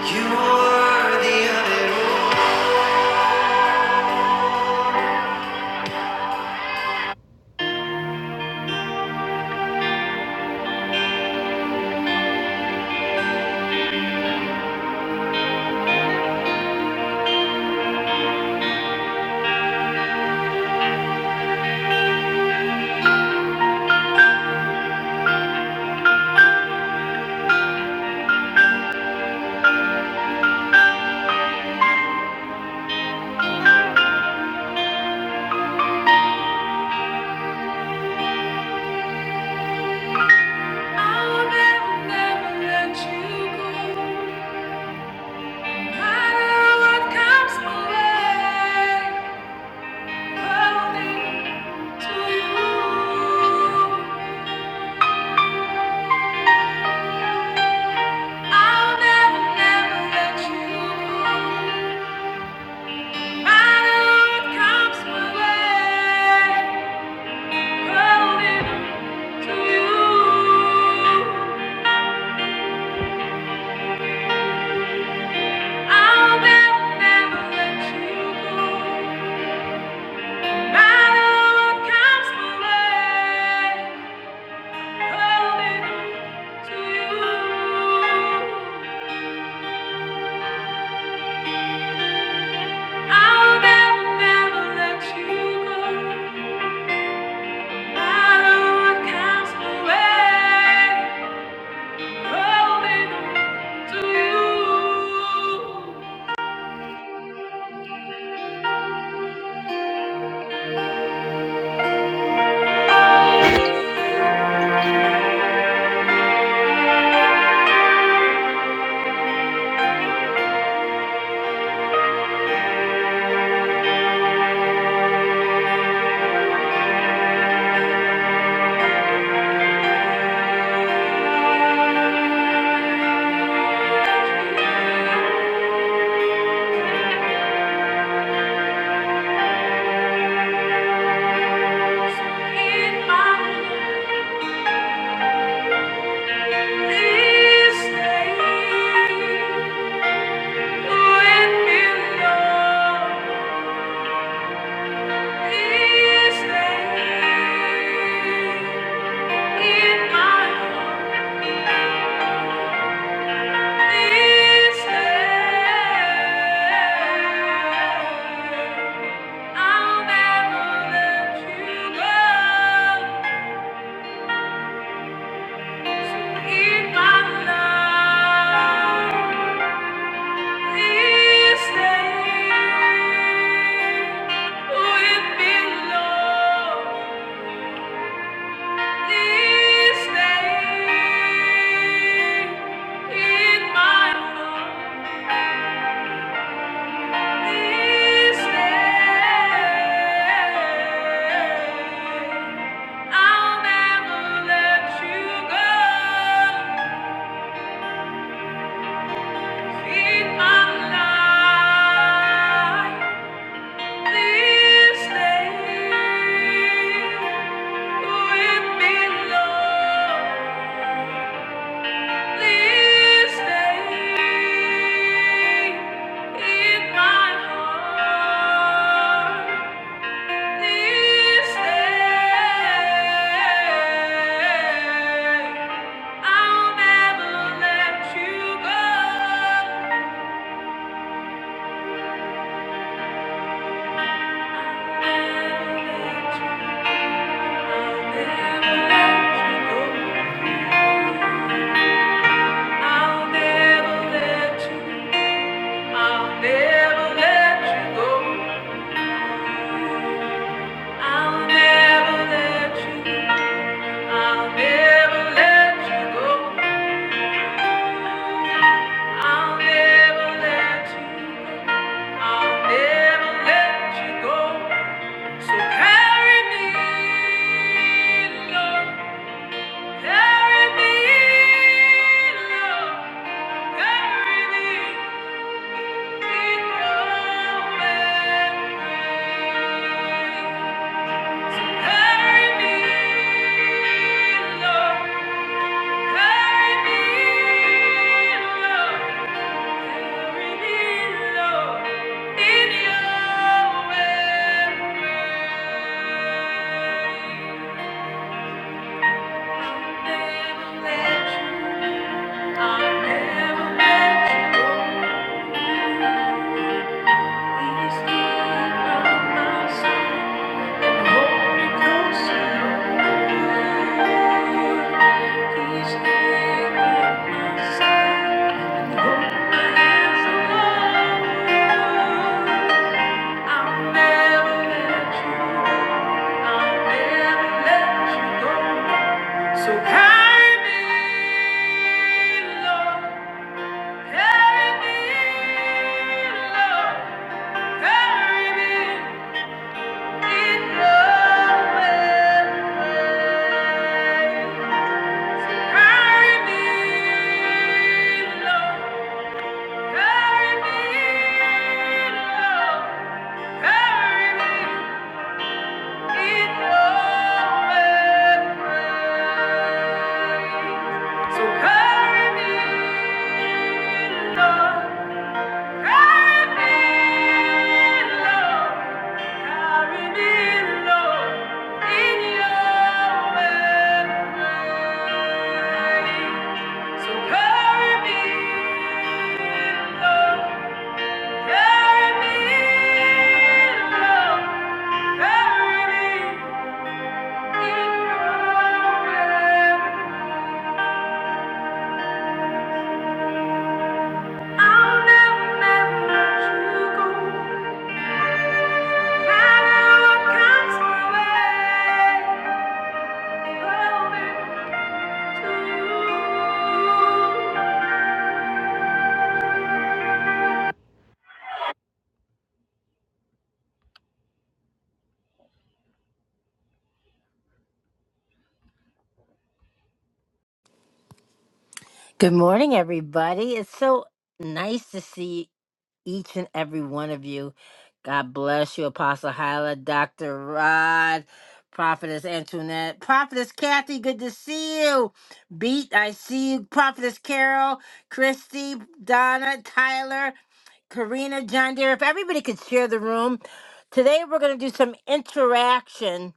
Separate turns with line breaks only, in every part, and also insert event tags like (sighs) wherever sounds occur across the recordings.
You are the other I'll never, never let you go. No matter what comes my way, holding to you. I'll never, never let you go. No matter what comes my way, holding to you. I'll never, never let you go. In my Please stay. Thank you I'll never let you go. Feed my life. This land we belong. This land in my heart. This land I'll never let you go. never let you So carry me, Lord. Carry me, Lord, carry me in your embrace. Carry me, Lord, carry me, Lord, carry me, Lord, in your embrace. Thank you. I'll never let you go. I'll never let you go. So carry me, Lord. Carry me, Lord. Carry me in your So carry me, Lord. Carry me, Lord. Carry me. Carry me, love, carry me. Good morning, everybody. It's so nice to see each and every one of you. God bless you, Apostle Hyla, Dr. Rod, Prophetess Antoinette, Prophetess Kathy, good to see you. Beat, I see you. Prophetess Carol, Christy, Donna, Tyler, Karina, John Deere. If everybody could share the room. Today we're going to do some interaction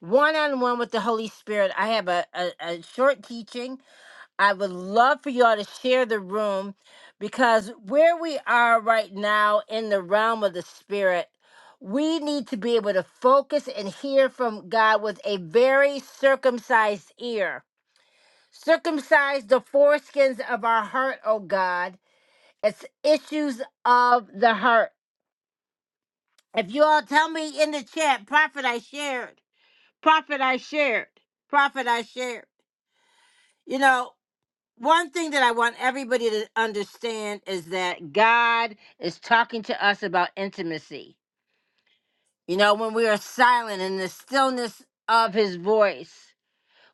one on one with the Holy Spirit. I have a, a, a short teaching I would love for y'all to share the room because where we are right now in the realm of the spirit, we need to be able to focus and hear from God with a very circumcised ear. Circumcise the foreskins of our heart, oh God. It's issues of the heart. If you all tell me in the chat, prophet, I shared, prophet, I shared, prophet, I shared. You know, one thing that I want everybody to understand is that God is talking to us about intimacy. You know, when we are silent in the stillness of his voice,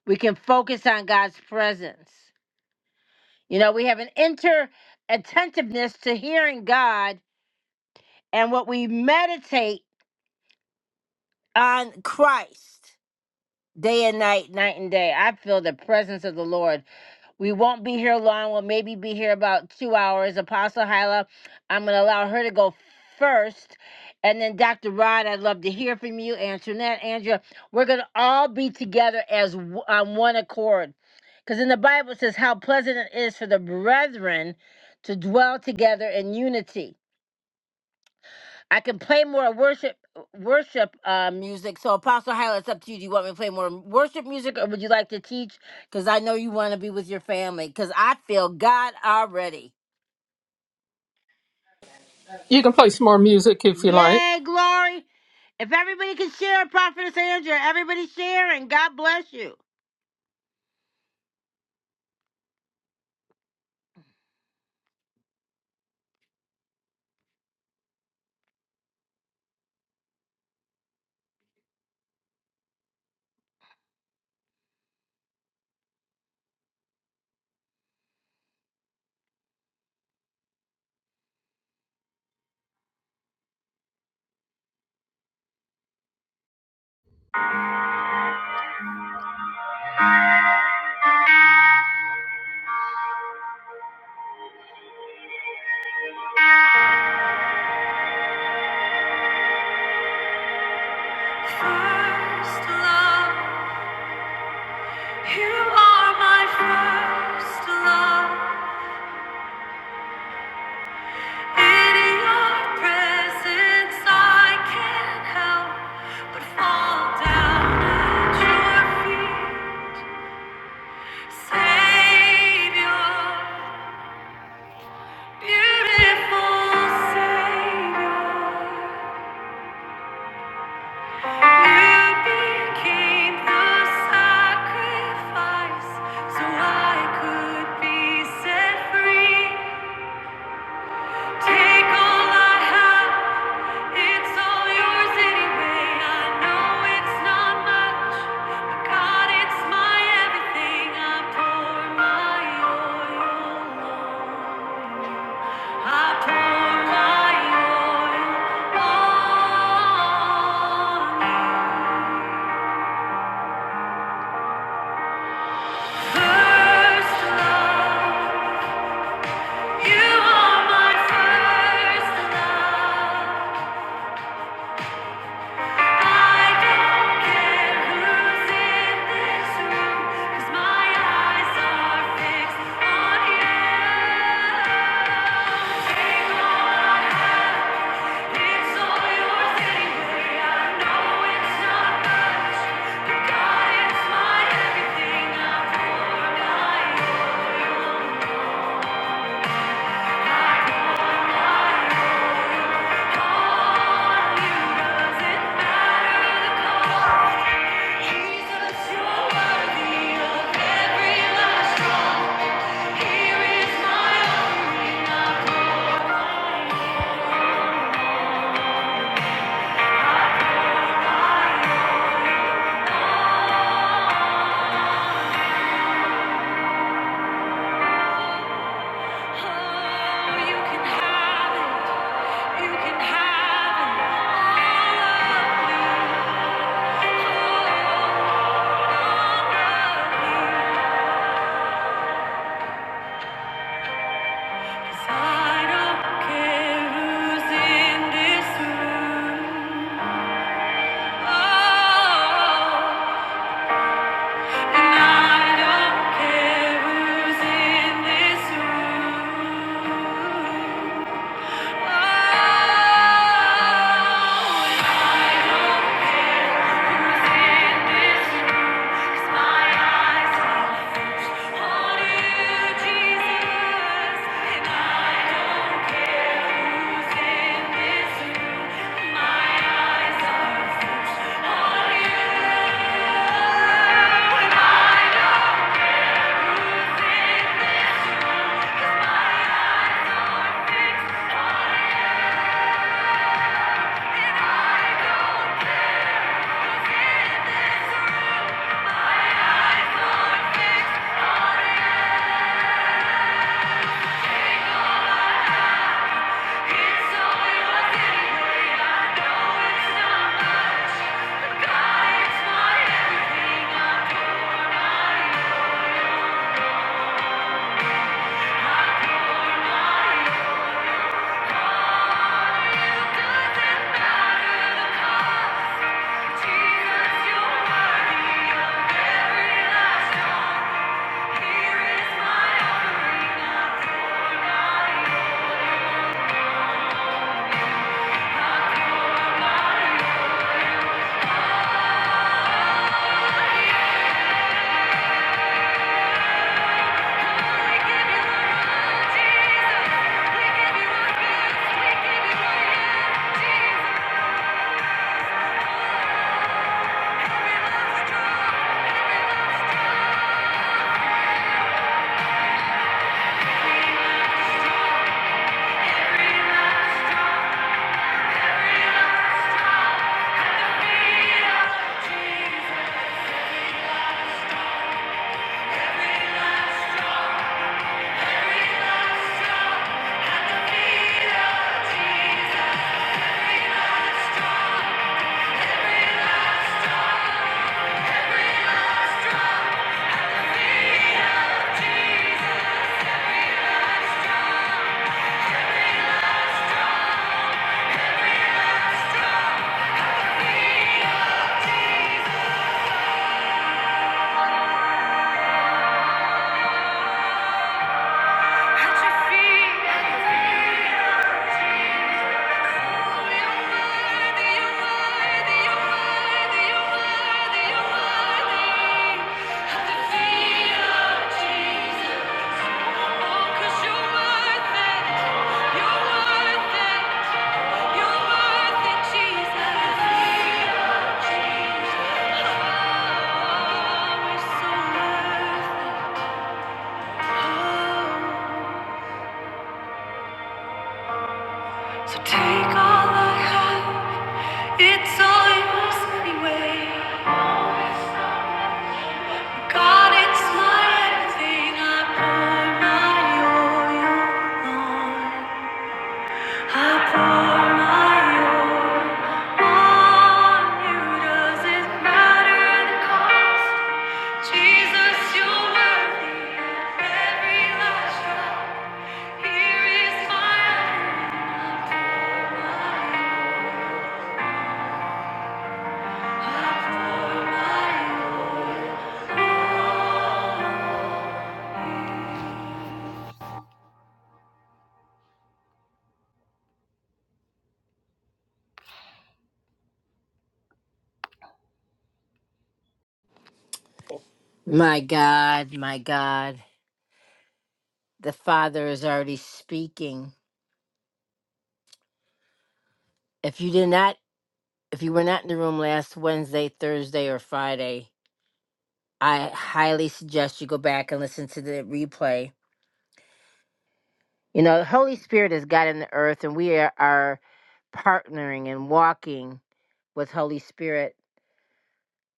we can focus on God's presence. You know, we have an inter attentiveness to hearing God and what we meditate on Christ day and night, night and day. I feel the presence of the Lord We won't be here long. We'll maybe be here about two hours. Apostle Hyla, I'm going to allow her to go first. And then Dr. Rod, I'd love to hear from you. Antoinette, Andrea, we're going to all be together as w- on one accord. Because in the Bible it says how pleasant it is for the brethren to dwell together in unity. I can play more worship worship uh, music. So Apostle Hyla, it's up to you. Do you want me to play more worship music, or would you like to teach? Because I know you want to be with your family. Because I feel God already.
You can play some more music if you like.
Yay, glory! If everybody can share, Prophetess Andrea, everybody share, and God bless you. First love, you are my first love. In your presence, I can't help but fall down at your feet, Savior, beautiful Savior. You became the sacrifice so I could be set free. Take all I have, it's all yours anyway. I know it's not much, but God, it's my everything. I pour my oil, I pour my oil on you. First love, you are my first love. Doesn't matter the cost. I don't care who's in this room. My eyes are on you. Jesus. At your feet, at your feet. Oh So take all I have, it's all yours anyway. God, it's my everything. I pour my oil on. I pour my oil on you. Does it matter the cost? Jesus, you're worthy of every last drop. Here is my offering. My God, my God, the Father is already speaking. If you did not, if you were not in the room last Wednesday, Thursday, or Friday, I highly suggest you go back and listen to the replay. You know, the Holy Spirit is God in the earth, and we are, are partnering and walking with Holy Spirit.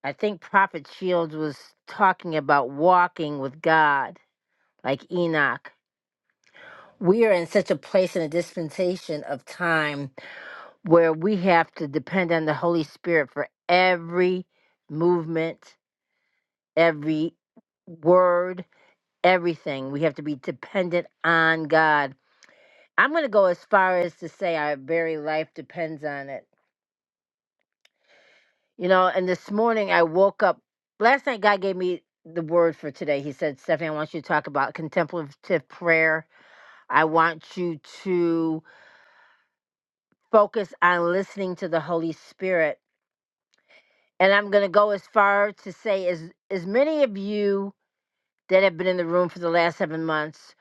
I think Prophet Shields was talking about walking with God, like Enoch. we are in such a place in a dispensation of time where we have to depend on the Holy Spirit for every movement, every word, everything. We have to be dependent on God. I'm going to go as far as to say our very life depends on it. You know, and this morning I woke up. Last night, God gave me the word for today. He said, Stephanie, I want you to talk about contemplative prayer. I want you to. focus on listening to the Holy Spirit. And I'm going to go as far to say, as, as many of you that have been in the room for the last seven months,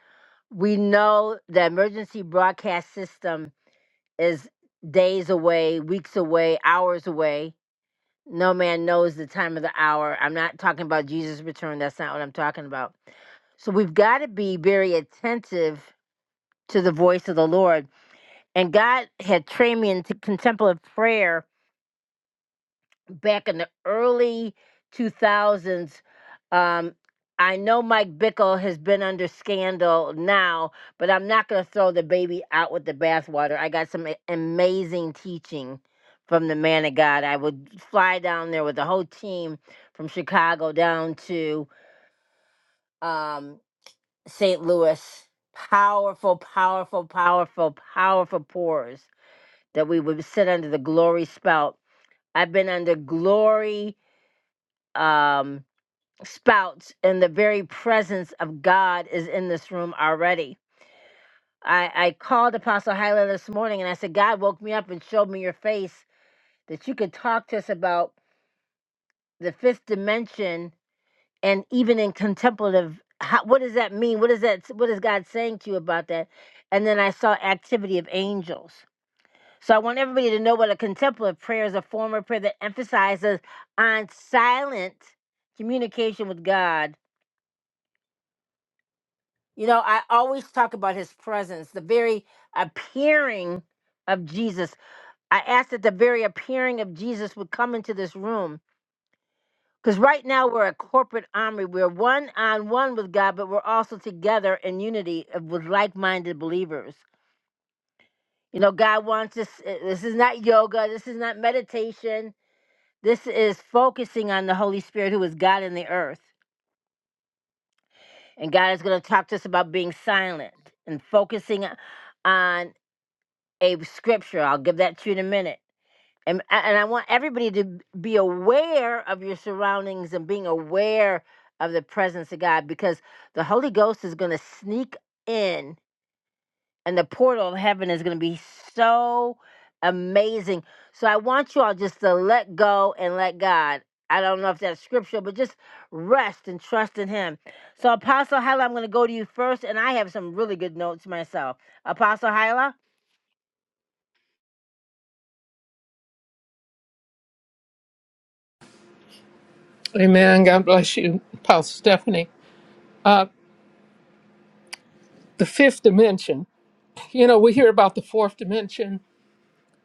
we know the emergency broadcast system is days away, weeks away, hours away. No man knows the time of the hour. I'm not talking about Jesus' return. That's not what I'm talking about. So we've got to be very attentive to the voice of the Lord. And God had trained me into contemplative prayer back in the early 2000s. Um, I know Mike Bickle has been under scandal now, but I'm not going to throw the baby out with the bathwater. I got some a- amazing teaching from the man of God. I would fly down there with the whole team from Chicago down to um, St. Louis. Powerful, powerful, powerful, powerful pours that we would sit under the glory spout. I've been under glory. Um, spouts and the very presence of God is in this room already. I, I called Apostle Hyla this morning and I said, God woke me up and showed me your face that you could talk to us about the fifth dimension and even in contemplative. How, what does that mean? What is that? What is God saying to you about that? And then I saw activity of angels. So I want everybody to know what a contemplative prayer is a form of prayer that emphasizes on silent communication with God You know, I always talk about his presence, the very appearing of Jesus. I asked that the very appearing of Jesus would come into this room because right now we're a corporate army. We're one on one with God, but we're also together in unity of- with like minded believers. You know, God wants us, eh, this is not yoga, this is not meditation. This is focusing on the Holy Spirit who is God in the earth. And God is going to talk to us about being silent and focusing uh, on a scripture. I'll give that to you in a minute. And, and I want everybody to be aware of your surroundings and being aware of the presence of God because the Holy Ghost is going to sneak in and the portal of heaven is going to be so amazing. So I want you all just to let go and let God. I don't know if that's scripture, but just rest and trust in Him. So, Apostle Hyla, I'm going to go to you first, and I have some really good notes myself. Apostle Hyla?
Amen. God bless you, Pastor Stephanie. Uh, the fifth dimension. You know, we hear about the fourth dimension,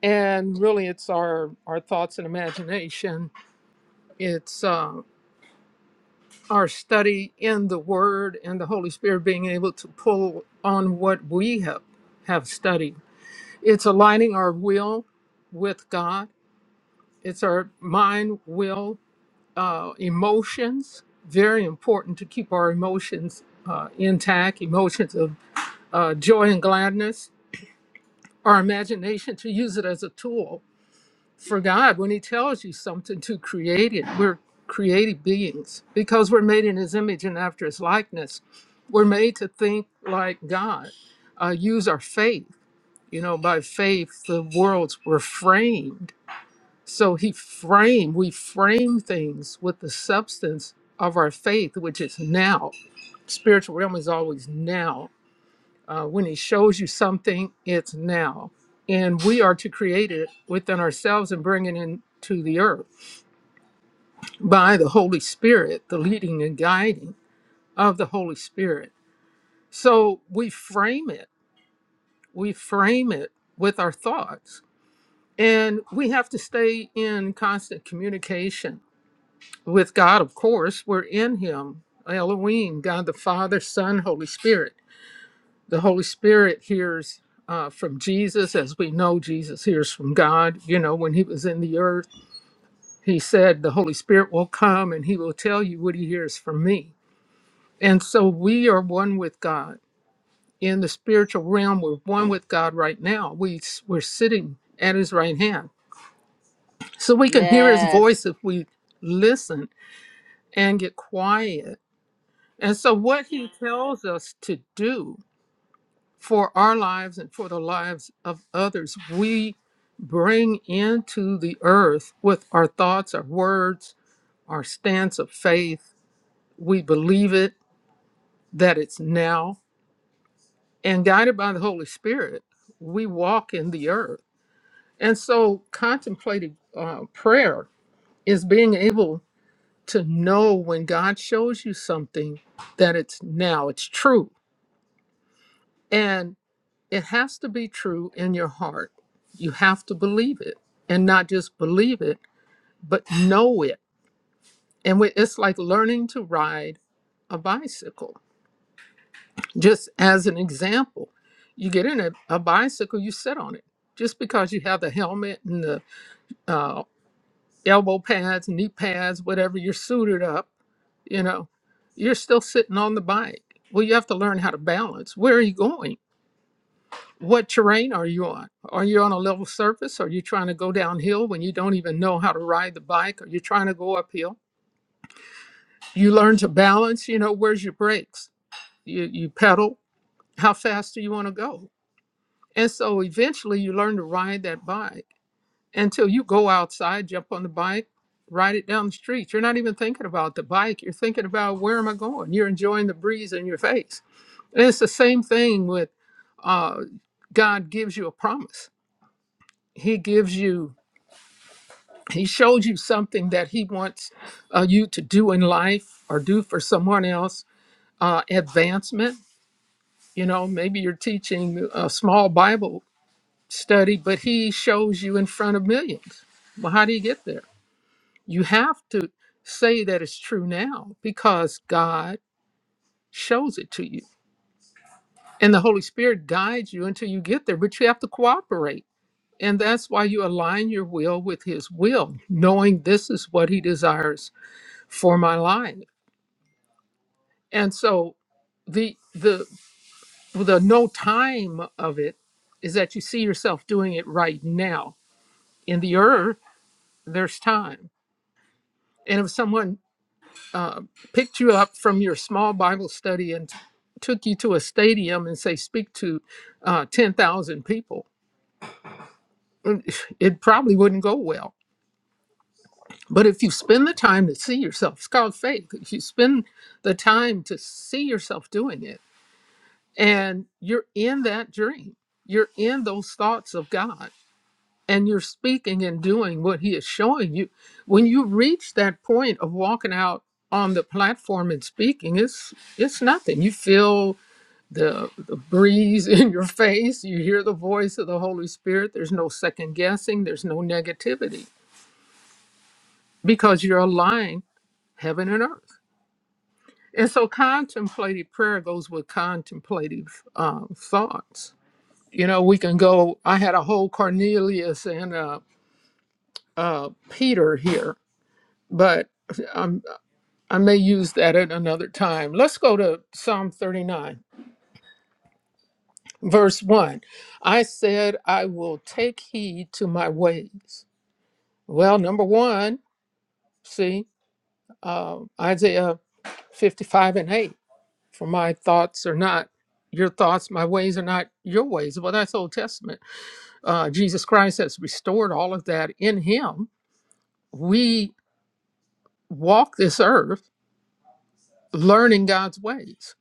and really it's our, our thoughts and imagination. It's uh, our study in the Word and the Holy Spirit being able to pull on what we have, have studied. It's aligning our will with God, it's our mind, will, uh, emotions. Very important to keep our emotions uh, intact, emotions of uh, joy and gladness, our imagination to use it as a tool for God when He tells you something to create it. We're creative beings because we're made in His image and after His likeness. We're made to think like God, uh, use our faith. You know, by faith, the worlds were framed so he frame we frame things with the substance of our faith, which is now. Spiritual realm is always now. Uh, when he shows you something, it's now. And we are to create it within ourselves and bring it into the earth by the Holy Spirit, the leading and guiding of the Holy Spirit. So we frame it, we frame it with our thoughts. And we have to stay in constant communication with God, of course, we're in Him, Elohim, God the Father, Son, Holy Spirit. The Holy Spirit hears uh, from Jesus, as we know Jesus hears from God. You know, when He was in the earth, He said, The Holy Spirit will come and He will tell you what He hears from me. And so we are one with God. In the spiritual realm, we're one with God right now. We, we're sitting at His right hand. So we can hear His voice
Yes.
if we listen and get quiet And so, what he tells us to do for our lives and for the lives of others, we bring into the earth with our thoughts, our words, our stance of faith. We believe it, that it's now. And guided by the Holy Spirit, we walk in the earth. And so, contemplative uh, prayer is being able to know when God shows you something that it's now, it's true. And it has to be true in your heart. You have to believe it and not just believe it, but know it. And we, it's like learning to ride a bicycle. Just as an example, you get in a, a bicycle, you sit on it. Just because you have the helmet and the uh, elbow pads, knee pads, whatever, you're suited up, you know, you're still sitting on the bike. Well, you have to learn how to balance. Where are you going? What terrain are you on? Are you on a level surface? Are you trying to go downhill when you don't even know how to ride the bike? Are you trying to go uphill? You learn to balance, you know, where's your brakes? You, you pedal. How fast do you want to go? And so eventually you learn to ride that bike until you go outside, jump on the bike, ride it down the street. You're not even thinking about the bike. You're thinking about where am I going? You're enjoying the breeze in your face. And it's the same thing with uh, God gives you a promise. He gives you he showed you something that he wants uh, you to do in life or do for someone else uh, advancement you know maybe you're teaching a small bible study but he shows you in front of millions well how do you get there you have to say that it's true now because god shows it to you and the holy spirit guides you until you get there but you have to cooperate and that's why you align your will with his will knowing this is what he desires for my life and so the the the no time of it is that you see yourself doing it right now in the earth there's time and if someone uh, picked you up from your small bible study and took you to a stadium and say speak to uh, 10000 people it probably wouldn't go well but if you spend the time to see yourself it's called faith if you spend the time to see yourself doing it and you're in that dream you're in those thoughts of god and you're speaking and doing what he is showing you when you reach that point of walking out on the platform and speaking it's it's nothing you feel the, the breeze (laughs) in your face you hear the voice of the holy spirit there's no second guessing there's no negativity because you're aligned heaven and earth and so contemplative prayer goes with contemplative um, thoughts you know we can go i had a whole cornelius and a uh, peter here but I'm, i may use that at another time let's go to psalm 39 verse 1 i said i will take heed to my ways well number one see uh, isaiah 55 and 8 for my thoughts are not your thoughts my ways are not your ways well that's old testament uh, jesus christ has restored all of that in him we walk this earth learning God's ways,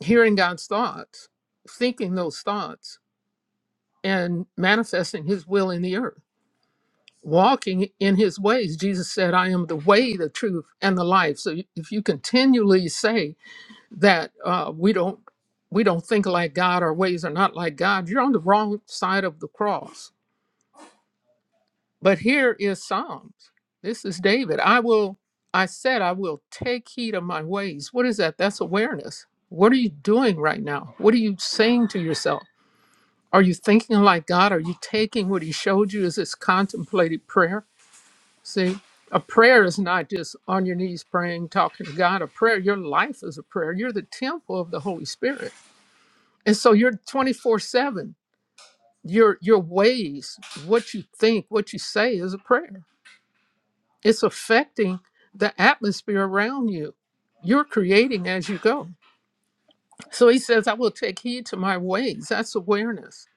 hearing God's thoughts, thinking those thoughts, and manifesting his will in the earth, walking in his ways. Jesus said, I am the way, the truth, and the life. So if you continually say that uh, we don't we don't think like God, our ways are not like God, you're on the wrong side of the cross But here is Psalms. This is David. I will, I said, I will take heed of my ways. What is that? That's awareness. What are you doing right now? What are you saying to yourself? Are you thinking like God? Are you taking what He showed you as this contemplated prayer? See, a prayer is not just on your knees praying, talking to God. A prayer, your life is a prayer. You're the temple of the Holy Spirit. And so you're 24 7. Your your ways, what you think, what you say is a prayer it's affecting the atmosphere around you. You're creating as you go. So he says, I will take heed to my ways. That's awareness.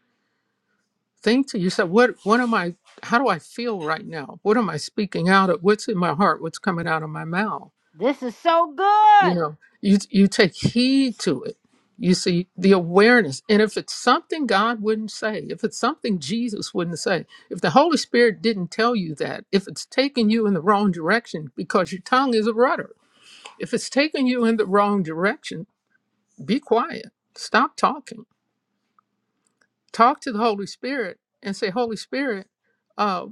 Think to yourself, what what am I how do I feel right now? What am I speaking out of? What's in my heart? What's coming out of my mouth?
This is so
You
good.
know, you you take heed to it. You see the awareness. And if it's something God wouldn't say, if it's something Jesus wouldn't say, if the Holy Spirit didn't tell you that, if it's taking you in the wrong direction because your tongue is a rudder, If it's taking you in the wrong direction, be quiet. Stop talking. Talk to the Holy Spirit and say, Holy Spirit, uh,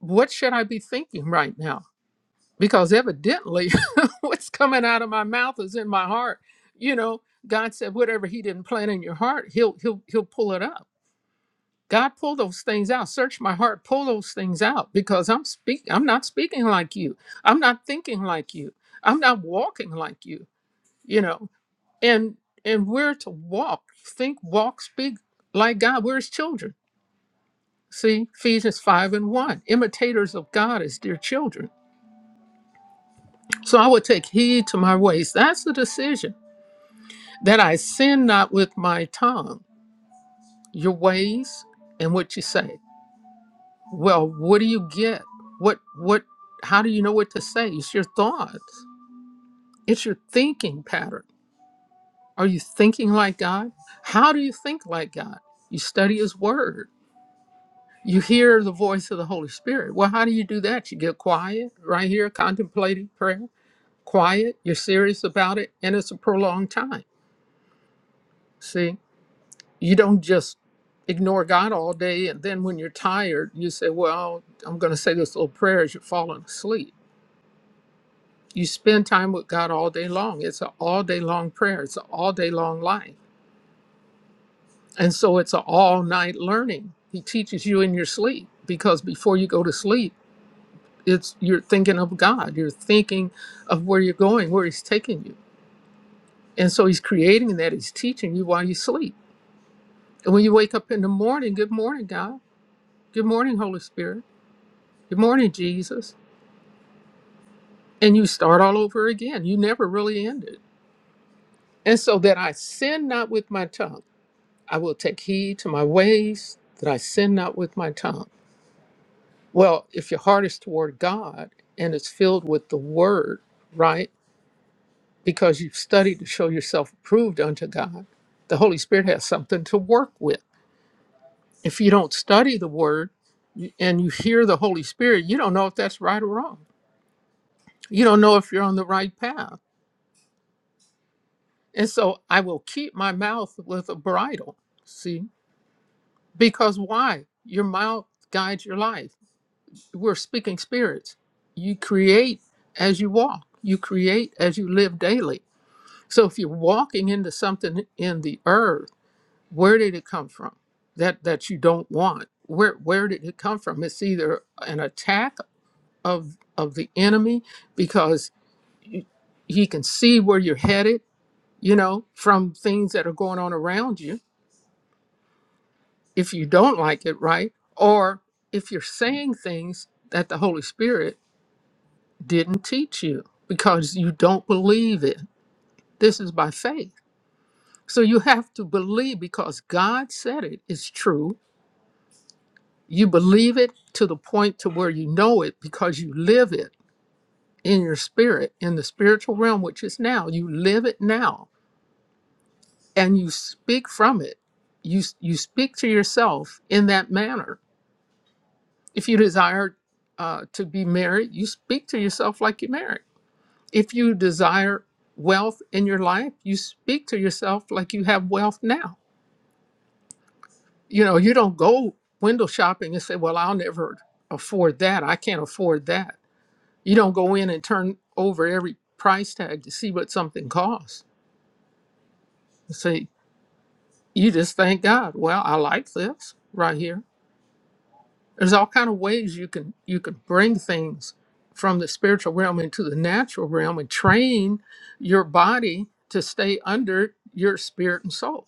what should I be thinking right now? Because evidently, (laughs) what's coming out of my mouth is in my heart. You know, God said, whatever He didn't plant in your heart, He'll He'll He'll pull it up. God, pull those things out. Search my heart. Pull those things out because I'm speak. I'm not speaking like you. I'm not thinking like you. I'm not walking like you. You know. and and we're to walk think walk speak like god we're his children see ephesians 5 and 1 imitators of god as dear children so i would take heed to my ways that's the decision that i sin not with my tongue your ways and what you say well what do you get what what how do you know what to say it's your thoughts it's your thinking pattern are you thinking like god how do you think like god you study his word You hear the voice of the Holy Spirit. Well, how do you do that? You get quiet right here, contemplating prayer. Quiet, you're serious about it, and it's a prolonged time. See, you don't just ignore God all day, and then when you're tired, you say, Well, I'm going to say this little prayer as you're falling asleep. You spend time with God all day long. It's an all day long prayer, it's an all day long life. And so it's an all night learning. He teaches you in your sleep because before you go to sleep, it's you're thinking of God. You're thinking of where you're going, where He's taking you. And so He's creating that. He's teaching you while you sleep. And when you wake up in the morning, good morning, God. Good morning, Holy Spirit. Good morning, Jesus. And you start all over again. You never really end it. And so that I sin not with my tongue, I will take heed to my ways, that I sin not with my tongue. Well, if your heart is toward God and it's filled with the word, right? because you've studied to show yourself approved unto God, the Holy Spirit has something to work with. If you don't study the Word you- and you hear the Holy Spirit, you don't know if that's right or wrong. You don't know if you're on the right path. And so I will keep my mouth with a bridle, see? Because why? Your mouth guides your life. We're speaking spirits. You create as you walk, you create as you live daily. So if you're walking into something in the earth, where did it come from that that you don't want where where did it come from it's either an attack of of the enemy because y- he can see where you're headed you know from things that are going on around you if you don't like it right or if you're saying things that the holy spirit didn't teach you because you don't believe it this is by faith so you have to believe because god said it is true You believe it to the point to where you know it because you live it in your spirit, in the spiritual realm, which is now. You live it now and you speak from it. You, you speak to yourself in that manner. If you desire uh, to be married, you speak to yourself like you're married. If you desire wealth in your life, you speak to yourself like you have wealth now. You know, you don't go window shopping and say, Well, I'll never afford that. I can't afford that You don't go in and turn over every price tag to see what something costs. You see, you just thank God. Well, I like this right here. There's all kind of ways you can you can bring things from the spiritual realm into the natural realm and train your body to stay under your spirit and soul.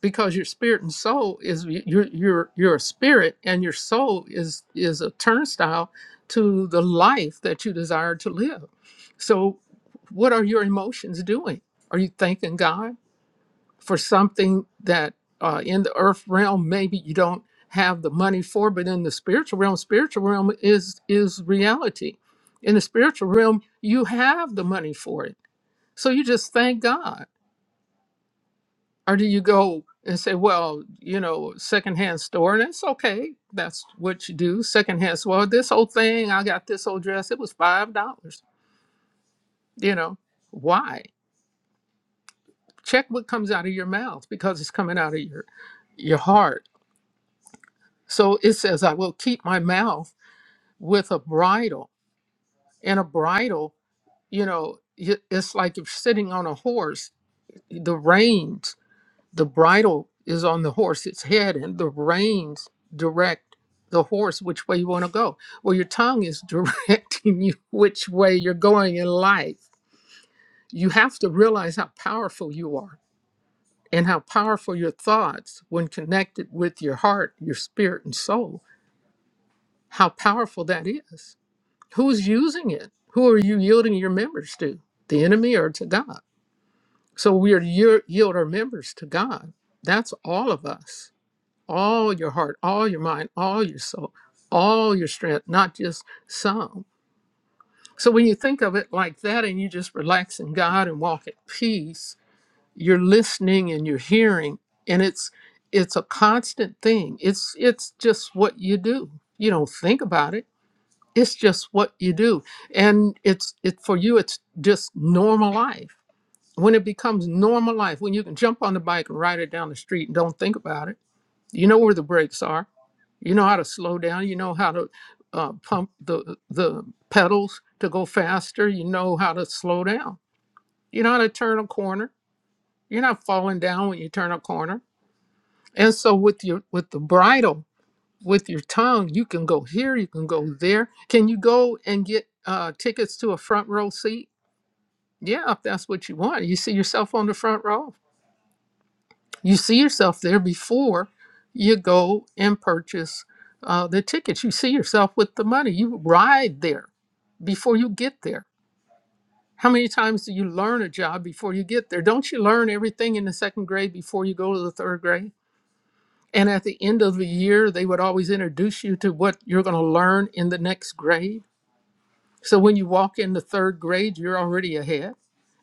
because your spirit and soul is you're you're you're a spirit and your soul is is a turnstile to the life that you desire to live so what are your emotions doing are you thanking god for something that uh, in the earth realm maybe you don't have the money for but in the spiritual realm spiritual realm is is reality in the spiritual realm you have the money for it so you just thank god or do you go and say, well, you know, secondhand store, and it's okay. That's what you do. Secondhand store. Well, this old thing, I got this old dress. It was five dollars. You know, why? Check what comes out of your mouth because it's coming out of your your heart. So it says, I will keep my mouth with a bridle, and a bridle, you know, y- it's like if you're sitting on a horse, the reins The bridle is on the horse; its head, and the reins direct the horse which way you want to go. Well, your tongue is (laughs) directing you which way you're going in life. You have to realize how powerful you are and how powerful your thoughts, when connected with your heart, your spirit, and soul, how powerful that is. Who's using it? Who are you yielding your members to? The enemy or to God? So we are to yield yield our members to God. That's all of us all your heart, all your mind, all your soul, all your strength, not just some. So when you think of it like that and you just relax in God and walk at peace, you're listening and you're hearing and it's it's a constant thing. It's it's just what you do. You don't think about it. It's just what you do. And it's it for you it's just normal life. When it becomes normal life, when you can jump on the bike and ride it down the street and don't think about it you know where the brakes are. You know how to slow down. You know how to uh, pump the the pedals to go faster. You know how to slow down. You know how to turn a corner. You're not falling down when you turn a corner. And so with your with the bridle, with your tongue, you can go here. You can go there. Can you go and get uh, tickets to a front row seat? Yeah, if that's what you want. You see yourself on the front row. you see yourself there before you go and purchase uh, the tickets. You see yourself with the money. You ride there before you get there. How many times do you learn a job before you get there? Don't you learn everything in the second grade before you go to the third grade? And at the end of the year, they would always introduce you to what you're going to learn in the next grade. So when you walk into third grade, you're already ahead.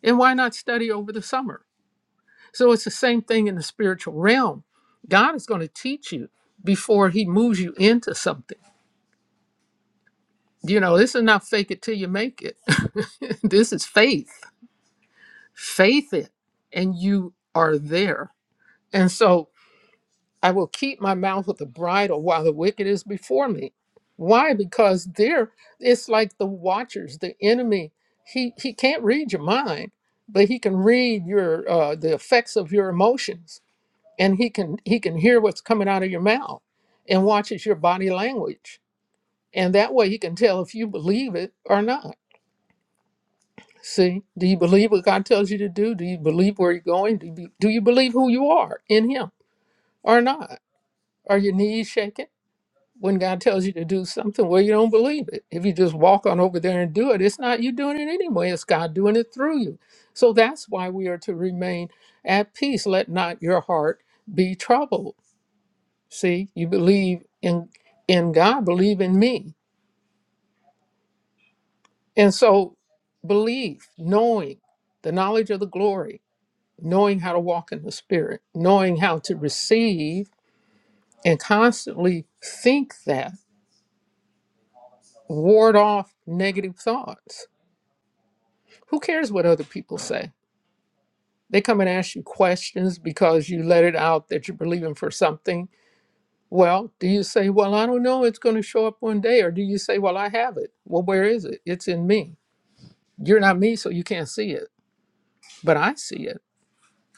And why not study over the summer? So it's the same thing in the spiritual realm. God is going to teach you before he moves you into something. You know, this is not fake it till you make it. (laughs) this is faith. Faith it, and you are there. And so I will keep my mouth with the bridle while the wicked is before me. Why? Because there it's like the watchers, the enemy. He he can't read your mind, but he can read your uh, the effects of your emotions and he can he can hear what's coming out of your mouth and watches your body language and that way he can tell if you believe it or not see do you believe what god tells you to do do you believe where you're going do you, be- do you believe who you are in him or not are your knees shaking when god tells you to do something well you don't believe it if you just walk on over there and do it it's not you doing it anyway it's god doing it through you so that's why we are to remain at peace let not your heart be troubled See, you believe in in God, believe in me. And so belief, knowing the knowledge of the glory, knowing how to walk in the spirit, knowing how to receive and constantly think that, ward off negative thoughts. Who cares what other people say? They come and ask you questions because you let it out that you're believing for something. Well, do you say, Well, I don't know, it's going to show up one day? Or do you say, Well, I have it? Well, where is it? It's in me. You're not me, so you can't see it, but I see it.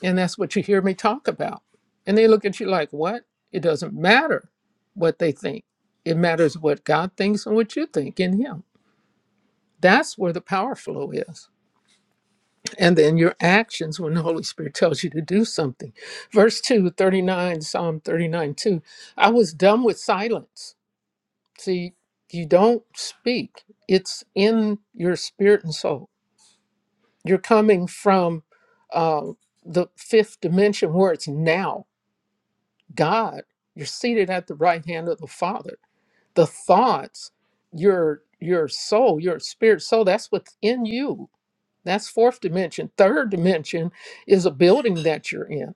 And that's what you hear me talk about. And they look at you like, what? It doesn't matter what they think. It matters what God thinks and what you think in Him. That's where the power flow is. And then your actions when the Holy Spirit tells you to do something. Verse 2, 39, Psalm 39, 2. I was dumb with silence. See, you don't speak, it's in your spirit and soul You're coming from um, the fifth dimension where it's now God. You're seated at the right hand of the Father. The thoughts, your your soul, your spirit soul, that's what's in you. That's fourth dimension. Third dimension is a building that you're in.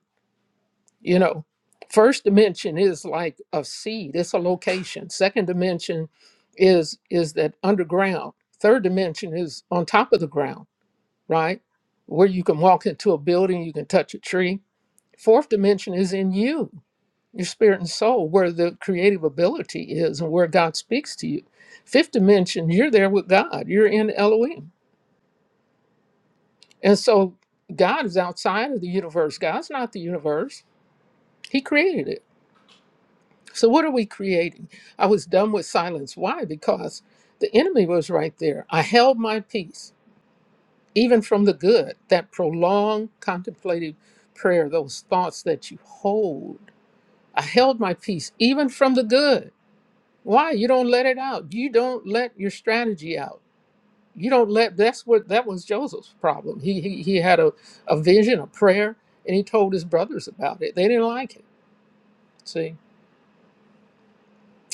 You know, first dimension is like a seed, it's a location. Second dimension is is that underground. Third dimension is on top of the ground right? Where you can walk into a building, you can touch a tree. Fourth dimension is in you, your spirit and soul, where the creative ability is and where God speaks to you. Fifth dimension, you're there with God, you're in Elohim. And so God is outside of the universe. God's not the universe, He created it. So, what are we creating? I was done with silence. Why? Because the enemy was right there. I held my peace even from the good, that prolonged contemplative prayer, those thoughts that you hold. I held my peace even from the good. Why? You don't let it out. You don't let your strategy out. You don't let that's what that was Joseph's problem. He he, he had a, a vision, a prayer, and he told his brothers about it. They didn't like it. See,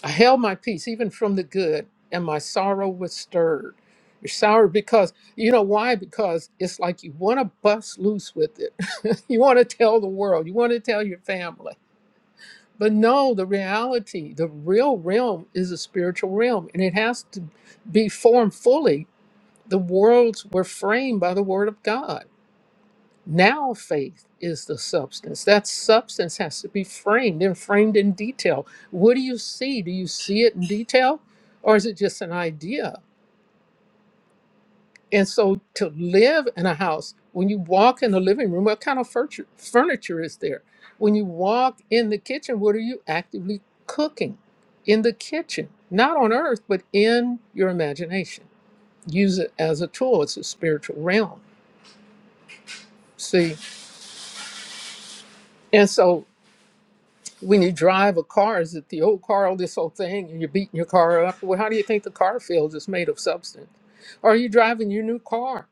I held my peace even from the good, and my sorrow was stirred. You're sour because you know why? Because it's like you want to bust loose with it You want to tell the world, you want to tell your family. But no, the reality, the real realm is a spiritual realm and it has to be formed fully. The worlds were framed by the word of God. Now faith is the substance. That substance has to be framed and framed in detail. What do you see? Do you see it in detail or is it just an idea? And so to live in a house, when you walk in the living room, what kind of furniture, furniture is there? When you walk in the kitchen, what are you actively cooking in the kitchen? Not on earth, but in your imagination. Use it as a tool. It's a spiritual realm. See? And so when you drive a car, is it the old car, all this old thing, and you're beating your car up? Well, how do you think the car feels? It's made of substance. Or are you driving your new car?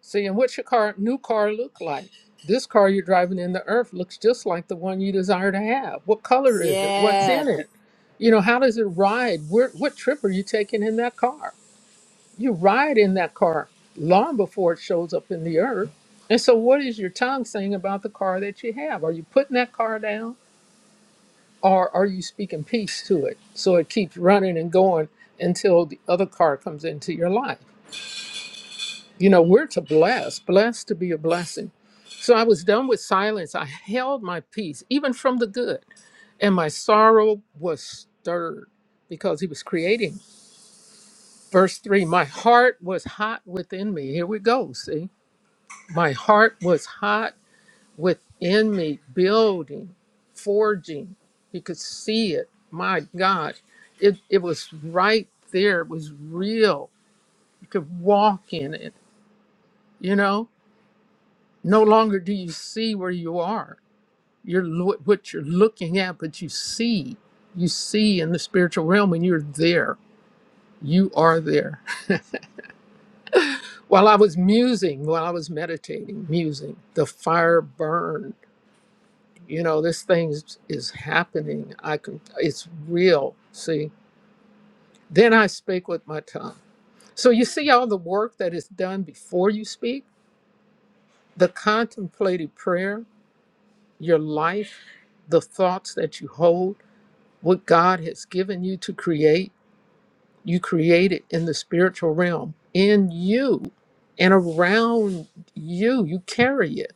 seeing what your car new car look like. This car you're driving in the earth looks just like the one you desire to have. What color is it? What's in
Yes.
it? You know, how does it ride? Where, what trip are you taking in that car? You ride in that car long before it shows up in the earth. And so, what is your tongue saying about the car that you have? Are you putting that car down or are you speaking peace to it so it keeps running and going until the other car comes into your life? You know, we're to bless, blessed to be a blessing So I was done with silence. I held my peace, even from the good, and my sorrow was stirred because he was creating. Verse three, my heart was hot within me. Here we go. See, my heart was hot within me, building, forging. He could see it. My God, it, it was right there. It was real. You could walk in it, you know? No longer do you see where you are you're lo- what you're looking at, but you see, you see in the spiritual realm when you're there. You are there. (laughs) While I was musing, while I was meditating, musing, the fire burned. You know, this thing is, is happening. I can. It's real. See. Then I spake with my tongue. So you see all the work that is done before you speak, the contemplated prayer, your life, the thoughts that you hold, what God has given you to create you created in the spiritual realm in you and around you. You carry it.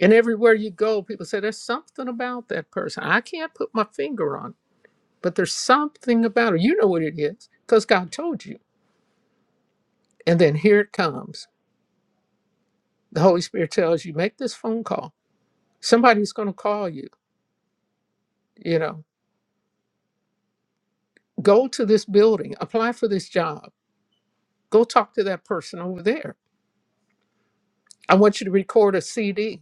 And everywhere you go, people say, There's something about that person. I can't put my finger on it, but there's something about it. You know what it is because God told you. And then here it comes. The Holy Spirit tells you, Make this phone call. Somebody's going to call you. You know, go to this building, apply for this job, go talk to that person over there. I want you to record a CD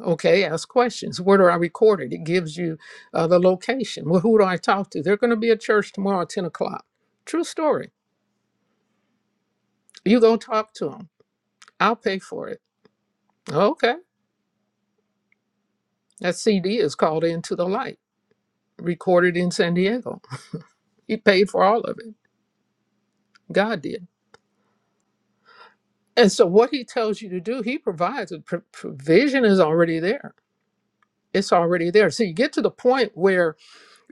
Okay, ask questions. Where do I record it? It gives you uh, the location. Well, who do I talk to? They're going to be at church tomorrow at 10 o'clock. True story. You go talk to them. I'll pay for it. Okay. That CD is called Into the Light, recorded in San Diego. He paid for all of it. God did. And so, what he tells you to do, he provides. The pr- provision is already there. It's already there. So, you get to the point where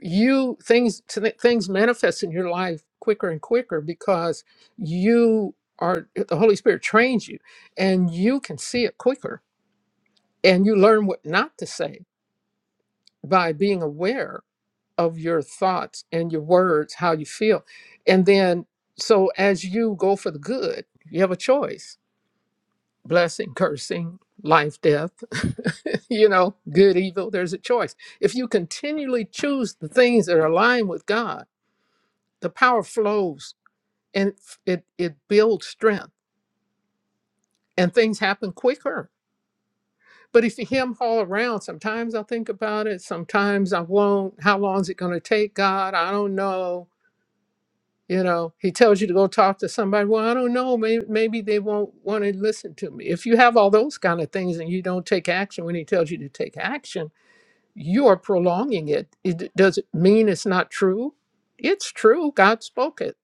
you things t- things manifest in your life quicker and quicker because you are the holy spirit trains you and you can see it quicker and you learn what not to say by being aware of your thoughts and your words how you feel and then so as you go for the good you have a choice blessing cursing life death (laughs) you know good evil there's a choice if you continually choose the things that are aligned with god the power flows and it it builds strength and things happen quicker but if you hem haul around sometimes i'll think about it sometimes i won't how long is it going to take god i don't know you know he tells you to go talk to somebody well i don't know maybe, maybe they won't want to listen to me if you have all those kind of things and you don't take action when he tells you to take action you are prolonging it, it does it mean it's not true it's true god spoke it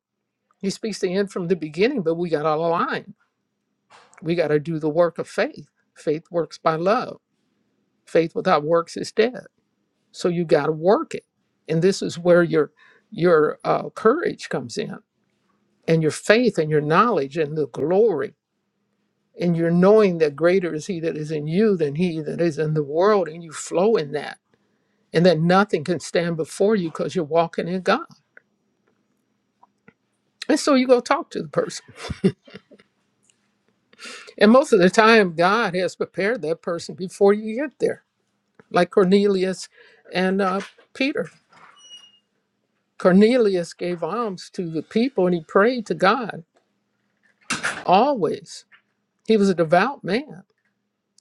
he speaks the end from the beginning but we got out of line We got to do the work of faith. Faith works by love. Faith without works is dead. So you got to work it, and this is where your your uh, courage comes in, and your faith, and your knowledge, and the glory, and your knowing that greater is He that is in you than He that is in the world, and you flow in that, and that nothing can stand before you because you're walking in God. And so you go talk to the person, and most of the time, God has prepared that person before you get there, like Cornelius and uh, Peter Cornelius gave alms to the people and he prayed to God always. He was a devout man.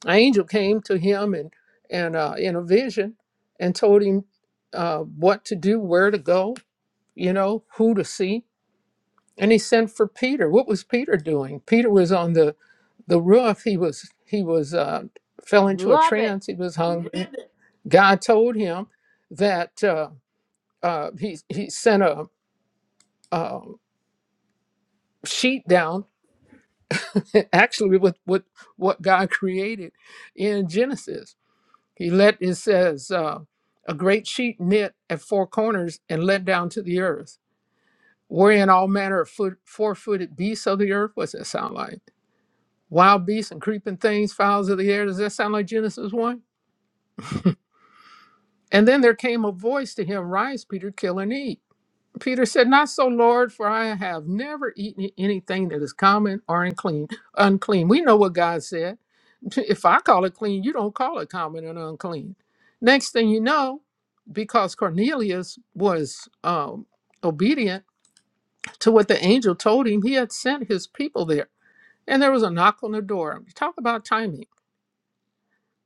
An angel came to him and, and uh, in a vision and told him uh, what to do, where to go, you know, who to see. And he sent for Peter. What was Peter doing? Peter was on the, the roof. He was he was uh, fell into a
Love it.
trance. He was hungry. God told him that uh, uh, he he sent a, a sheet down (laughs) actually with what what God created in Genesis. He let it says uh, a great sheet knit at four corners and let down to the earth, wherein all manner of foot, four-footed beasts of the earth. What's that sound like? Wild beasts and creeping things, fowls of the air. Does that sound like Genesis one? And then there came a voice to him, "Rise, Peter, kill and eat." Peter said, Not so, Lord, for I have never eaten anything that is common or unclean. Unclean. We know what God said. (laughs) If I call it clean, you don't call it common and unclean. Next thing you know, because Cornelius was um, obedient to what the angel told him, he had sent his people there. And there was a knock on the door. Talk about timing.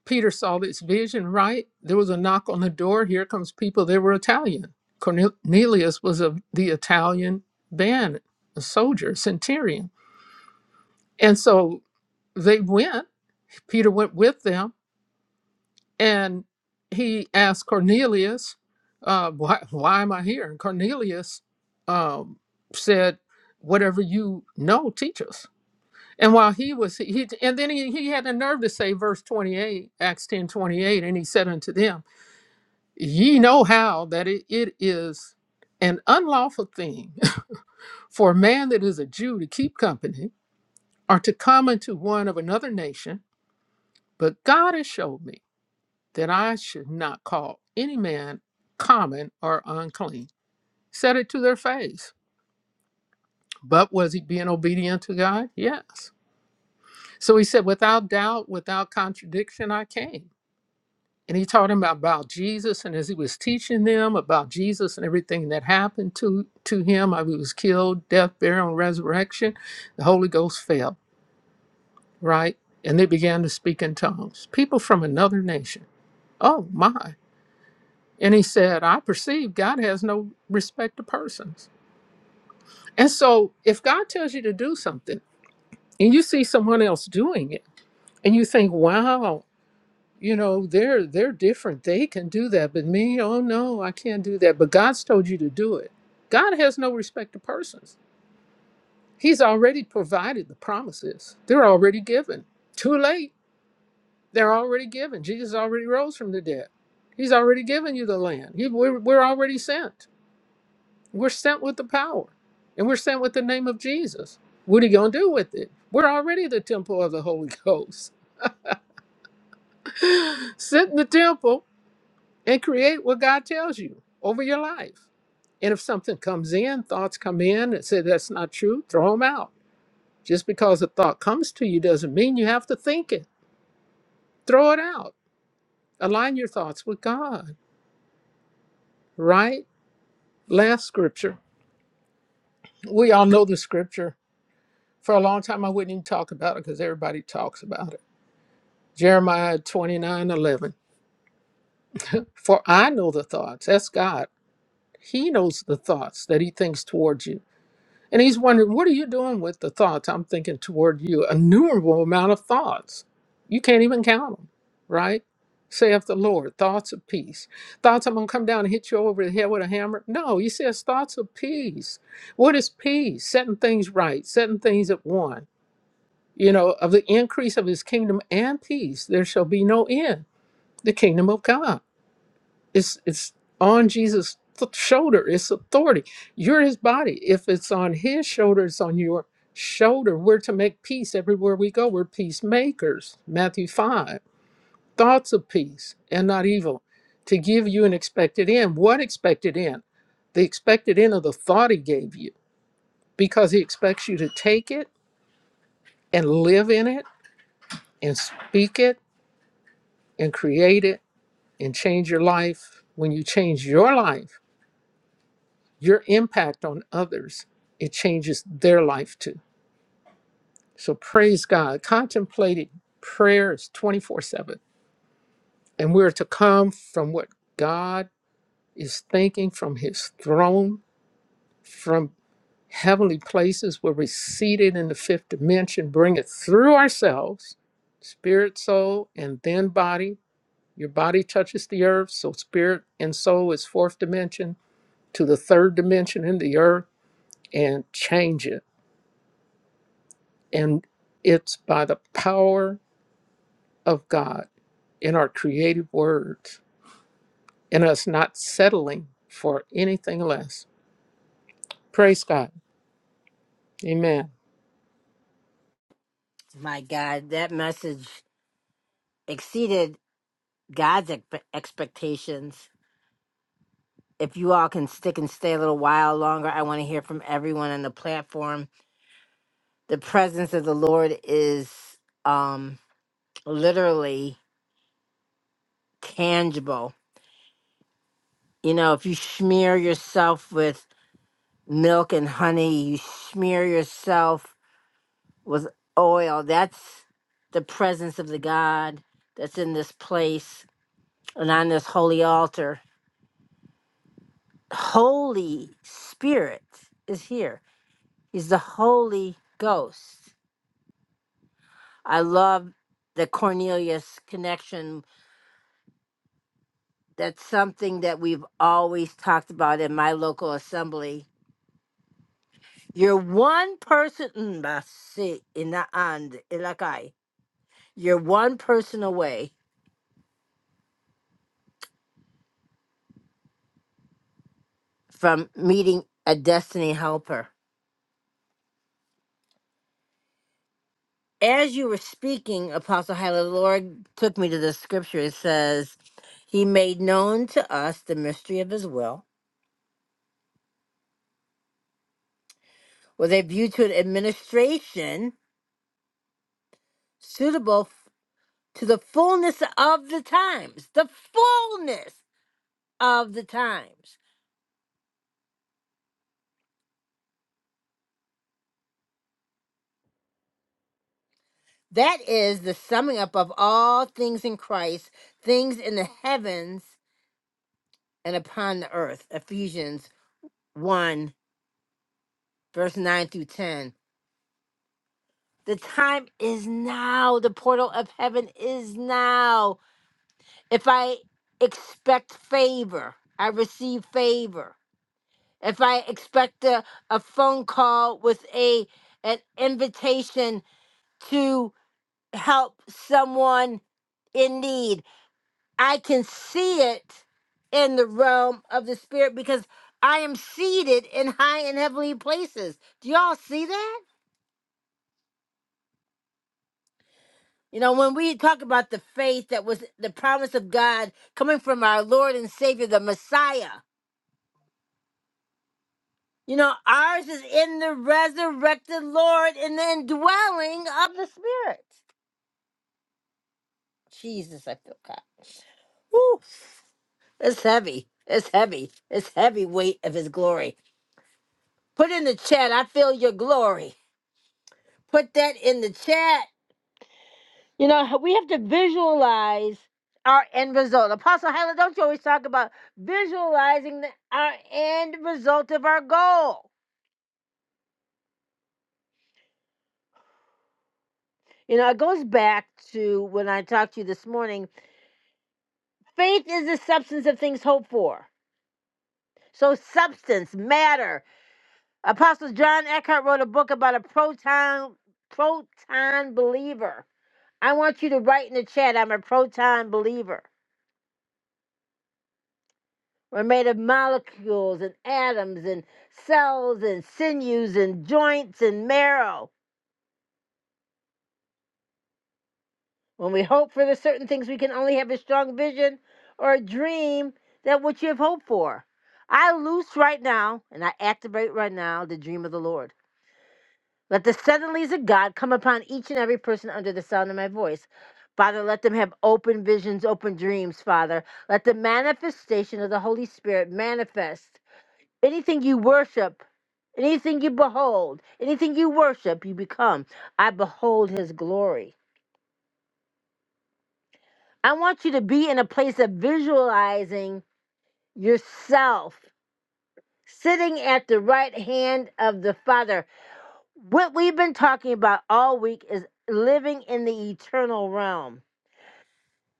Peter saw this vision, right? There was a knock on the door. Here comes people. They were Italian. Cornelius was of the Italian band, a soldier, centurion. And so they went. Peter went with them. And he asked Cornelius, uh, why, why am I here? And Cornelius um, said, Whatever you know, teach us. And while he was, he, and then he, he had the nerve to say, verse 28, Acts 10 28, and he said unto them, Ye know how that it, it is an unlawful thing (laughs) for a man that is a Jew to keep company or to come into one of another nation, but God has showed me that I should not call any man common or unclean. Said it to their face. But was he being obedient to God? Yes. So he said, Without doubt, without contradiction, I came. and he taught him about Jesus. And as he was teaching them about Jesus and everything that happened to, to him, how he was killed, death, burial, and resurrection, the Holy Ghost fell, right? And they began to speak in tongues. People from another nation. Oh, my. And he said, I perceive God has no respect to persons. And so if God tells you to do something and you see someone else doing it, and you think, wow, you know they're they're different they can do that but me oh no i can't do that but god's told you to do it god has no respect to persons he's already provided the promises they're already given too late they're already given jesus already rose from the dead he's already given you the land he, we're, we're already sent we're sent with the power and we're sent with the name of jesus what are you going to do with it we're already the temple of the holy ghost (laughs) sit in the temple and create what God tells you over your life. And if something comes in, thoughts come in and say that's not true, throw them out. Just because a thought comes to you doesn't mean you have to think it. Throw it out. Align your thoughts with God, right? Last scripture. We all know the scripture. For a long time, I wouldn't even talk about it because everybody talks about it. Jeremiah 29 11. For I know the thoughts, that's God. He knows the thoughts that He thinks towards you And he's wondering, what are you doing with the thoughts I'm thinking toward you? Innumerable amount of thoughts. You can't even count them, right? Saith the Lord, thoughts of peace. Thoughts I'm going to come down and hit you over the head with a hammer? No, he says thoughts of peace. What is peace? Setting things right, setting things at one. You know, of the increase of his kingdom and peace, there shall be no end. The kingdom of God. It's it's on Jesus' th- shoulder. It's authority. You're his body. If it's on his shoulder, it's on your shoulder. We're to make peace everywhere we go. We're peacemakers. Matthew 5. Thoughts of peace and not evil to give you an expected end. What expected end? The expected end of the thought he gave you because he expects you to take it and live in it and speak it and create it and change your life. When you change your life, your impact on others, it changes their life too. So praise God. Contemplating prayer is 24 7. And we're to come from what God is thinking from his throne, from heavenly places where we're seated in the fifth dimension, bring it through ourselves, spirit, soul, and then body. Your body touches the earth, so spirit and soul is fourth dimension to the third dimension in the earth and change it And it's by the power of God in our creative words and us not settling for anything less. Praise God. Amen.
My God, that message exceeded God's expe- expectations. If you all can stick and stay a little while longer, I want to hear from everyone on the platform. The presence of the Lord is um literally tangible. You know, if you smear yourself with milk and honey, you smear yourself with oil. That's the presence of the God that's in this place and on this holy altar. Holy Spirit is here. He's the Holy Ghost. I love the Cornelius connection. That's something that we've always talked about in my local assembly. You're one person, mm, I see, in the and Ilakai. You're one person away from meeting a destiny helper as you were speaking, Apostle Hyla, the Lord took me to the scripture. It says, He made known to us the mystery of His will with a view to an administration suitable f- to the fullness of the times. The fullness of the times. That is the summing up of all things in Christ, things in the heavens and upon the earth. Ephesians 1, verse 9 through 10. The time is now. The portal of heaven is now. If I expect favor, I receive favor. If I expect a, a phone call with a an invitation to help someone in need, I can see it in the realm of the spirit because I am seated in high and heavenly places. Do y'all see that? You know, when we talk about the faith that was the promise of God coming from our Lord and Savior, the Messiah, you know, ours is in the resurrected Lord and the indwelling of the Spirit. Jesus, I feel God. Woo, it's heavy. It's heavy. It's heavy weight of His glory. Put in the chat, I feel your glory. Put that in the chat. You know, we have to visualize our end result. Apostle Hyla, don't you always talk about visualizing the, our end result of our goal? You know, it goes back to when I talked to you this morning. Faith is the substance of things hoped for. So, substance, matter. Apostle John Eckhart wrote a book about a proton proton believer. I want you to write in the chat, I'm a proton believer. We're made of molecules and atoms and cells and sinews and joints and marrow. When we hope for the certain things, we can only have a strong vision or a dream that what you have hoped for. I loose right now and I activate right now the dream of the Lord. Let the suddenlies of God come upon each and every person under the sound of my voice. Father, let them have open visions, open dreams, Father. Let the manifestation of the Holy Spirit manifest. Anything you worship, anything you behold, anything you worship, you become. I behold his glory. I want you to be in a place of visualizing yourself sitting at the right hand of the Father. What we've been talking about all week is living in the eternal realm.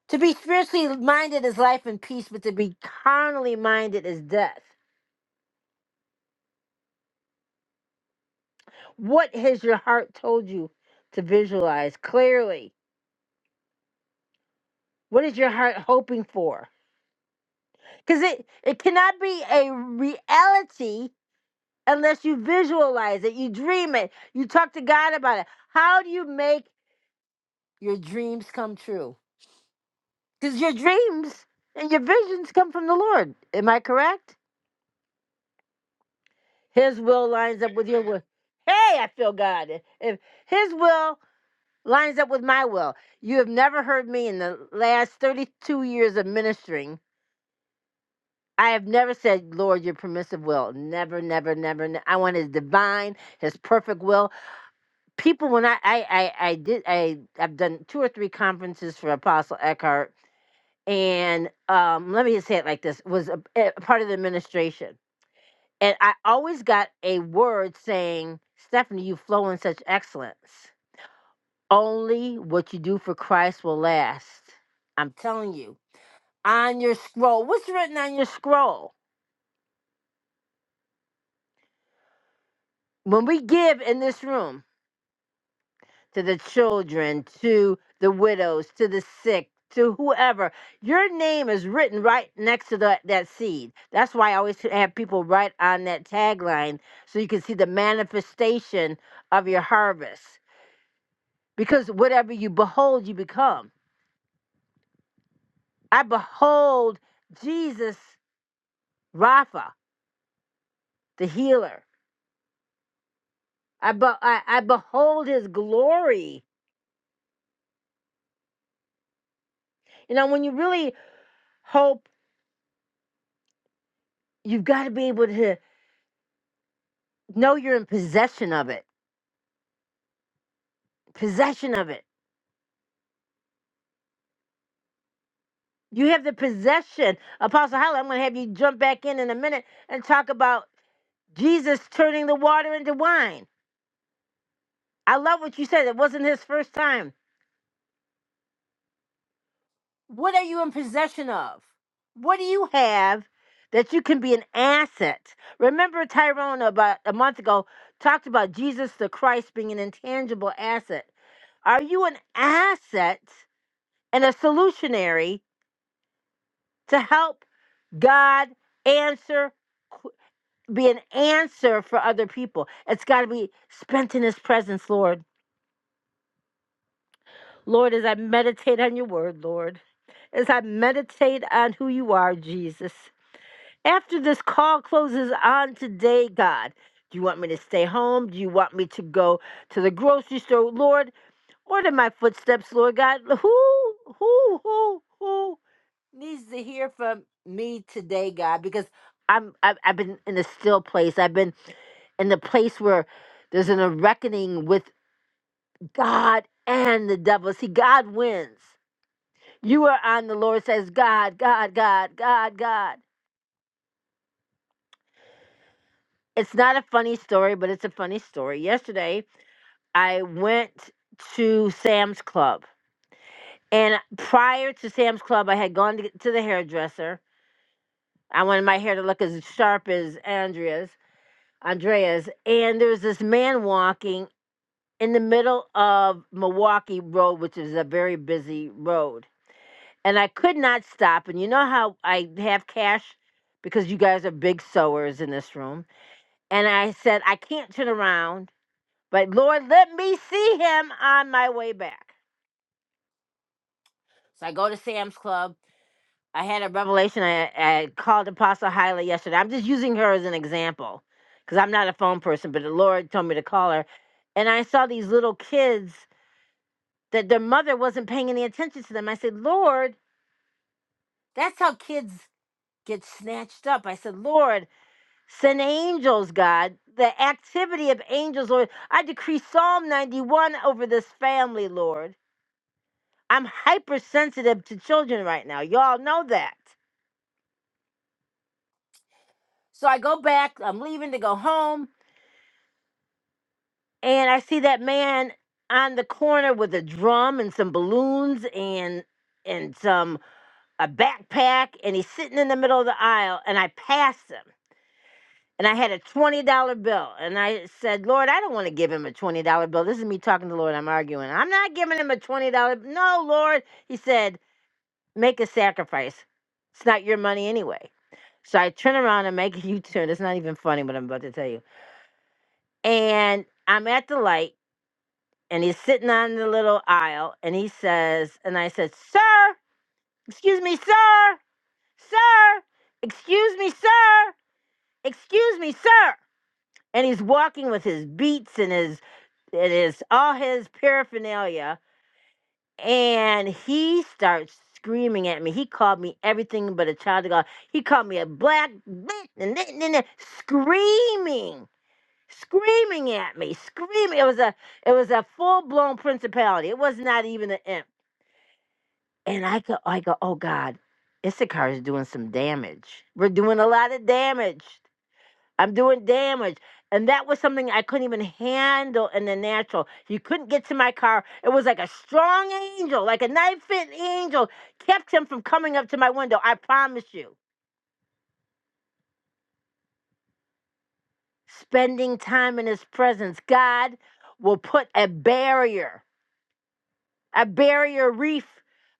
To be spiritually minded is life and peace, but to be carnally minded is death. What has your heart told you to visualize clearly? What is your heart hoping for? Because it, it cannot be a reality unless you visualize it, you dream it, you talk to God about it. How do you make your dreams come true? Because your dreams and your visions come from the Lord. Am I correct? His will lines up with your will. Hey, I feel God. If His will lines up with my will, you have never heard me in the last 32 years of ministering I have never said, Lord, your permissive will. Never, never, never. ne- I want His divine, His perfect will. People, when I, I, I, I did, I, I've done two or three conferences for Apostle Eckhart, and um, let me just say it like this: was a, eh, a part of the administration, and I always got a word saying, "Stephanie, you flow in such excellence. Only what you do for Christ will last." I'm telling you, on your scroll, what's written on your scroll? When we give in this room. to the children, to the widows, to the sick, to whoever. Your name is written right next to the, that seed. That's why I always have people write on that tagline so you can see the manifestation of your harvest. Because whatever you behold, you become. I behold Jesus Rapha, the healer. I, be- I, I behold his glory. You know, when you really hope, you've got to be able to know you're in possession of it possession of it. You have the possession. Apostle Holly, I'm going to have you jump back in in a minute and talk about Jesus turning the water into wine. I love what you said. It wasn't his first time. What are you in possession of? What do you have that you can be an asset? Remember, Tyrone, about a month ago, talked about Jesus the Christ being an intangible asset. Are you an asset and a solutionary to help God answer? be an answer for other people. It's got to be spent in His presence, Lord. Lord, as I meditate on your word, Lord, as I meditate on who you are, Jesus. After this call closes on today, God, do you want me to stay home? Do you want me to go to the grocery store? Lord, Order my footsteps, Lord God. Who, who, who, who needs to hear from me today, God? Because I'm, I've, I've been in a still place. I've been in the place where there's an, a reckoning with God and the devil. See, God wins. You are on the Lord says, God, God, God, God, God. It's not a funny story, but it's a funny story. Yesterday, I went to Sam's Club And prior to Sam's Club, I had gone to, to the hairdresser. I wanted my hair to look as sharp as Andrea's, Andrea's. And there was this man walking in the middle of Milwaukee Road, which is a very busy road. And I could not stop. And you know how I have cash because you guys are big sewers in this room. And I said, I can't turn around, but Lord, let me see him on my way back. So I go to Sam's Club I had a revelation. I, I called Apostle Hyla yesterday. I'm just using her as an example because I'm not a phone person, but the Lord told me to call her. And I saw these little kids that their mother wasn't paying any attention to them. I said, Lord, that's how kids get snatched up. I said, Lord, send angels, God. The activity of angels, Lord. I decree Psalm 91 over this family, Lord. I'm hypersensitive to children right now. Y'all know that. So I go back. I'm leaving to go home and I see that man on the corner with a drum and some balloons and and some a backpack and he's sitting in the middle of the aisle and I passed him and I had a twenty dollar bill and I said, Lord, I don't want to give him a twenty dollar bill. This is me talking to the Lord. I'm arguing. I'm not giving him a twenty dollar. No, Lord, he said, make a sacrifice. It's not your money anyway. So I turn around and make a U turn. It's not even funny what I'm about to tell you. And I'm at the light and he's sitting on the little aisle and he says and i said sir excuse me sir sir excuse me sir excuse me sir and he's walking with his beats and his and his all his paraphernalia and he starts screaming at me he called me everything but a child of god he called me a black bitch and th- and th- screaming screaming at me screaming it was a it was a full blown principality. It was not even an imp. And I go, I go, oh God, Issachar is doing some damage. We're doing a lot of damage. I'm doing damage. And that was something I couldn't even handle in the natural. You couldn't get to my car. It was like a strong angel, like a knife fit angel, kept him from coming up to my window. I promise you. Spending time in his presence, God will put a barrier a barrier reef,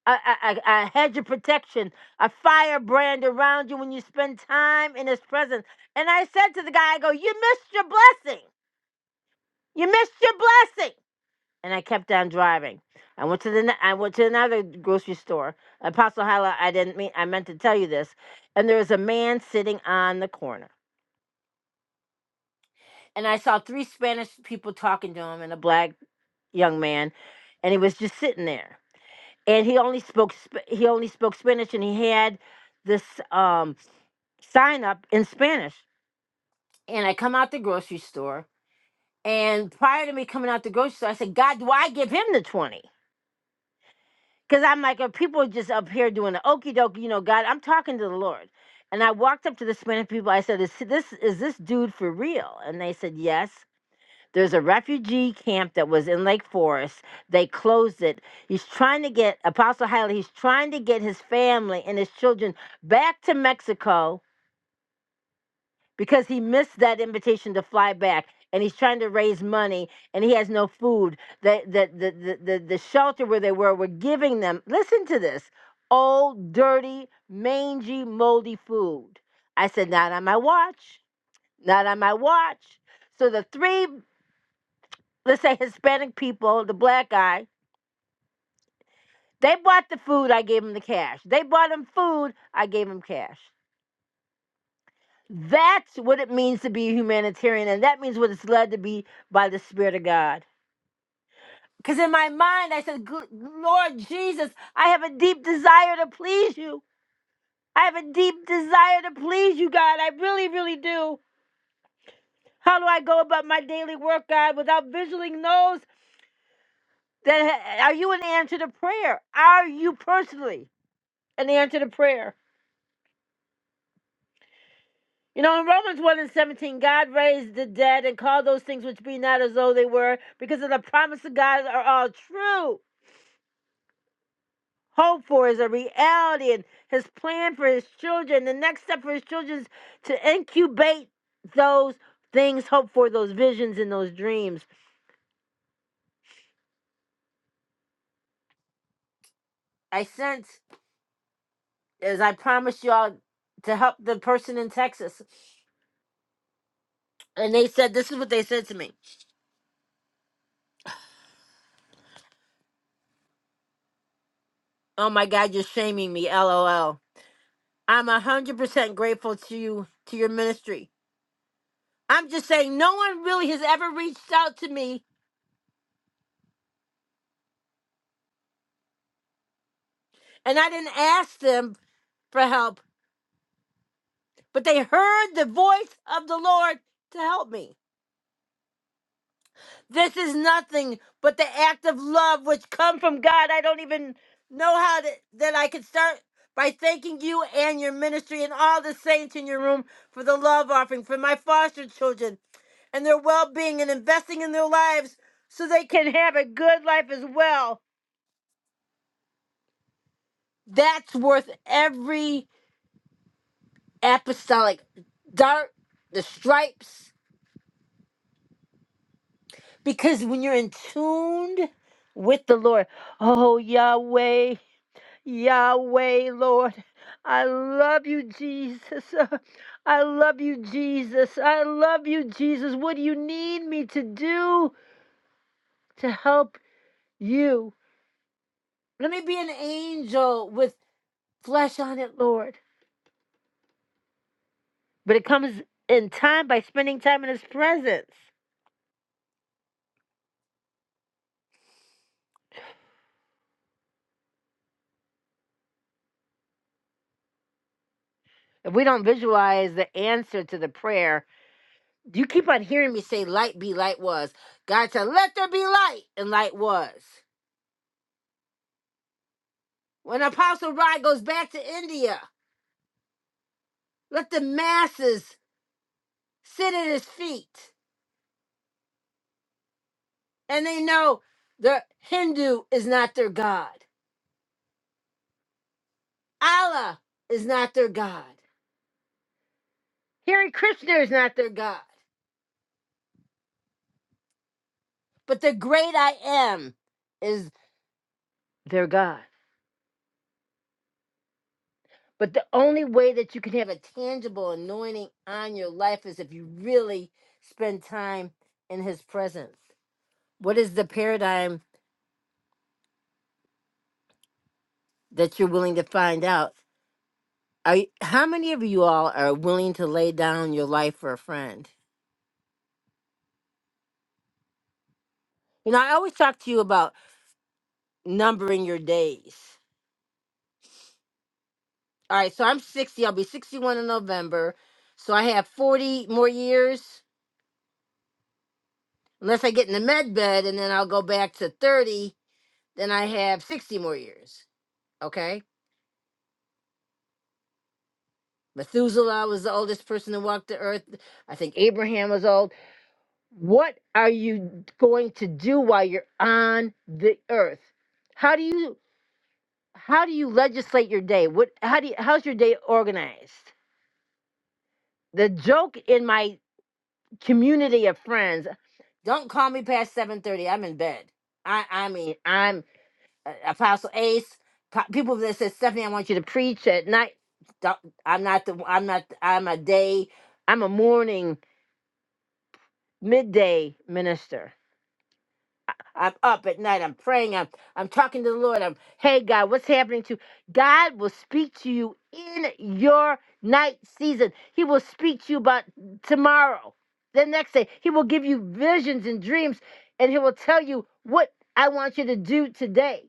a, a, a, a hedge of protection, a firebrand around you when you spend time in his presence. And I said to the guy, I go, You missed your blessing. You missed your blessing. And I kept on driving. I went to the ne- I went to another grocery store. Apostle Hala, I didn't mean I meant to tell you this. And there was a man sitting on the corner. And I saw three Spanish people talking to him and a black young man. And he was just sitting there. and he only spoke Sp- he only spoke Spanish, and he had this um, sign up in Spanish. And I come out the grocery store, and prior to me coming out the grocery store, I said, "God, do I give him the 20? Because I'm like, are people just up here doing the okey doke? You know, God, I'm talking to the Lord." And I walked up to the Spanish people. I said, "Is this is this dude for real?" And they said, "Yes." There's a refugee camp that was in Lake Forest. They closed it. He's trying to get Apostle Haley, he's trying to get his family and his children back to Mexico because he missed that invitation to fly back. And he's trying to raise money and he has no food. The the the the, the, the shelter where they were were giving them listen to this. Old, dirty, mangy, moldy food. I said, not on my watch. Not on my watch. So the three let's say Hispanic people, the black guy, they bought the food, I gave them the cash. They bought him food, I gave him cash. That's what it means to be a humanitarian, and that means what it's led to be by the Spirit of God. Because in my mind, I said, "Gl- Lord Jesus, I have a deep desire to please you. I have a deep desire to please you, God. I really, really do. How do I go about my daily work, God, without visualing those that ha- are you an answer to prayer? Are you personally an answer to prayer? You know, in Romans 1 and 17, God raised the dead and called those things which be not as though they were, because of the promise of God are all true. Hope for is a reality, and his plan for his children. The next step for his children is to incubate those things, hope for those visions and those dreams. I sense, as I promised y'all, to help the person in Texas. And they said, This is what they said to me. Oh my God, you're shaming me, LOL. I'm 100% grateful to you, to your ministry. I'm just saying, no one really has ever reached out to me, and I didn't ask them for help, but they heard the voice of the Lord to help me. This is nothing but the act of love which come from God. I don't even know how to, that I could start by thanking you and your ministry and all the saints in your room for the love offering for my foster children and their well-being and investing in their lives so they can have a good life as well. That's worth every apostolic dart, the stripes. Because when you're in tuned with the Lord, oh Yahweh, Yahweh, Lord, I love you, Jesus. (laughs) I love you, Jesus. I love you, Jesus. What do you need me to do to help you? Let me be an angel with flesh on it, Lord. But it comes in time by spending time in His presence. If we don't visualize the answer to the prayer, You keep on hearing me say light be light was. God said, let there be light, and light was. When Apostle Rod goes back to India, let the masses sit at his feet and they know the Hindu is not their God. Allah is not their God. Hare Krishna is not their God. But the great I am is their God. But the only way that you can have a tangible anointing on your life is if you really spend time in his presence. What is the paradigm that you're willing to find out? Are you, how many of you all are willing to lay down your life for a friend? You know, I always talk to you about numbering your days. All right, so I'm 60. I'll be 61 in November. So I have 40 more years, unless I get in the med bed and then I'll go back to 30, then I have 60 more years. Okay? Methuselah was the oldest person to walk the earth. I think Abraham was old. What are you going to do while you're on the earth? How do you how do you legislate your day? What how do you, how's your day organized? The joke in my community of friends, don't call me past 7:30. I'm in bed. I I mean, I'm uh, Apostle Ace. po- People that said, "Stephanie, I want you to preach at night." Don't, I'm not the I'm not I'm a day I'm a morning midday minister. I'm up at night. I'm praying. I'm I'm talking to the Lord. I'm hey God, what's happening to you? God will speak to you in your night season. He will speak to you about tomorrow, the next day. He will give you visions and dreams, and he will tell you what I want you to do today.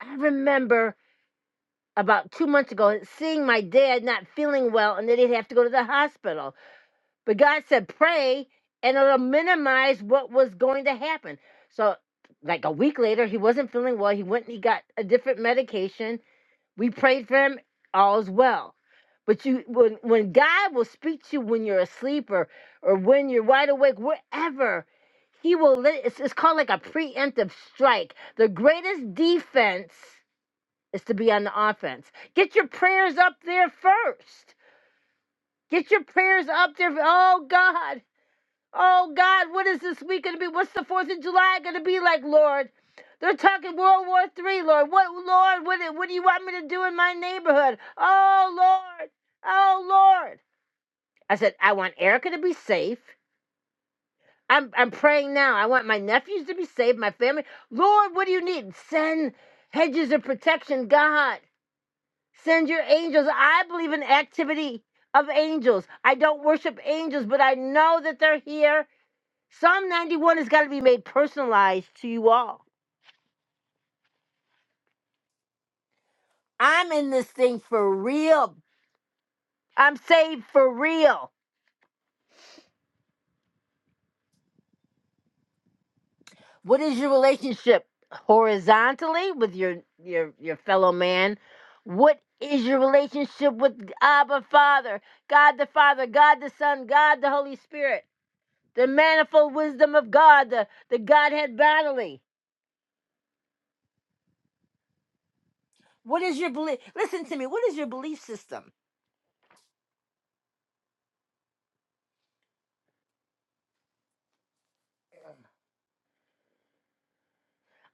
I remember about two months ago seeing my dad not feeling well, and that he'd have to go to the hospital But God said, pray, and it'll minimize what was going to happen. So, like a week later, he wasn't feeling well. He went and he got a different medication. We prayed for him. All's well. But you, when when God will speak to you when you're asleep or or when you're wide awake, wherever, He will. Let, it's, it's called like a preemptive strike. The greatest defense is to be on the offense. Get your prayers up there first. Get your prayers up there. Oh God, Oh God, what is this week gonna be? What's the Fourth of July gonna be like, Lord? They're talking World War Three, Lord. What, Lord? What, what do you want me to do in my neighborhood? Oh Lord, oh Lord. I said I want Erica to be safe. I'm I'm praying now. I want my nephews to be safe, my family. Lord, what do you need? Send hedges of protection, God. Send your angels. I believe in activity of angels. I don't worship angels, but I know that they're here Psalm 91 has got to be made personalized to you all. I'm in this thing for real. I'm saved for real. What is your relationship horizontally with your your your fellow man? What is your relationship with Abba Father, God the Father, God the Son, God the Holy Spirit, the manifold wisdom of God, the, the Godhead bodily? What is your belief? Listen to me. What is your belief system?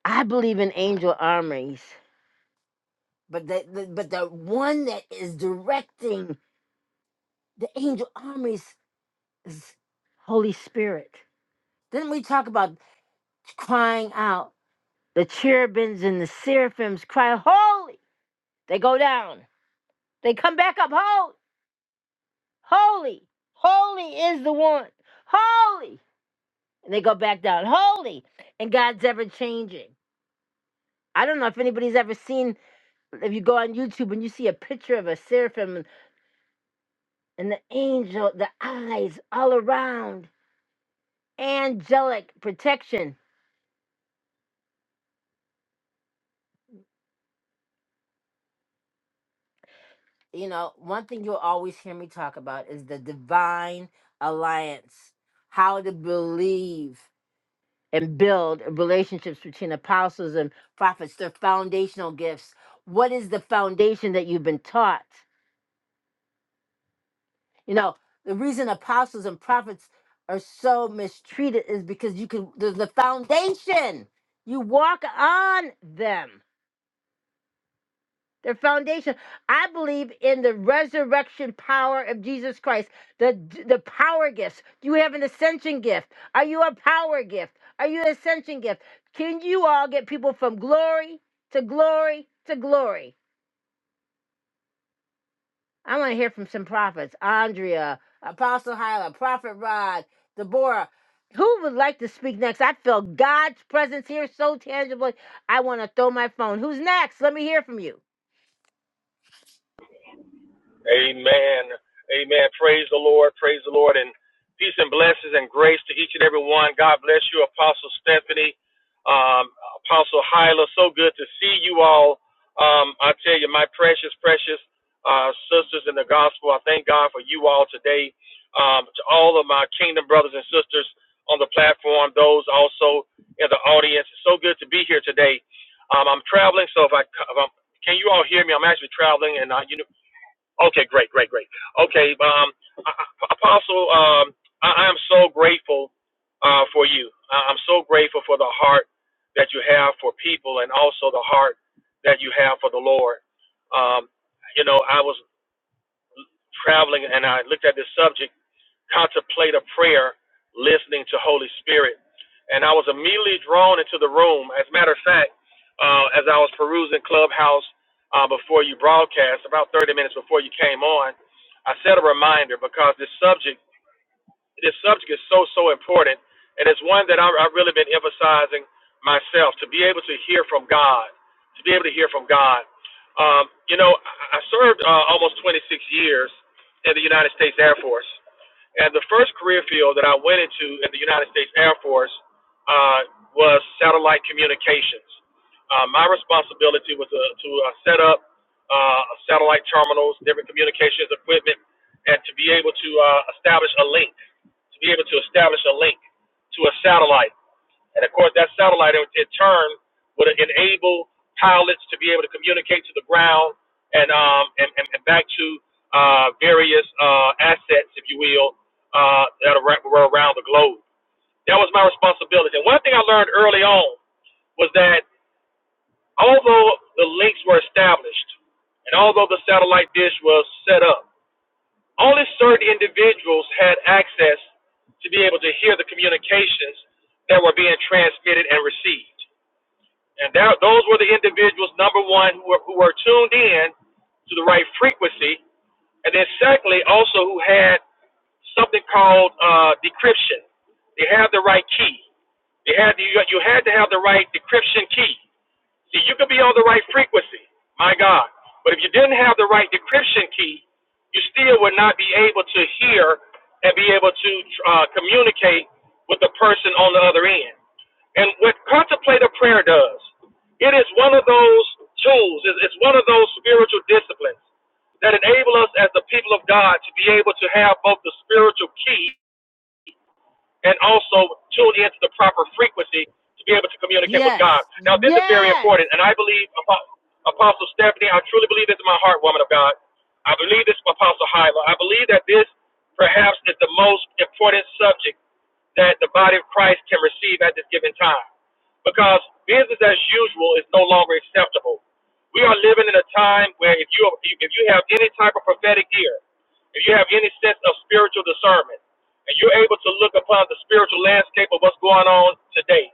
I believe in angel armies. But the, the but the one that is directing the angel armies is Holy Spirit. Then we talk about crying out. The cherubims and the seraphims cry, Holy! They go down. They come back up, Holy! Holy! Holy is the one. Holy! And they go back down, Holy! And God's ever changing. I don't know if anybody's ever seen, if you go on YouTube and you see a picture of a seraphim and the angel, the eyes all around angelic protection. You know, one thing you'll always hear me talk about is the divine alliance, how to believe and build relationships between apostles and prophets, their foundational gifts. What is the foundation that you've been taught? You know, the reason apostles and prophets are so mistreated is because you can, there's the foundation. You walk on them. their foundation. I believe in the resurrection power of Jesus Christ, the the power gifts. Do you have an ascension gift? Are you a power gift? Are you an ascension gift? Can you all get people from glory to glory to glory? I want to hear from some prophets. Andrea, Apostle Hyla, Prophet Rod, Deborah. Who would like to speak next? I feel God's presence here so tangibly. I want to throw my phone. Who's next? Let me hear from you.
Amen. Amen. Praise the Lord. Praise the Lord. And peace and blessings and grace to each and every one. God bless you, Apostle Stephanie, um, Apostle Hyla. So good to see you all. Um, I tell you, my precious, precious uh, sisters in the gospel, I thank God for you all today. Um, to all of my kingdom brothers and sisters on the platform, those also in the audience, it's so good to be here today. Um, I'm traveling, so if I c- if I'm, can you all hear me? I'm actually traveling, and I, you know. Okay, great, great, great. Okay, um, Apostle, um, I I am so grateful uh, for you. I- I'm so grateful for the heart that you have for people, and also the heart that you have for the Lord. Um, you know, I was traveling and I looked at this subject contemplate a prayer, listening to Holy Spirit. And I was immediately drawn into the room. As a matter of fact, uh, as I was perusing Clubhouse uh, before you broadcast, about 30 minutes before you came on, I set a reminder because this subject this subject is so so important, and it's one that I, I've really been emphasizing myself to be able to hear from God, to be able to hear from God. Um, you know, I served uh, almost 26 years in the United States Air Force, and the first career field that I went into in the United States Air Force uh, was satellite communications. Uh, my responsibility was to, to uh, set up uh, satellite terminals, different communications equipment, and to be able to uh, establish a link to be able to establish a link to a satellite. And of course, that satellite in, in turn would enable pilots to be able to communicate to the ground and um, and, and, and back to uh, various uh, assets, if you will, uh, that are, were around the globe. That was my responsibility. And one thing I learned early on was that although the links were established and although the satellite dish was set up, only certain individuals had access to be able to hear the communications that were being transmitted and received. And that, those were the individuals, number one, who were, who were tuned in to the right frequency. And then, secondly, also who had something called uh, decryption. They had the right key. They had you, you had to have the right decryption key. See, you could be on the right frequency, my God. But if you didn't have the right decryption key, you still would not be able to hear and be able to uh, communicate with the person on the other end. And what contemplative prayer does, it is one of those tools, it's it's one of those spiritual disciplines that enable us as the people of God to be able to have both the spiritual key and also tune into the proper frequency to be able to communicate with
Yes.
God. Now, this is very
Yes.
important, and I believe Apostle Stephanie, I truly believe this in my heart, woman of God. I believe this, Apostle Hyla. I believe that this perhaps is the most important subject that the body of Christ can receive at this given time. Because business as usual is no longer acceptable. We are living in a time where if you if you have any type of prophetic ear, if you have any sense of spiritual discernment, and you're able to look upon the spiritual landscape of what's going on today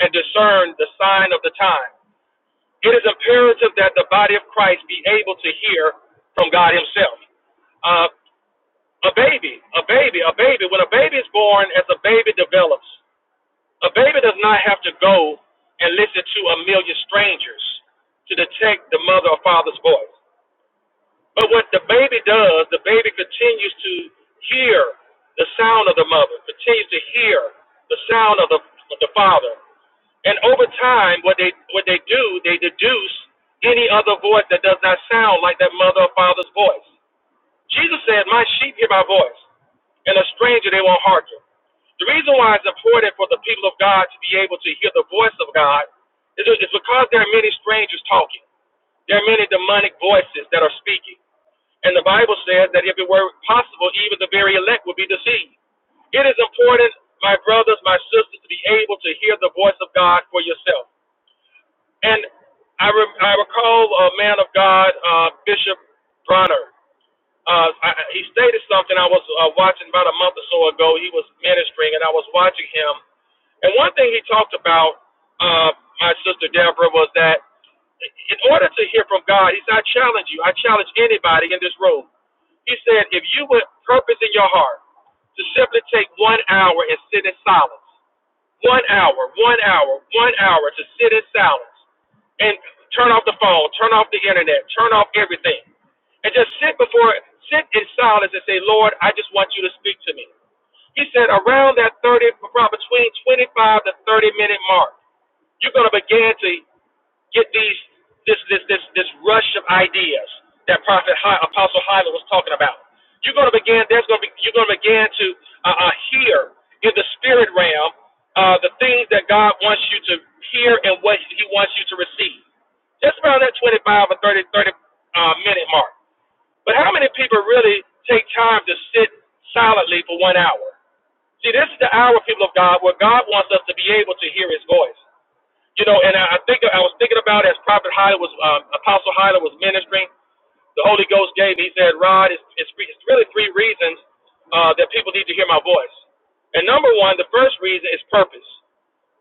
and discern the sign of the time, it is imperative that the body of Christ be able to hear from God Himself. Uh, a baby, a baby, a baby. When a baby is born, as a baby develops, a baby does not have to go and listen to a million strangers to detect the mother or father's voice. But what the baby does, the baby continues to hear the sound of the mother, continues to hear the sound of the, of the father. And over time, what they what they do, they deduce any other voice that does not sound like that mother or father's voice. Jesus said, "My sheep hear my voice, and a stranger they won't hearken." The reason why it's important for the people of God to be able to hear the voice of God is, is because there are many strangers talking. There are many demonic voices that are speaking. And the Bible says that if it were possible, even the very elect would be deceived. It is important, my brothers, my sisters, to be able to hear the voice of God for yourself. And I, re- I recall a man of God, uh, Bishop Bronner uh, I, he stated something I was uh, watching about a month or so ago. He was ministering, and I was watching him. And one thing he talked about, uh, my sister Deborah, was that in order to hear from God, he said, I challenge you. I challenge anybody in this room. He said, if you would purpose in your heart to simply take one hour and sit in silence one hour, one hour, one hour to sit in silence and turn off the phone, turn off the internet, turn off everything, and just sit before, sit in silence and say, Lord, I just want you to speak to me. He said around that 30, around between 25 to 30 minute mark, you're going to begin to get these this this this this rush of ideas that Prophet Hi, Apostle Hyla was talking about. You're going to begin. There's going to be. You're going to begin to uh, uh, hear in the spirit realm uh, the things that God wants you to hear and what He wants you to receive. Just around that 25 or 30 30 uh, minute mark. But how many people really take time to sit silently for one hour? See, this is the hour, people of God, where God wants us to be able to hear His voice. You know, and I, I think I was thinking about as Prophet Hyler was, um, Apostle Hyler was ministering, the Holy Ghost gave me. He said, Rod, it's, it's, re- it's really three reasons uh, that people need to hear my voice. And number one, the first reason is purpose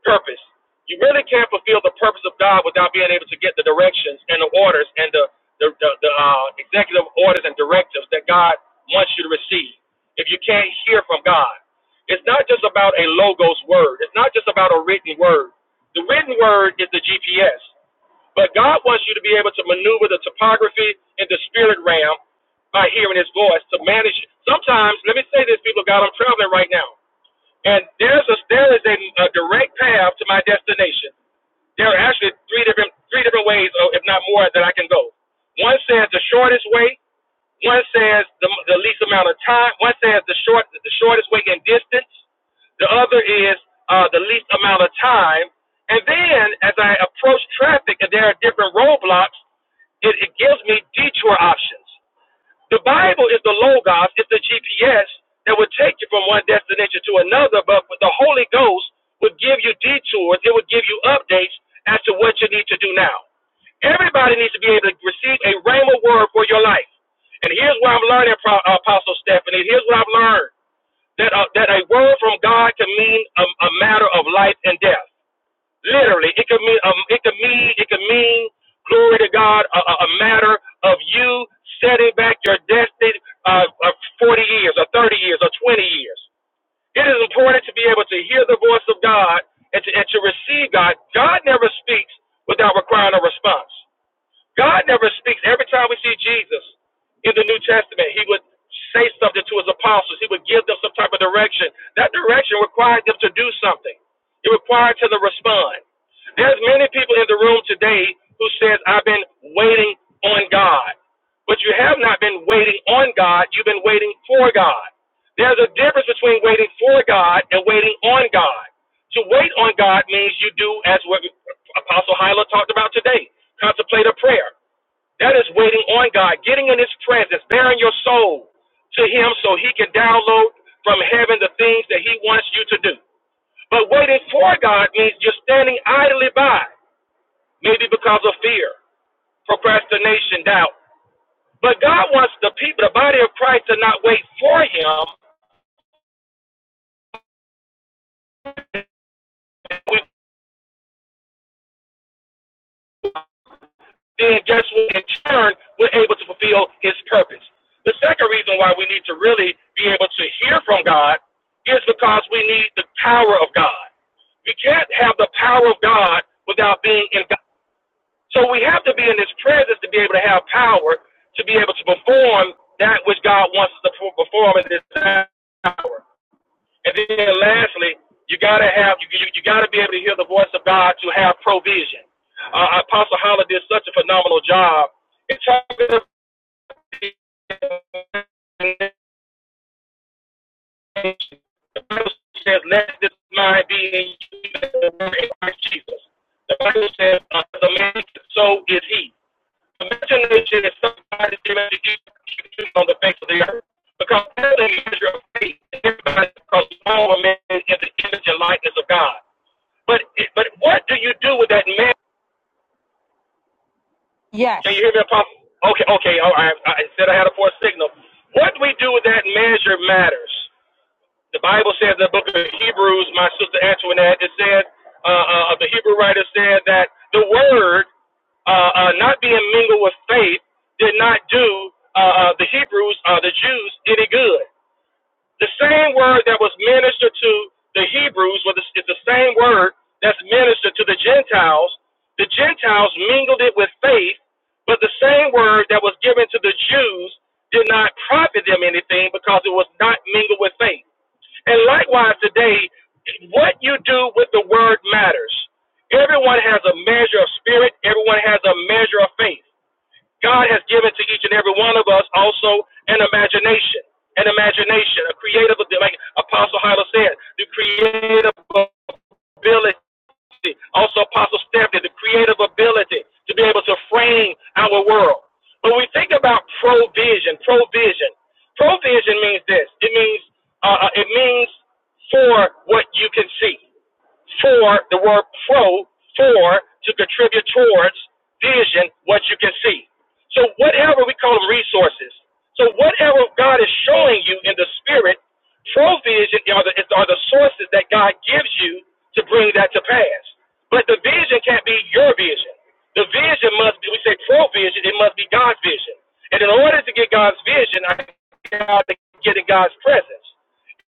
purpose. You really can't fulfill the purpose of God without being able to get the directions and the orders and the the, the, the uh, executive orders and directives that God wants you to receive. If you can't hear from God, it's not just about a logos word. It's not just about a written word. The written word is the GPS, but God wants you to be able to maneuver the topography in the spirit realm by hearing His voice to manage. Sometimes, let me say this, people of God, I'm traveling right now and there's a there is a, a direct path to my destination. There are actually three different three different ways, or if not more, that I can go. One says the shortest way. One says the, the least amount of time. One says the short the shortest way in distance. The other is uh, the least amount of time. And then as I approach traffic, and there are different roadblocks, it, it gives me detour options. The Bible is the logos, it's the GPS that would take you from one destination to another, but the Holy Ghost would give you detours, it would give you updates as to what you need to do now. Everybody needs to be able to receive a rhema word for your life. And here's what I'm learning, Pro- Apostle Stephanie. Here's what I've learned that a, that a word from God can mean a, a matter of life and death. Literally, it could mean um, it could mean it could mean glory to God a, a matter of you setting back your destiny uh, of 40 years or 30 years or 20 years. It is important to be able to hear the voice of God and to, and to receive God. God never speaks without requiring a response. God never speaks. Every time we see Jesus in the New Testament, he would say something to his apostles. He would give them some type of direction. That direction required them to do something. It required them to respond. There's many people in the room today who says, I've been waiting on God. But you have not been waiting on God, you've been waiting for God. There's a difference between waiting for God and waiting on God. To wait on God means you do as what Apostle Hyla talked about today contemplate a prayer. That is waiting on God, getting in His presence, bearing your soul to Him so He can download from heaven the things that He wants you to do. But waiting for God means you're standing idly by, maybe because of fear, procrastination, doubt. But God wants the people, the body of Christ, to not wait for Him. We then guess what? In turn, we're able to fulfill His purpose. The second reason why we need to really be able to hear from God is because we need the power of God. We can't have the power of God without being in God. So we have to be in His presence to be able to have power, to be able to perform that which God wants us to perform in this hour. And then lastly, you gotta have you you, you gotta be able to hear the voice of God to have provision. Uh, Apostle Holler did such a phenomenal job in talking about the Bible says, "Let this mind be in you in Christ Jesus." The Bible says, uh, "The man so is he." Imagine is somebody executed on the face of the earth because that's the measure of faith. Everybody because all men in the image and likeness of God. But but what do you do with that man? Can
Yes.
you hear me, Apostle? Okay, okay. All right. I said I had a poor signal. What we do with that measure matters. The Bible says in the book of Hebrews, my sister Antoinette, it said, uh, uh, the Hebrew writer said that the word uh, uh, not being mingled with faith did not do uh, uh, the Hebrews, uh, the Jews, any good. The same word that was ministered to the Hebrews was is the same word that's ministered to the Gentiles. The Gentiles mingled it with faith, but the same word that was given to the Jews did not profit them anything because it was not mingled with faith. And likewise today, what you do with the word matters. Everyone has a measure of spirit, everyone has a measure of faith. God has given to each and every one of us also an imagination, an imagination, a creative, abil- like Apostle Hyla said, the creative ability. Also, Apostle Stephanie, the creative ability to be able to frame our world. When we think about provision, provision, provision means this. It means uh, uh, it means for what you can see for the word pro for to contribute towards vision what you can see so whatever we call them resources so whatever god is showing you in the spirit provision are the, are the sources that god gives you to bring that to pass but the vision can't be your vision the vision must be we say provision it must be god's vision and in order to get god's vision i got to get in god's presence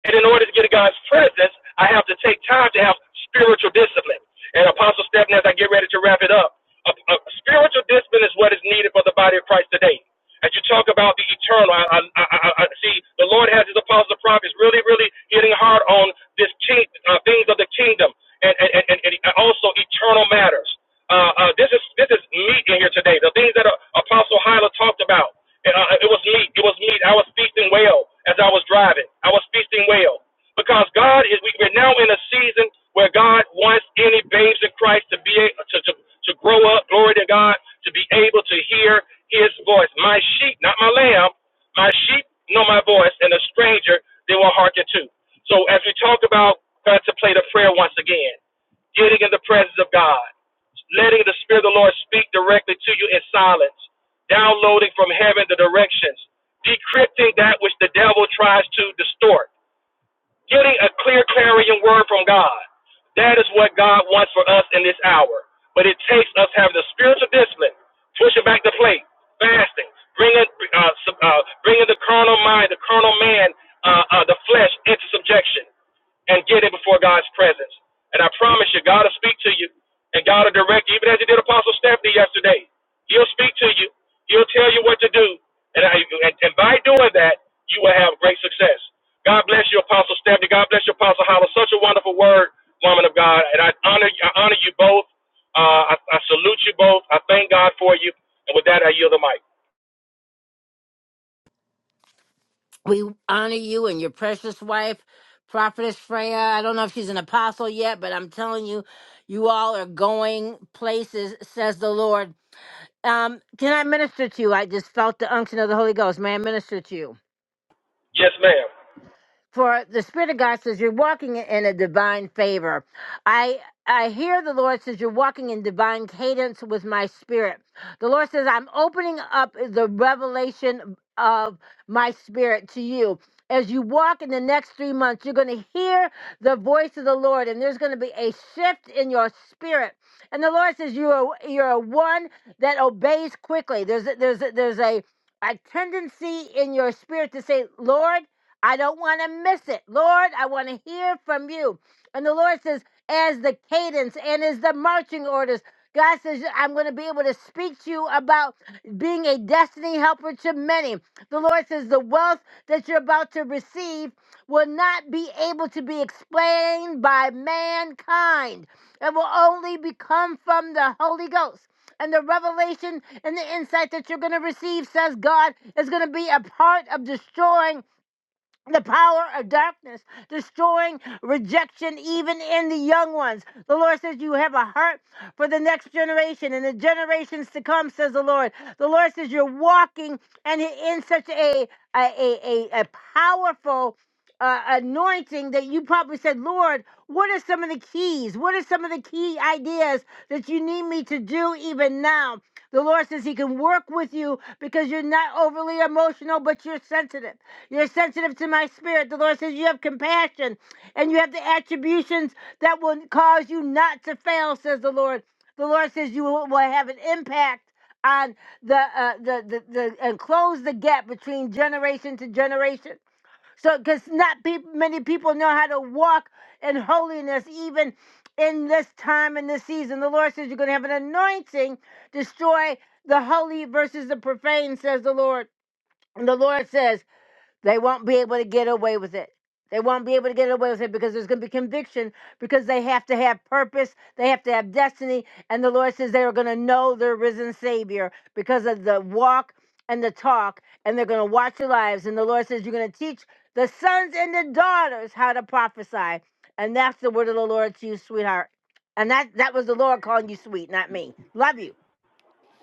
and in order to get in God's presence, I have to take time to have spiritual discipline. And Apostle Stephen, as I get ready to wrap it up, a, a spiritual discipline is what is needed for the body of Christ today. As you talk about the eternal, I, I, I, I see the Lord has his apostles and prophets really, really hitting hard on this king, uh, things of the kingdom and, and, and and also eternal matters uh, uh, this is this is meat in here today. The things that uh, Apostle Hyla talked about, uh, it was meat. It was meat. I was feasting well as I was driving. I was feasting well because God is. we- We're now in a season where God wants any babes in Christ to be a- to to, to grow up. Glory to God to be able to hear His voice. My sheep, not my lamb. My sheep know my voice, and a stranger they will hearken to. So as we talk about contemplate a prayer once again getting in the presence of God, letting the Spirit of the Lord speak directly to you in silence, downloading from heaven the directions, decrypting that which the devil tries to distort. Getting a clear carrying word from God. That is what God wants for us in this hour. But it takes us having the spiritual discipline, pushing back the plate, fasting, bringing, uh, uh, bringing the carnal mind, the carnal man, uh, uh, the flesh into subjection and get it before God's presence. And I promise you, God will speak to you and God will direct you, even as He did Apostle Stephanie yesterday. He'll speak to you, He'll tell you what to do. And I, and, and by doing that, you will have great success. God bless you, Apostle Stephanie. God bless you, Apostle Hollis. Such a wonderful word, woman of God. And I honor I honor you both. Uh, I, I salute you both. I thank God for you. And with that, I yield the mic.
We honor you and your precious wife, Prophetess Freya. I don't know if she's an apostle yet, but I'm telling you, you all are going places, says the Lord. Um, can I minister to you? I just felt the unction of the Holy Ghost. May I minister to you?
Yes, ma'am.
For the Spirit of God says you're walking in a divine favor. I I hear the Lord says you're walking in divine cadence with my spirit. The Lord says I'm opening up the revelation of my spirit to you. As you walk in the next three months, you're going to hear the voice of the Lord, and there's going to be a shift in your spirit. And the Lord says you are you're a one that obeys quickly. There's a, there's a, there's a a tendency in your spirit to say, Lord. I don't want to miss it. Lord, I want to hear from you. And the Lord says, as the cadence and as the marching orders, God says, I'm going to be able to speak to you about being a destiny helper to many. The Lord says, the wealth that you're about to receive will not be able to be explained by mankind. It will only become from the Holy Ghost. And the revelation and the insight that you're going to receive, says God, is going to be a part of destroying the power of darkness, destroying rejection even in the young ones. The Lord says, You have a heart for the next generation and the generations to come, says the Lord. The Lord says, You're walking and in such a a, a, a, a powerful uh, anointing that you probably said, Lord, what are some of the keys? What are some of the key ideas that you need me to do even now? The Lord says He can work with you because you're not overly emotional, but you're sensitive. You're sensitive to my spirit. The Lord says you have compassion and you have the attributions that will cause you not to fail, says the Lord. The Lord says you will have an impact on the, uh, the, the, the, and close the gap between generation to generation. So, because not peop many people know how to walk in holiness, even in this time in this season. The Lord says you're going to have an anointing, destroy the holy versus the profane, says the Lord. And the Lord says. They won't be able to get away with it. They won't be able to get away with it because there's going to be conviction because they have to have purpose. They have to have destiny. And the Lord says they are going to know their risen Savior because of the walk and the talk. And they're going to watch your lives. And the Lord says you're going to teach the sons and the daughters how to prophesy. And that's the word of the Lord to you, sweetheart. And that, that was the Lord calling you sweet, not me. Love you.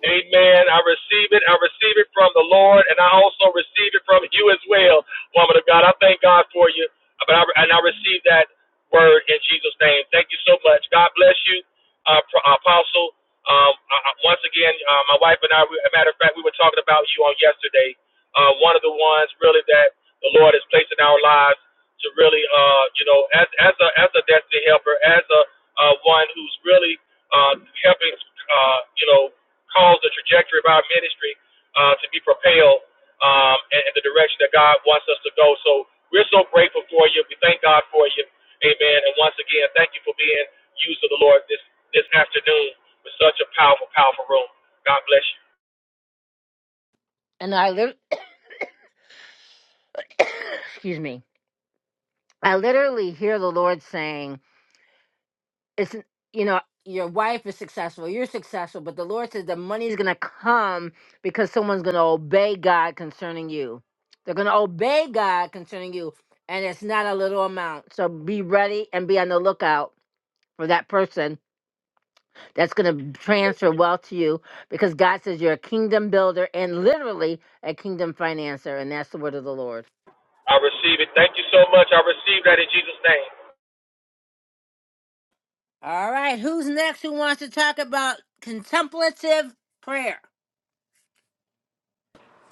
Amen. I receive it. I receive it from the Lord, and I also receive it from you as well, woman of God. I thank God for you, but I, and I receive that word in Jesus' name. Thank you so much. God bless you, uh, Apostle. Um, I, once again, uh, my wife and I, we, as a matter of fact, we were talking about you on yesterday. Uh, one of the ones really that the Lord has placed in our lives to really, uh, you know, as as a as a destiny helper, as a uh, one who's really uh, helping, uh, you know cause the trajectory of our ministry uh, to be propelled um, in, in the direction that God wants us to go. So we're so grateful for you. We thank God for you. Amen. And once again, thank you for being used of the Lord this, this afternoon with such a powerful, powerful room. God bless you.
And I, lit- (coughs) excuse me, I literally hear the Lord saying, it's n- you know your wife is successful you're successful but the lord says the money is going to come because someone's going to obey god concerning you they're going to obey god concerning you and it's not a little amount so be ready and be on the lookout for that person that's going to transfer wealth to you because god says you're a kingdom builder and literally a kingdom financer and that's the word of the lord
I receive it. Thank you so much. I receive that in Jesus' name.
all right who's next who wants to talk about contemplative prayer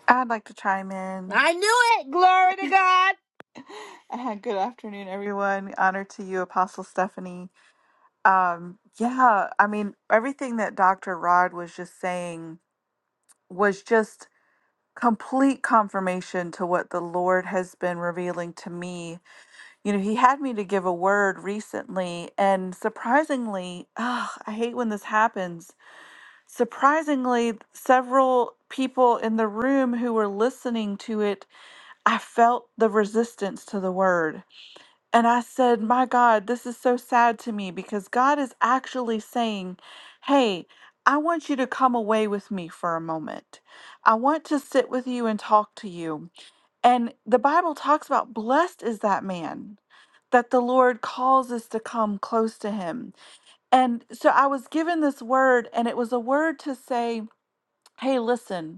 I'd like to chime in.
I knew it. Glory to God.
(laughs) Uh, Good afternoon, everyone. Honor to you, Apostle Stephanie. Um, yeah, I mean, everything that Dr. Rod was just saying was just complete confirmation to what the Lord has been revealing to me. You know, He had me to give a word recently, and surprisingly, (sighs) ah, I hate when this happens. Surprisingly, several people in the room who were listening to it I felt the resistance to the word. And I said, My God, this is so sad to me because God is actually saying, Hey, I want you to come away with me for a moment. I want to sit with you and talk to you. And the Bible talks about blessed is that man that the Lord calls us to come close to him. And so I was given this word, and it was a word to say, Hey, listen,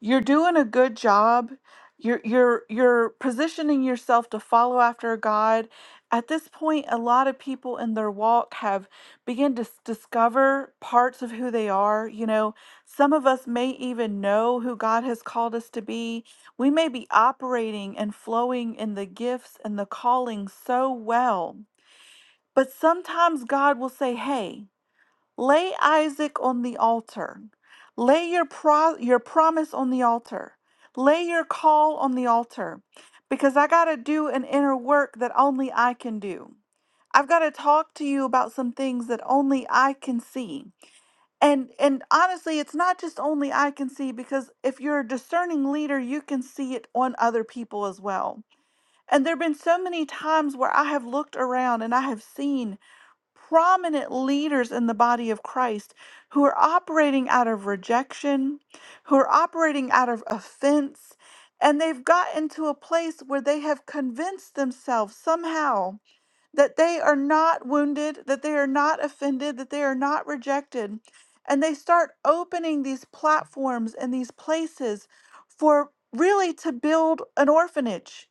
you're doing a good job you're you're you're positioning yourself to follow after god at this point a lot of people in their walk have begun to s- discover parts of who they are you know some of us may even know who god has called us to be we may be operating and flowing in the gifts and the calling so well but sometimes god will say hey Lay Isaac on the altar. Lay your, pro- your promise on the altar. Lay your call on the altar because I got to do an inner work that only I can do. I've got to talk to you about some things that only I can see. And and honestly, it's not just only I can see because if you're a discerning leader, you can see it on other people as well. And there've been so many times where I have looked around and I have seen prominent leaders in the body of Christ who are operating out of rejection, who are operating out of offense, and they've gotten to a place where they have convinced themselves somehow that they are not wounded, that they are not offended, that they are not rejected. And they start opening these platforms and these places for really to build an orphanage,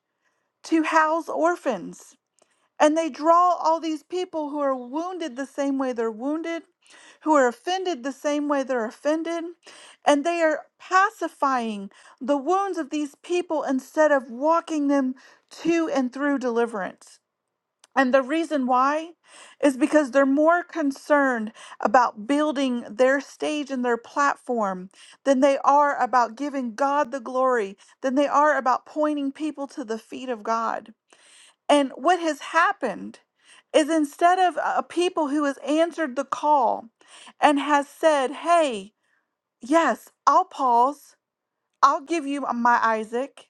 to house orphans and they draw all these people who are wounded the same way they're wounded, who are offended the same way they're offended, and they are pacifying the wounds of these people instead of walking them to and through deliverance. And the reason why is because they're more concerned about building their stage and their platform than they are about giving God the glory, than they are about pointing people to the feet of God. And what has happened is instead of a people who has answered the call and has said, "Hey, yes, I'll pause. I'll give you my Isaac,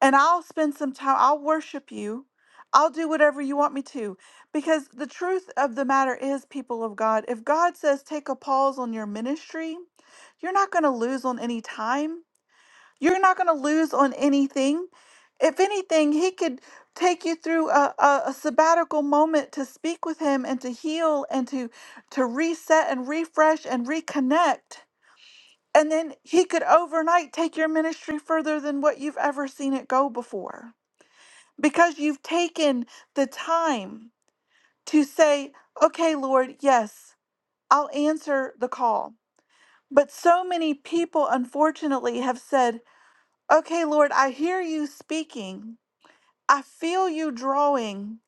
and I'll spend some time. I'll worship you. I'll do whatever you want me to." Because the truth of the matter is, people of God, if God says take a pause on your ministry, you're not going to lose on any time you're not going to lose on anything. If anything, he could take you through a, a, a sabbatical moment to speak with him and to heal and to to reset and refresh and reconnect. And then he could overnight take your ministry further than what you've ever seen it go before. Because you've taken the time to say, okay, Lord, yes, I'll answer the call. But so many people, unfortunately, have said, Okay, Lord, I hear you speaking. I feel you drawing,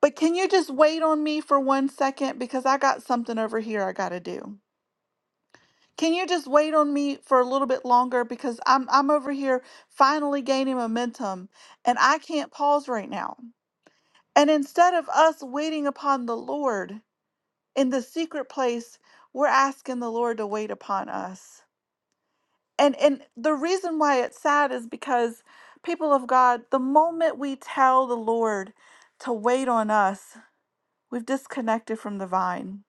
but can you just wait on me for one second? Because I got something over here I got to do. Can you just wait on me for a little bit longer? Because I'm, I'm over here finally gaining momentum and I can't pause right now. And instead of us waiting upon the Lord in the secret place, we're asking the Lord to wait upon us. And, and the reason why it's sad is because, people of God, the moment we tell the Lord to wait on us, We've disconnected from the vine.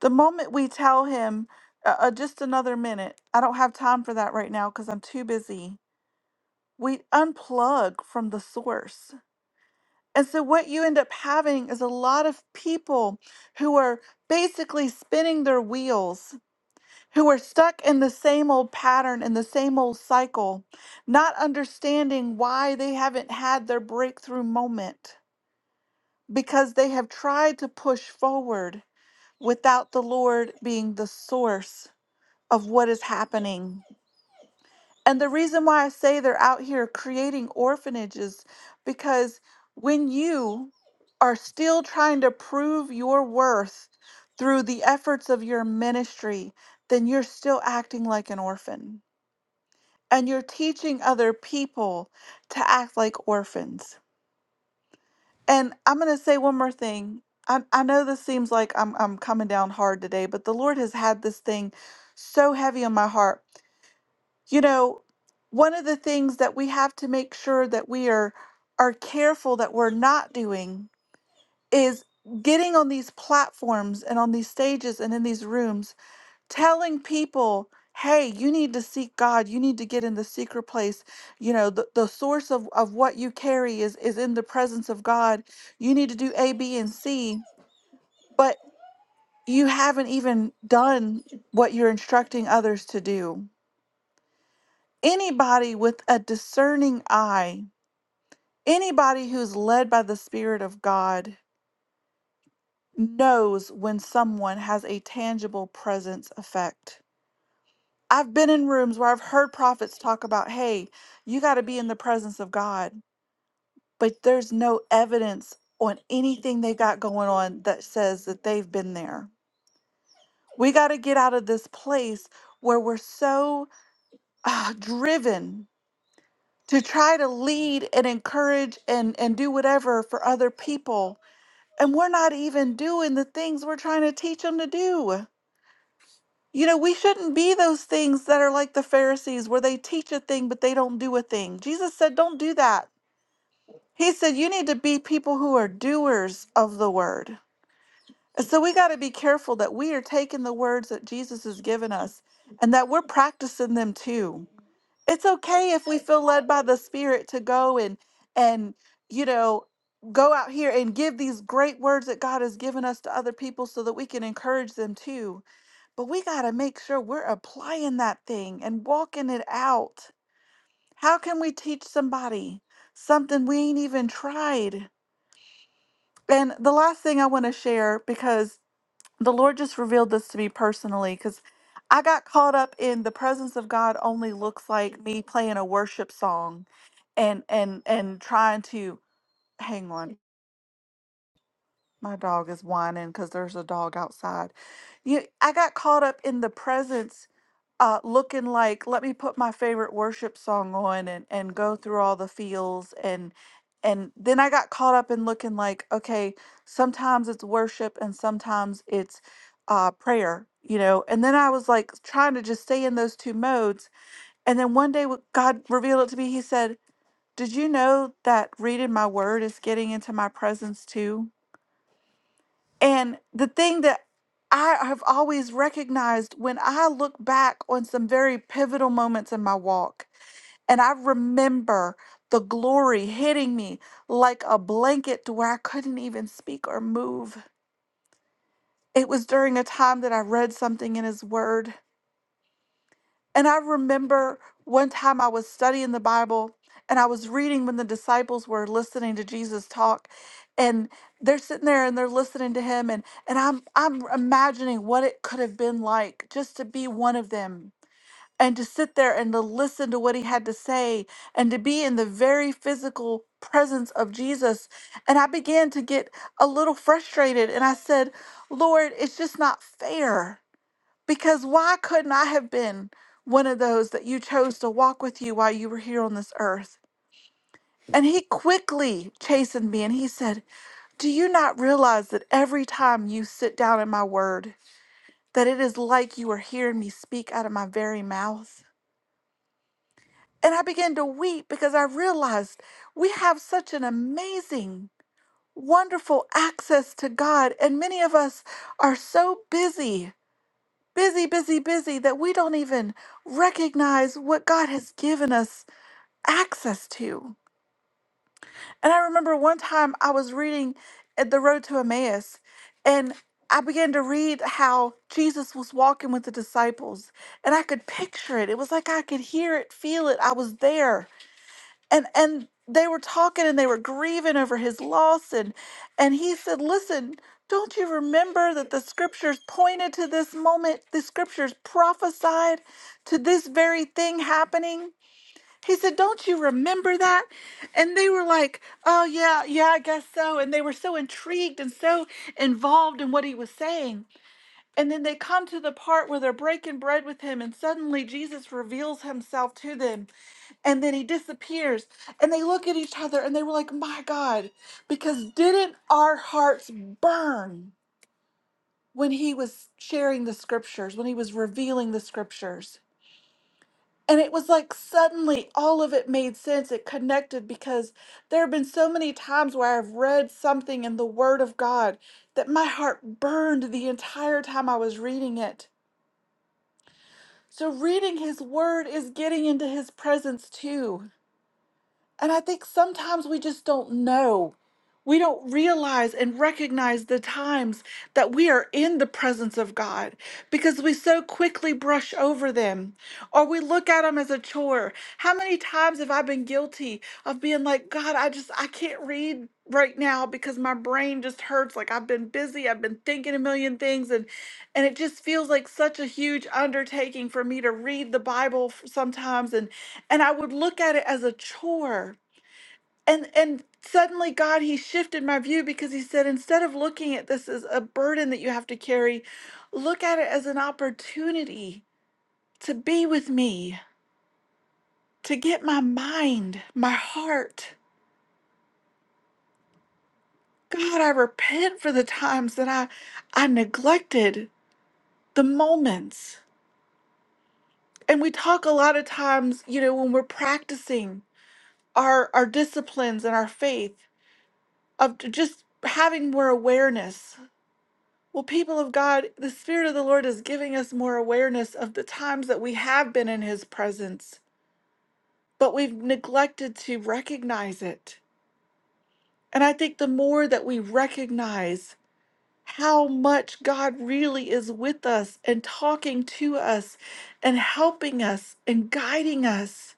The moment we tell him, uh, uh, just another minute, I don't have time for that right now because I'm too busy, we unplug from the source. And so, what you end up having is a lot of people who are basically spinning their wheels, who are stuck in the same old pattern and the same old cycle, not understanding why they haven't had their breakthrough moment because they have tried to push forward without the Lord being the source of what is happening. And the reason why I say they're out here creating orphanages because when you are still trying to prove your worth through the efforts of your ministry, then you're still acting like an orphan. And you're teaching other people to act like orphans. And I'm going to say one more thing. I, I know this seems like I'm I'm coming down hard today, but the Lord has had this thing so heavy on my heart. You know, one of the things that we have to make sure that we are are careful that we're not doing is getting on these platforms and on these stages and in these rooms telling people hey you need to seek god you need to get in the secret place you know the, the source of, of what you carry is is in the presence of god you need to do a b and c but you haven't even done what you're instructing others to do anybody with a discerning eye anybody who's led by the spirit of god knows when someone has a tangible presence effect I've been in rooms where I've heard prophets talk about, hey, you got to be in the presence of God, but there's no evidence on anything they got going on that says that they've been there. We got to get out of this place where we're so uh, driven to try to lead and encourage and, and do whatever for other people. And we're not even doing the things we're trying to teach them to do. You know, we shouldn't be those things that are like the Pharisees, where they teach a thing, but they don't do a thing. Jesus said, Don't do that. He said, You need to be people who are doers of the word. And so we got to be careful that we are taking the words that Jesus has given us and that we're practicing them too. It's okay if we feel led by the Spirit to go and, and, you know, go out here and give these great words that God has given us to other people so that we can encourage them too. But we got to make sure we're applying that thing and walking it out. How can we teach somebody something we ain't even tried? And the last thing I want to share, because the Lord just revealed this to me personally, because I got caught up in the presence of God only looks like me playing a worship song and and and trying to hang on My dog is whining because there's a dog outside. You, I got caught up in the presence, uh, looking like, let me put my favorite worship song on and, and go through all the feels. And, and then I got caught up in looking like, okay, sometimes it's worship and sometimes it's uh, prayer, you know? And then I was like trying to just stay in those two modes. And then one day when God revealed it to me. He said, did you know that reading my word is getting into my presence too? And the thing that I have always recognized when I look back on some very pivotal moments in my walk, and I remember the glory hitting me like a blanket to where I couldn't even speak or move. It was during a time that I read something in His Word And I remember one time I was studying the Bible and I was reading when the disciples were listening to Jesus talk and they're sitting there and they're listening to him and and I'm I'm imagining what it could have been like just to be one of them and to sit there and to listen to what he had to say and to be in the very physical presence of Jesus and I began to get a little frustrated and I said, "Lord, it's just not fair." Because why couldn't I have been one of those that you chose to walk with you while you were here on this earth? And he quickly chastened me and he said, Do you not realize that every time you sit down in my word, that it is like you are hearing me speak out of my very mouth? And I began to weep because I realized we have such an amazing, wonderful access to God. And many of us are so busy busy, busy, busy that we don't even recognize what God has given us access to. And I remember one time I was reading at the road to Emmaus and I began to read how Jesus was walking with the disciples and I could picture it. It was like I could hear it, feel it. I was there and and they were talking and they were grieving over his loss and and he said listen don't you remember that the scriptures pointed to this moment the scriptures prophesied to this very thing happening he said don't you remember that and they were like oh yeah yeah i guess so and they were so intrigued and so involved in what he was saying and then they come to the part where they're breaking bread with him and suddenly jesus reveals himself to them and then he disappears and they look at each other and they were like my god because didn't our hearts burn when he was sharing the scriptures when he was revealing the scriptures and it was like suddenly all of it made sense it connected because there have been so many times where i've read something in the word of god that my heart burned the entire time i was reading it so reading his word is getting into his presence too And I think sometimes we just don't know. We don't realize and recognize the times that we are in the presence of God because we so quickly brush over them or we look at them as a chore. How many times have I been guilty of being like, God, I just, I can't read right now because my brain just hurts. Like I've been busy, I've been thinking a million things and, and it just feels like such a huge undertaking for me to read the Bible f- sometimes. And, and I would look at it as a chore and and suddenly god he shifted my view because he said instead of looking at this as a burden that you have to carry look at it as an opportunity to be with me to get my mind my heart god i repent for the times that i i neglected the moments and we talk a lot of times you know when we're practicing our our disciplines and our faith of just having more awareness Well, people of God, the Spirit of the Lord is giving us more awareness of the times that we have been in His presence, but we've neglected to recognize it. And I think the more that we recognize how much God really is with us and talking to us and helping us and guiding us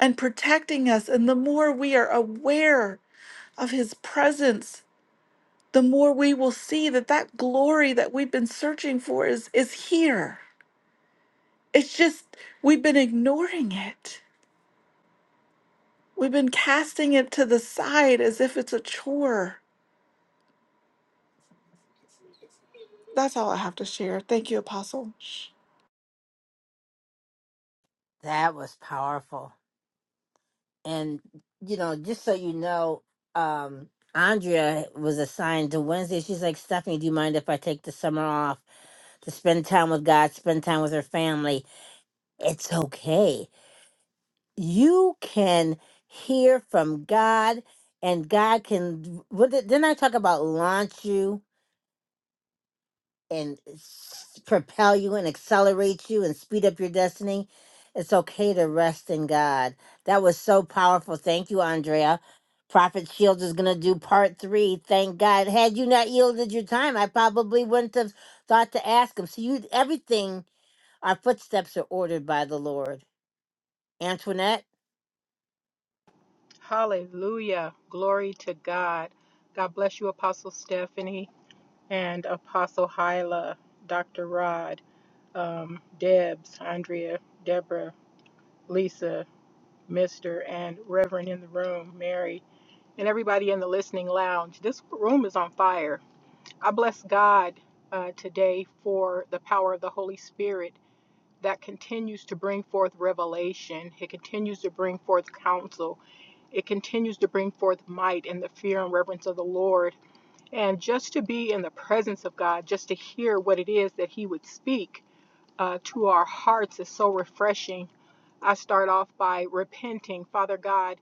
and protecting us, and the more we are aware of His presence, the more we will see that that glory that we've been searching for is, is here It's just we've been ignoring it. We've been casting it to the side as if it's a chore. That's all I have to share. Thank you, Apostle.
That was powerful. And, you know, just so you know, um, Andrea was assigned to Wednesday. She's like, Stephanie, do you mind if I take the summer off to spend time with God, spend time with her family? It's okay. You can hear from God, and God can. What did, didn't I talk about launch you? and s- propel you and accelerate you and speed up your destiny, it's okay to rest in God. That was so powerful. Thank you, Andrea. Prophet Shields is going to do part three. Thank God. Had you not yielded your time, I probably wouldn't have thought to ask him. So, you, everything, our footsteps are ordered by the Lord. Antoinette?
Hallelujah. Glory to God. God bless you, Apostle Stephanie and Apostle Hyla, Dr. Rod, um, Debs, Andrea, Deborah, Lisa, Mr., and Reverend in the room, Mary, and everybody in the listening lounge. This room is on fire. I bless God uh, today for the power of the Holy Spirit that continues to bring forth revelation, it continues to bring forth counsel. It continues to bring forth might and the fear and reverence of the Lord. And just to be in the presence of God, just to hear what it is that He would speak uh, to our hearts is so refreshing I start off by repenting, Father God,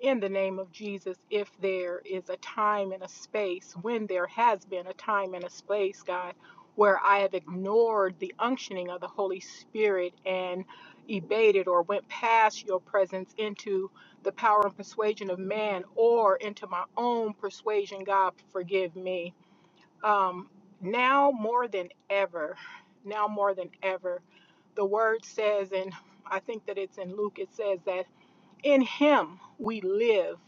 in the name of Jesus, if there is a time and a space, when there has been a time and a space, God, where I have ignored the unctioning of the Holy Spirit and evaded or went past your presence into the power and persuasion of man or into my own persuasion, God, forgive me. Um, now more than ever, now more than ever, the word says, and I think that it's in Luke, it says that in him we live,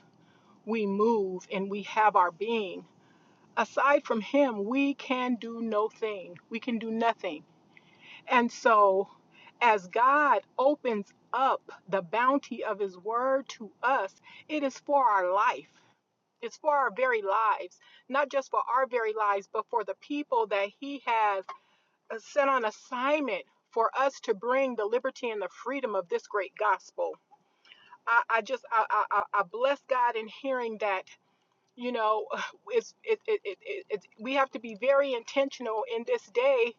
we move, and we have our being. Aside from him, we can do no thing. We can do nothing. And so, as God opens up the bounty of his word to us, it is for our life. It's for our very lives, not just for our very lives, but for the people that He has uh, sent on assignment for us to bring the liberty and the freedom of this great gospel. I, I just I, I, I I bless God in hearing that. You know, (sighs) it's it, it, it, it, it's we have to be very intentional in this day,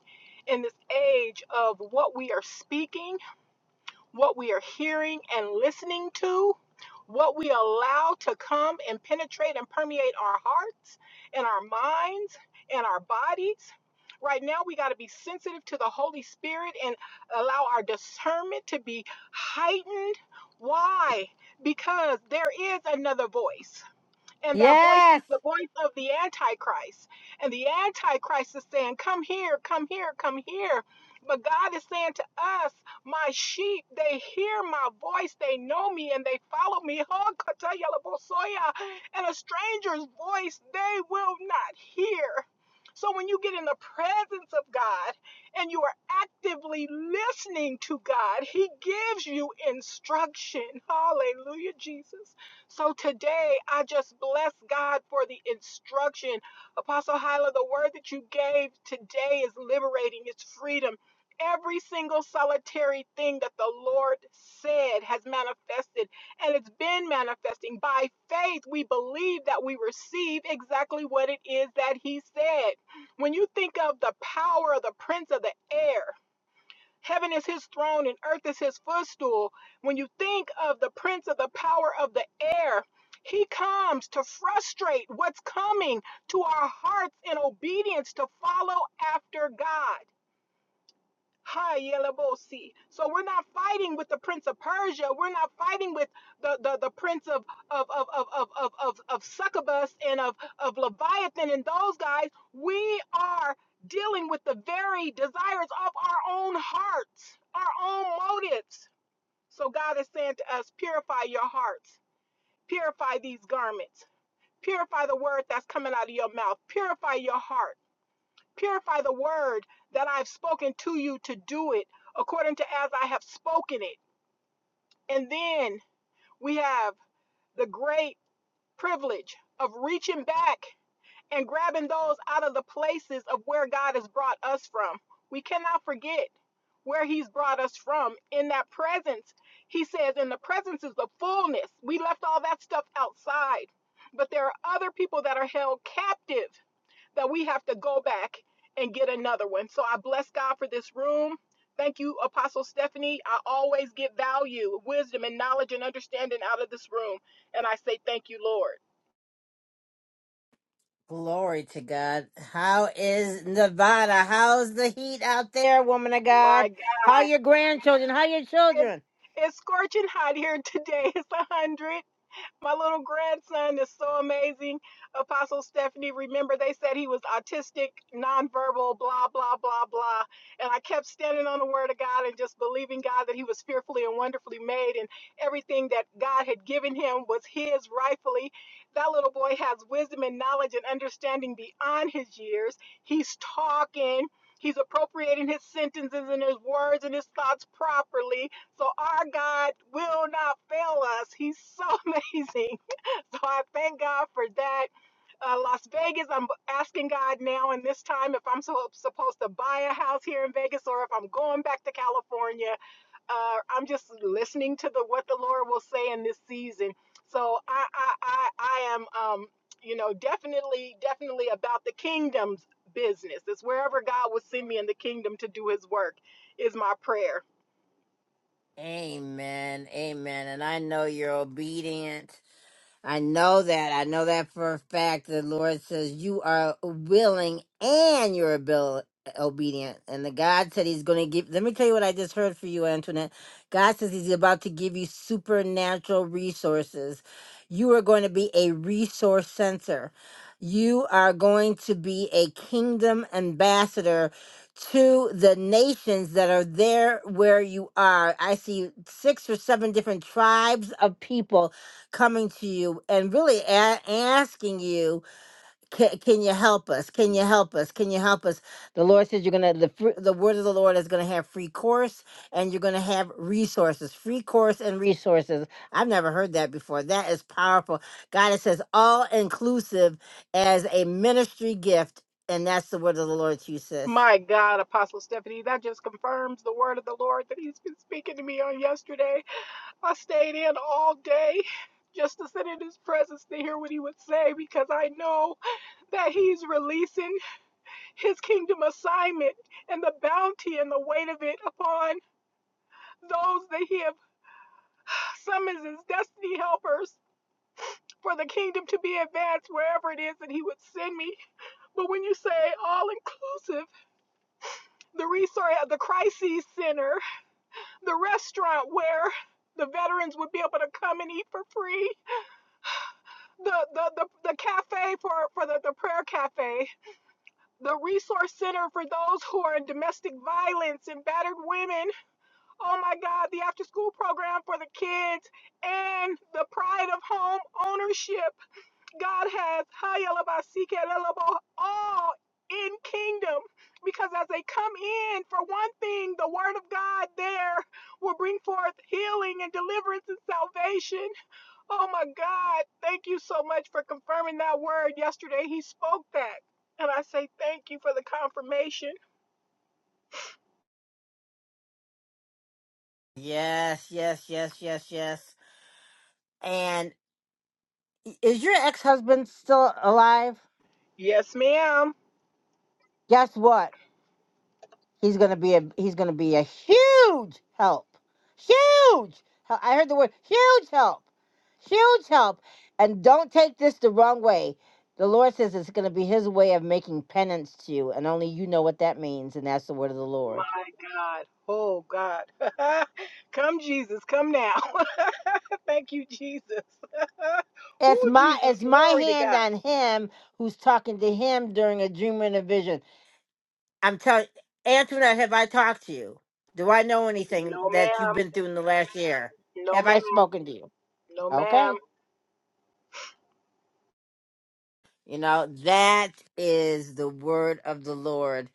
in this age of what we are speaking what we are hearing and listening to, what we allow to come and penetrate and permeate our hearts and our minds and our bodies. Right now, we got to be sensitive to the Holy Spirit and allow our discernment to be heightened. Why? Because there is another voice. And that voice
Yes.
is the voice of the Antichrist. And the Antichrist is saying, Come here, come here, come here. But God is saying to us, My sheep, they hear my voice, they know me, and they follow me. (laughs) Oh, And a stranger's voice they will not hear. So when you get in the presence of God and you are actively listening to God, He gives you instruction. Hallelujah, Jesus. So today, I just bless God for the instruction. Apostle Hyla, the word that you gave today is liberating, it's freedom. Every single solitary thing that the Lord said has manifested, and it's been manifesting. By faith, we believe that we receive exactly what it is that He said. When you think of the power of the prince of the air, Heaven is his throne and earth is his footstool. When you think of the prince of the power of the air, he comes to frustrate what's coming to our hearts in obedience to follow after God. Hi, Yelabosi. So we're not fighting with the Prince of Persia. We're not fighting with the, the, the Prince of of of of of of of, of Succubus and of, of Leviathan and those guys. We are dealing with the very desires of our own hearts, our own motives. So God is saying to us, purify your hearts, purify these garments, purify the word that's coming out of your mouth, purify your heart Purify the word that I've spoken to you to do it according to as I have spoken it. And then we have the great privilege of reaching back and grabbing those out of the places of where God has brought us from. We cannot forget where he's brought us from in that presence. He says, in the presence is the fullness. We left all that stuff outside. But there are other people that are held captive that we have to go back and get another one. So I bless God for this room. Thank you, Apostle Stephanie. I always get value, wisdom, and knowledge and understanding out of this room. And I say thank you, Lord.
Glory to God. How is Nevada? How's the heat out there, woman of God?
My
How are
God,
your grandchildren? How are your
it,
children?
it's scorching hot here today. (laughs) It's 100. My little grandson is so amazing. Apostle Stephanie, remember they said he was autistic, nonverbal, blah, blah, blah, blah. And I kept standing on the word of God and just believing God that he was fearfully and wonderfully made and everything that God had given him was his rightfully. That little boy has wisdom and knowledge and understanding beyond his years. He's talking. He's appropriating his sentences and his words and his thoughts properly so our God will not fail us. He's so (laughs) amazing. So I thank God for that. Uh, Las Vegas, I'm asking God now in this time if I'm so, supposed to buy a house here in Vegas or if I'm going back to California. Uh, I'm just listening to the what the Lord will say in this season. So I I I, I am um, you know definitely definitely about the kingdom's business. It's wherever God will send me in the kingdom to do His work is my prayer.
Amen. Amen. And I know you're obedient. I know that. I know that for a fact. The Lord says you are willing and you're abil- obedient. And the God said He's going to give. Let me tell you what I just heard for you, Antoinette. God says He's about to give you supernatural resources. You are going to be a resource center. You are going to be a kingdom ambassador to the nations that are there where you are. I see six or seven different tribes of people coming to you and really a- asking you, can, can you help us? Can you help us? Can you help us? The Lord says you're gonna the fr- the word of the Lord is gonna have free course and you're gonna have resources, free course and resources. I've never heard that before. That is powerful. God it says all inclusive as a ministry gift, and that's the word of the Lord to you, sis.
My God, Apostle Stephanie, that just confirms the word of the Lord that He's been speaking to me on yesterday. I stayed in all day just to sit in His presence to hear what He would say because I know that He's releasing His kingdom assignment and the bounty and the weight of it upon those that He have summoned as destiny helpers. For the kingdom to be advanced wherever it is that he would send me. But when you say all inclusive, the resource, the crisis center the restaurant where the veterans would be able to come and eat for free, the the the, the cafe for for the, the prayer cafe, the resource center for those who are in domestic violence and battered women. Oh my God, the after school program for the kids and the pride of home ownership. God has Hayalabasikelelobo, all in kingdom because as they come in for one thing the word of God there will bring forth healing and deliverance and salvation. Oh my God, thank you so much for confirming that word yesterday. He spoke that. And I say thank you for the confirmation.
Yes, yes, yes, yes, yes. And i- is your ex husband still alive?
Yes, ma'am.
Guess what? He's gonna be a he's gonna be a huge help, huge. hel- I heard the word huge help, huge help. And don't take this the wrong way. The Lord says it's gonna be His way of making penance to you, and only you know what that means. And that's the word of the Lord.
My God. Oh God. (laughs) come Jesus, come now. (laughs) Thank you, Jesus. (laughs)
It's
Ooh,
my
Jesus,
it's my
glory to
hand
God.
on him who's talking to him during a dream and a vision. I'm telling Antoinette, have I talked to you? Do I know anything
No,
that you've
ma'am.
been through in the last year?
No,
Have
ma'am.
I spoken to you?
No, ma'am.
Okay. You know, that is the word of the Lord.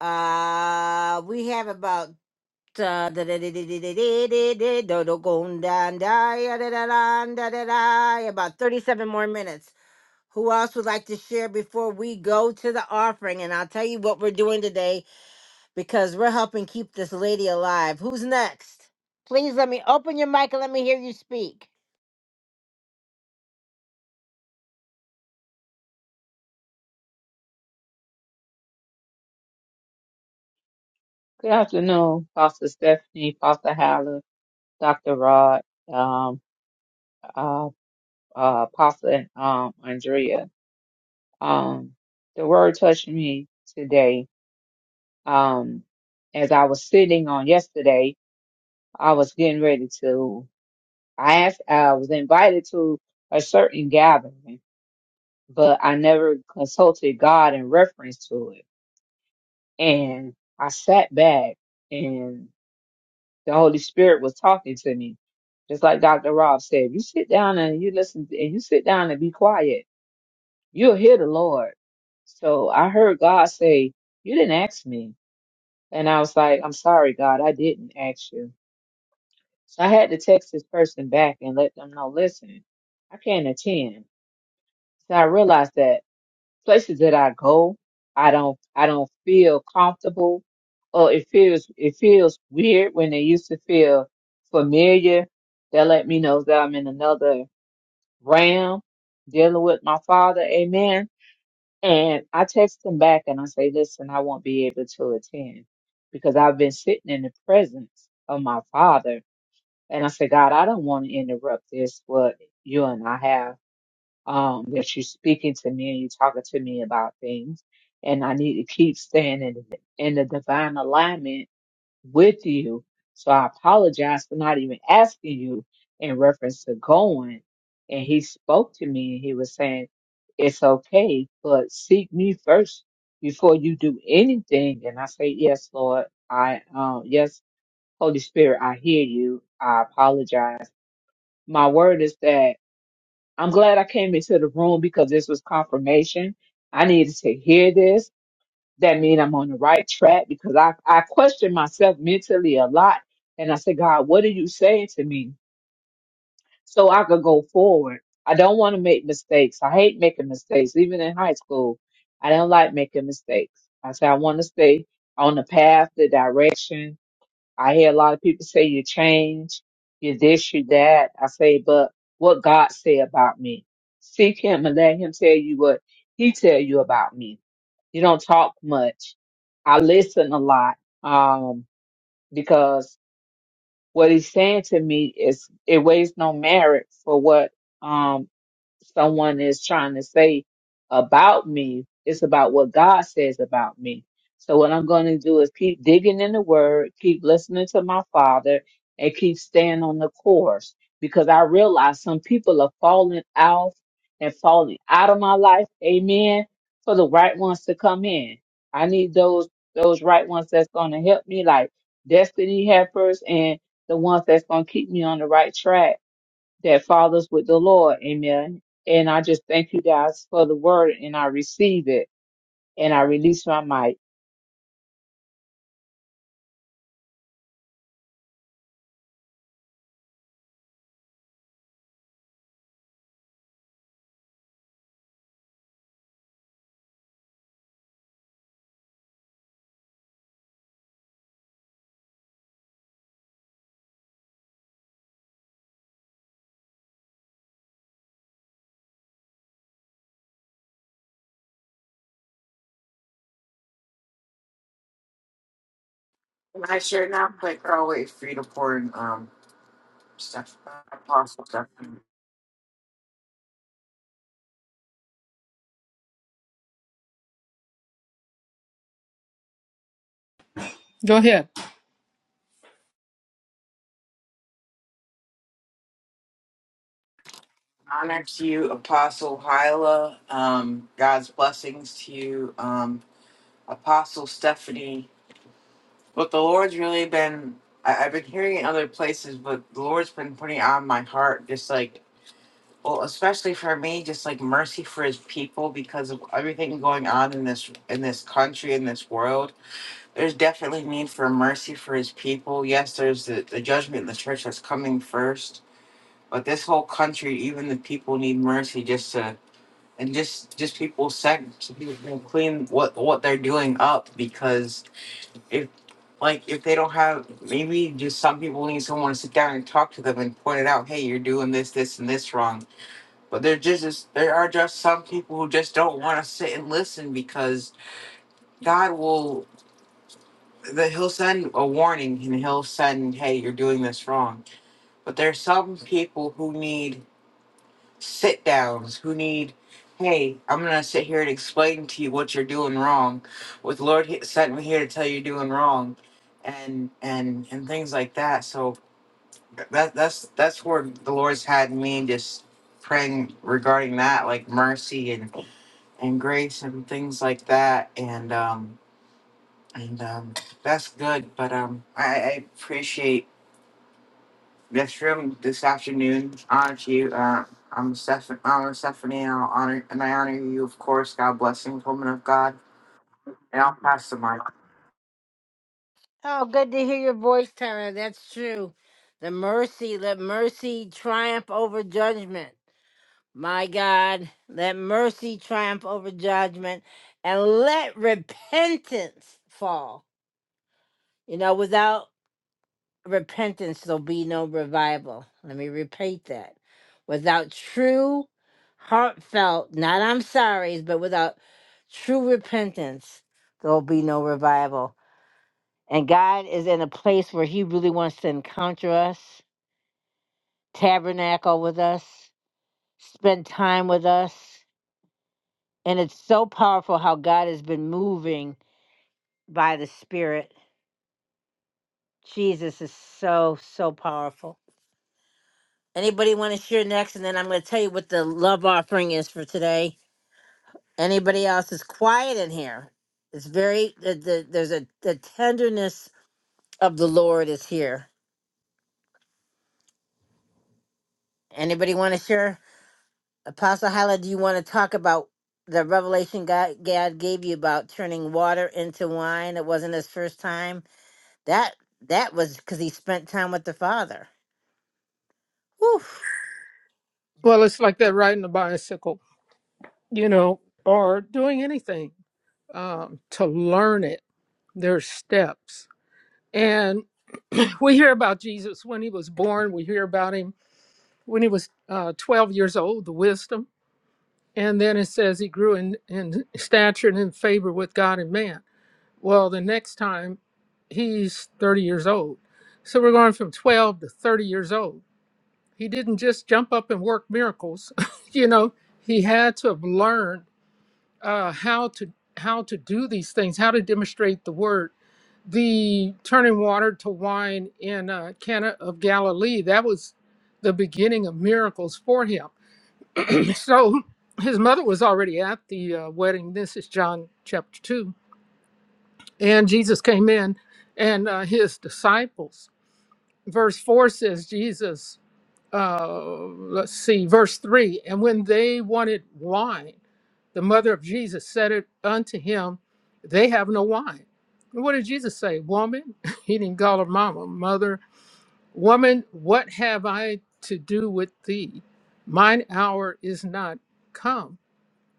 Uh we have about uh, about 37 more minutes. Who else would like to share before we go to the offering? And I'll tell you what we're doing today because we're helping keep this lady alive. Who's next? Please let me open your mic and let me hear you speak.
Good afternoon, Pastor Stephanie, Pastor Howland, Dr. Rod, um, uh, uh, Pastor um, Andrea. Um, the word touched me today. Um, as I was sitting on yesterday, I was getting ready to, I asked, I was invited to a certain gathering, but I never consulted God in reference to it. And I sat back The Holy Spirit was talking to me. Just like Dr. Rob said, you sit down and you listen and you sit down and be quiet. You'll hear the Lord. So I heard God say, You didn't ask me. And I was like, I'm sorry, God, I didn't ask you. So I had to text this person back and let them know, listen, I can't attend. So I realized that. places that I go, I don't I don't feel comfortable or it feels it feels weird when they used to feel familiar. They let me know that I'm in another realm dealing with my father, amen. And I text them back and I say, Listen, I won't be able to attend because I've been sitting in the presence of my father and I say, God, I don't want to interrupt this what you and I have um, that you're speaking to me and you're talking to me about things. And I need to keep staying in, in the divine alignment with you. So I apologize for not even asking you in reference to going. And he spoke to me and he was saying, it's okay, but seek me first before you do anything. And I say, yes, Lord, I, um, yes, Holy Spirit, I hear you. I apologize. My word is that I'm glad I came into the room because this was confirmation. I needed to hear this. That means I'm on the right track because I, I questioned myself mentally a lot. And I said, God, what are you saying to me? So I could go forward. I don't want to make mistakes. I hate making mistakes. Even in high school, I don't like making mistakes. I said, I want to stay on the path, the direction, I hear a lot of people say you change, you this, you that. I say, but what God say about me? Seek Him and let Him tell you what He tell you about me. You don't talk much. I listen a lot um, because what He's saying to me is it weighs no merit for what. um, someone is trying to say about me. It's about what God says about me. So what I'm going to do is keep digging in the word, keep listening to my father and keep staying on the course because I realize some people are falling off and falling out of my life. Amen. For the right ones to come in. I need those, those right ones that's going to help me like destiny helpers and the ones that's going to keep me on the right track that fathers with the Lord. Amen. And I just thank you guys for the word and I receive it and I release my mic.
And I sure enough, like always, free to pour in um, stuff, apostle stuff.
Go ahead.
Honor to you, Apostle Hyla. Um, God's blessings to you, um, Apostle Stephanie. What the Lord's really been, I, I've been hearing in other places, but the Lord's been putting on my heart, just like, well, especially for me, just like mercy for His people because of everything going on in this in this country in this world there's definitely need for mercy for his people. Yes, there's the, the judgment in the church that's coming first, but this whole country, even the people need mercy just to and just just people sec so people can clean what what they're doing up because if like if they don't have maybe just some people need someone to sit down and talk to them and point it out, hey, you're doing this, this, and this wrong. But there just is- there are just some people who just don't want to sit and listen because God will. that he'll send a warning and he'll send, hey, you're doing this wrong. But there's some people who need sit downs, who need, hey, I'm going to sit here and explain to you what you're doing wrong. With Lord he- sent me here to tell you you're doing wrong and and and things like that. So that that's that's where the Lord's had me just praying regarding that like mercy and and grace and things like that and um and um, that's good. But um, I, I appreciate this room this afternoon. Honor to you. Uh, I'm Stephan. I'm Stephanie. And I'll honor and I honor you, of course. God blessings, woman of God. And I'll pass the mic.
Oh, good to hear your voice, Tyler. That's true. The mercy, let mercy triumph over judgment. My God, let mercy triumph over judgment and let repentance fall. You know, without repentance, there'll be no revival. Let me repeat that. Without true, heartfelt, not I'm sorry's, but without true repentance, there'll be no revival. And God is in a place where He really wants to encounter us, tabernacle with us, spend time with us. And it's so powerful how God has been moving by the Spirit. Jesus is so, so powerful. Anybody want to share next? And then I'm going to tell you what the love offering is for today. Anybody else is quiet in here? It's very, the, the, there's a the tenderness of the Lord is here. Anybody want to share? Apostle Hala, do you want to talk about the revelation God, God gave you about turning water into wine? It wasn't his first time. That that was because he spent time with the Father. Whew.
Well, it's like that riding a bicycle, you know, or doing anything um, to learn it. There's steps. And (clears throat) we hear about Jesus when he was born. We hear about him when he was uh, 12 years old, the wisdom. And then it says he grew in, in stature and in favor with God and man Well, the next time he's 30 years old. So we're going from 12 to 30 years old. He didn't just jump up and work miracles. (laughs) you know, he had to have learned uh, how to how to do these things, how to demonstrate the word. The turning water to wine in uh, Cana of Galilee, that was the beginning of miracles for him. (clears throat) so his mother was already at the uh, wedding. This is John chapter 2 And Jesus came in and uh, his disciples. Verse 4 says, Jesus, uh, let's see, verse 3 And when they wanted wine, the mother of Jesus said it unto him, They have no wine. And what did Jesus say? Woman, (laughs) he didn't call her mama, mother, woman, what have I to do with thee? Mine hour is not come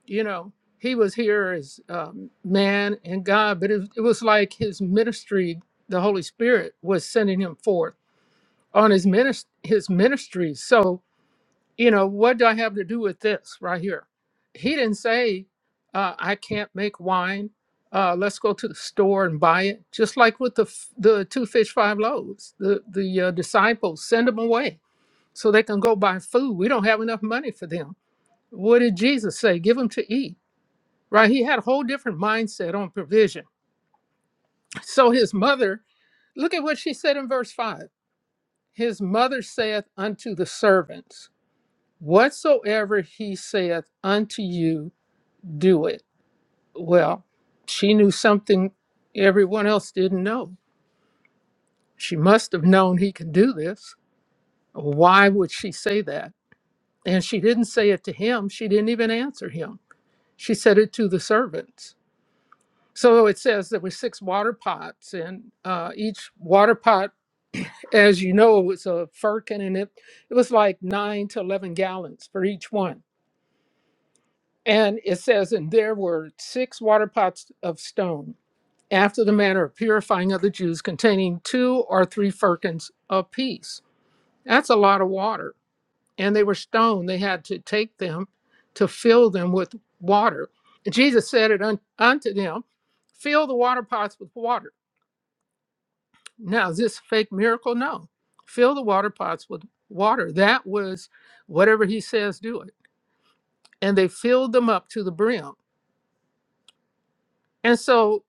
you know he was here as um, man and god but it, it was like his ministry the holy spirit was sending him forth on his ministry his ministry so you know what do i have to do with this right here he didn't say uh, i can't make wine uh, let's go to the store and buy it just like with the f- the two fish five loaves the the uh, disciples send them away so they can go buy food we don't have enough money for them what did jesus say give them to eat right? He had a whole different mindset on provision. So his mother, look at what she said in verse 5. His mother saith unto the servants, Whatsoever he saith unto you, do it. Well, she knew something everyone else didn't know. She must have known he could do this. Why would she say that? And she didn't say it to him. She didn't even answer him. She said it to the servants. So it says there were six water pots, and uh, each water pot As you know, it's a firkin, and it, it was like nine to 11 gallons for each one. And it says, and there were six water pots of stone, after the manner of purifying of the Jews, containing two or three firkins apiece. That's a lot of water. And they were stone. They had to take them to fill them with water. Jesus said it un- unto them, fill the water pots with water. Now, is this fake miracle? No. Fill the water pots with water. That was whatever he says, do it. And they filled them up to the brim. And so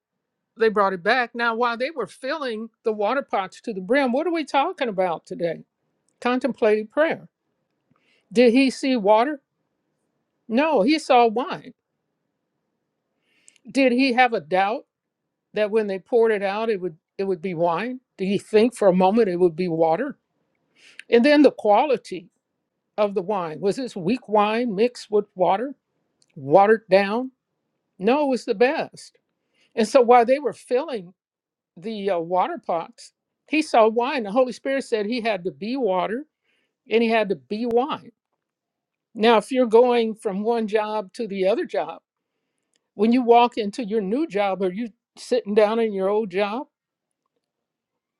they brought it back. Now, while they were filling the water pots to the brim, what are we talking about today? Contemplative prayer. Did he see water? No, he saw wine. Did he have a doubt that when they poured it out, it would it would be wine? Did he think for a moment it would be water? And then the quality of the wine. Was this weak wine mixed with water? watered down. No, it was the best. And so while they were filling the uh, water pots, he saw wine. The Holy Spirit said he had to be water and he had to be wine. Now, if you're going from one job to the other job, when you walk into your new job, are you sitting down in your old job?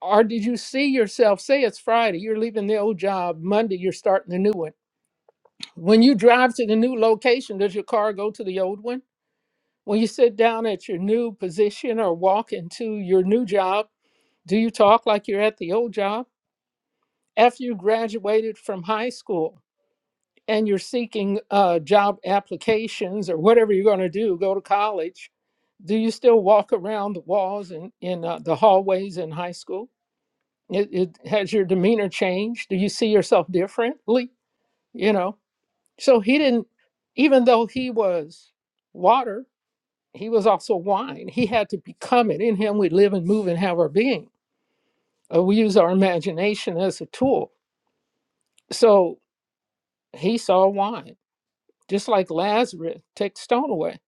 Or did you see yourself say it's Friday, you're leaving the old job, Monday, you're starting the new one? When you drive to the new location, does your car go to the old one? When you sit down at your new position or walk into your new job, do you talk like you're at the old job? After you graduated from high school and you're seeking uh, job applications or whatever you're going to do, go to college, do you still walk around the walls and in uh, the hallways in high school? It, it has your demeanor changed? Do you see yourself differently? You know, so he didn't, even though he was water, he was also wine. He had to become it. In him, we live and move and have our being. Uh, we use our imagination as a tool. So he saw wine, just like Lazarus. Take the stone away.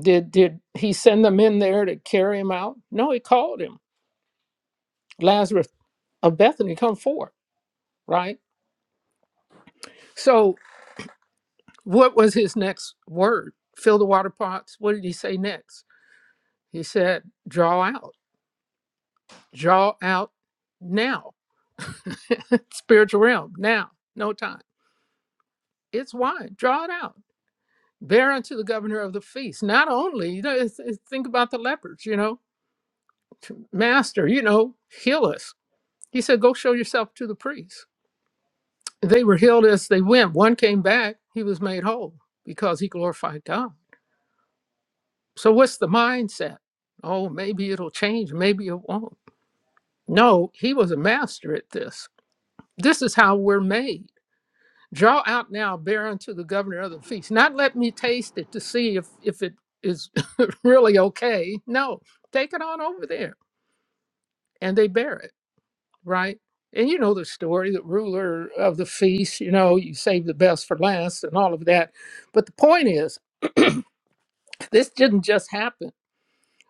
Did did he send them in there to carry him out? No, he called him Lazarus of Bethany, come forth. Right. So what was his next word? Fill the water pots. What did he say next? He said, draw out, draw out now, (laughs) spiritual realm now, no time it's wide. Draw it out. Bear unto the governor of the feast. Not only, you know, it's, it's, think about the lepers, you know, Master, you know, heal us. He said, Go show yourself to the priests. They were healed as they went. One came back, he was made whole because he glorified God. So, what's the mindset? Oh, maybe it'll change, maybe it won't. No, he was a master at this. This is how we're made. draw out now bear unto the governor of the feast not let me taste it to see if if it is (laughs) really okay no take it on over there and they bear it right and you know the story the ruler of the feast you know you save the best for last and all of that but the point is this didn't just happen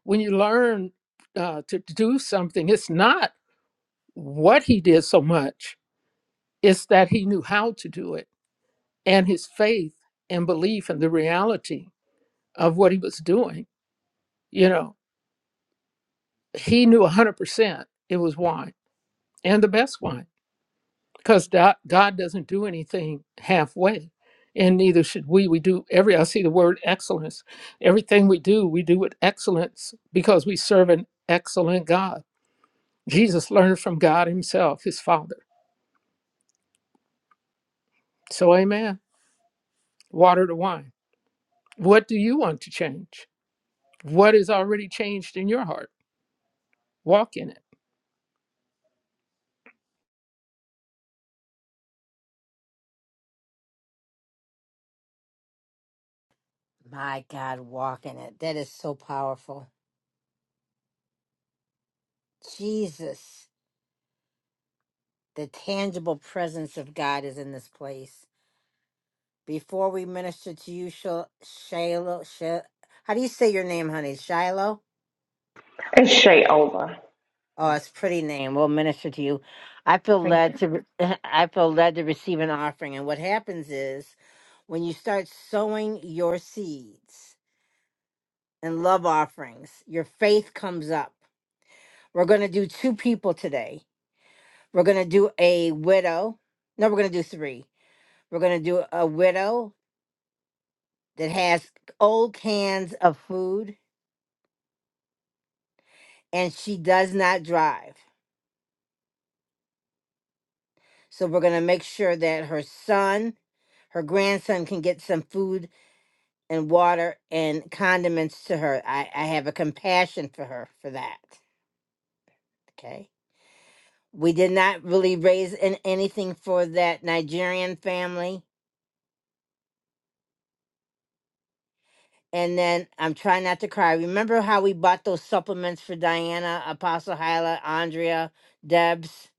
when you learn uh, to do something it's not what he did so much it's that he knew how to do it and his faith and belief in the reality of what he was doing. You know, he knew 100% it was wine and the best wine because God, doesn't do anything halfway. And neither should we. We do every, I see the word excellence. Everything we do, we do with excellence because we serve an excellent God. Jesus learned from God himself, his Father. So, amen. Water to wine. What do you want to change? What is already changed in your heart? Walk in it.
My God, walking it. That is so powerful. Jesus, the tangible presence of God is in this place. Before we minister to you, Shil- Shiloh, Shil- how do you say your name, honey? Shiloh?
It's Shayola.
Oh, it's a pretty name. We'll minister to you. I feel
Thank
led
you.
to. re- (laughs) I feel led to receive an offering. And what happens is, when you start sowing your seeds and love offerings, your faith comes up. We're going to do two people today. We're going to do a widow. No, we're going to do three. We're going to do a widow that has old cans of food and she does not drive. So we're going to make sure that her son her grandson can get some food and water and condiments to her. I, I have a compassion for her for that. Okay. We did not really raise an, anything for that Nigerian family. And then I'm trying not to cry. Remember how we bought those supplements for Diana, Apostle Hyla, Andrea, Debs?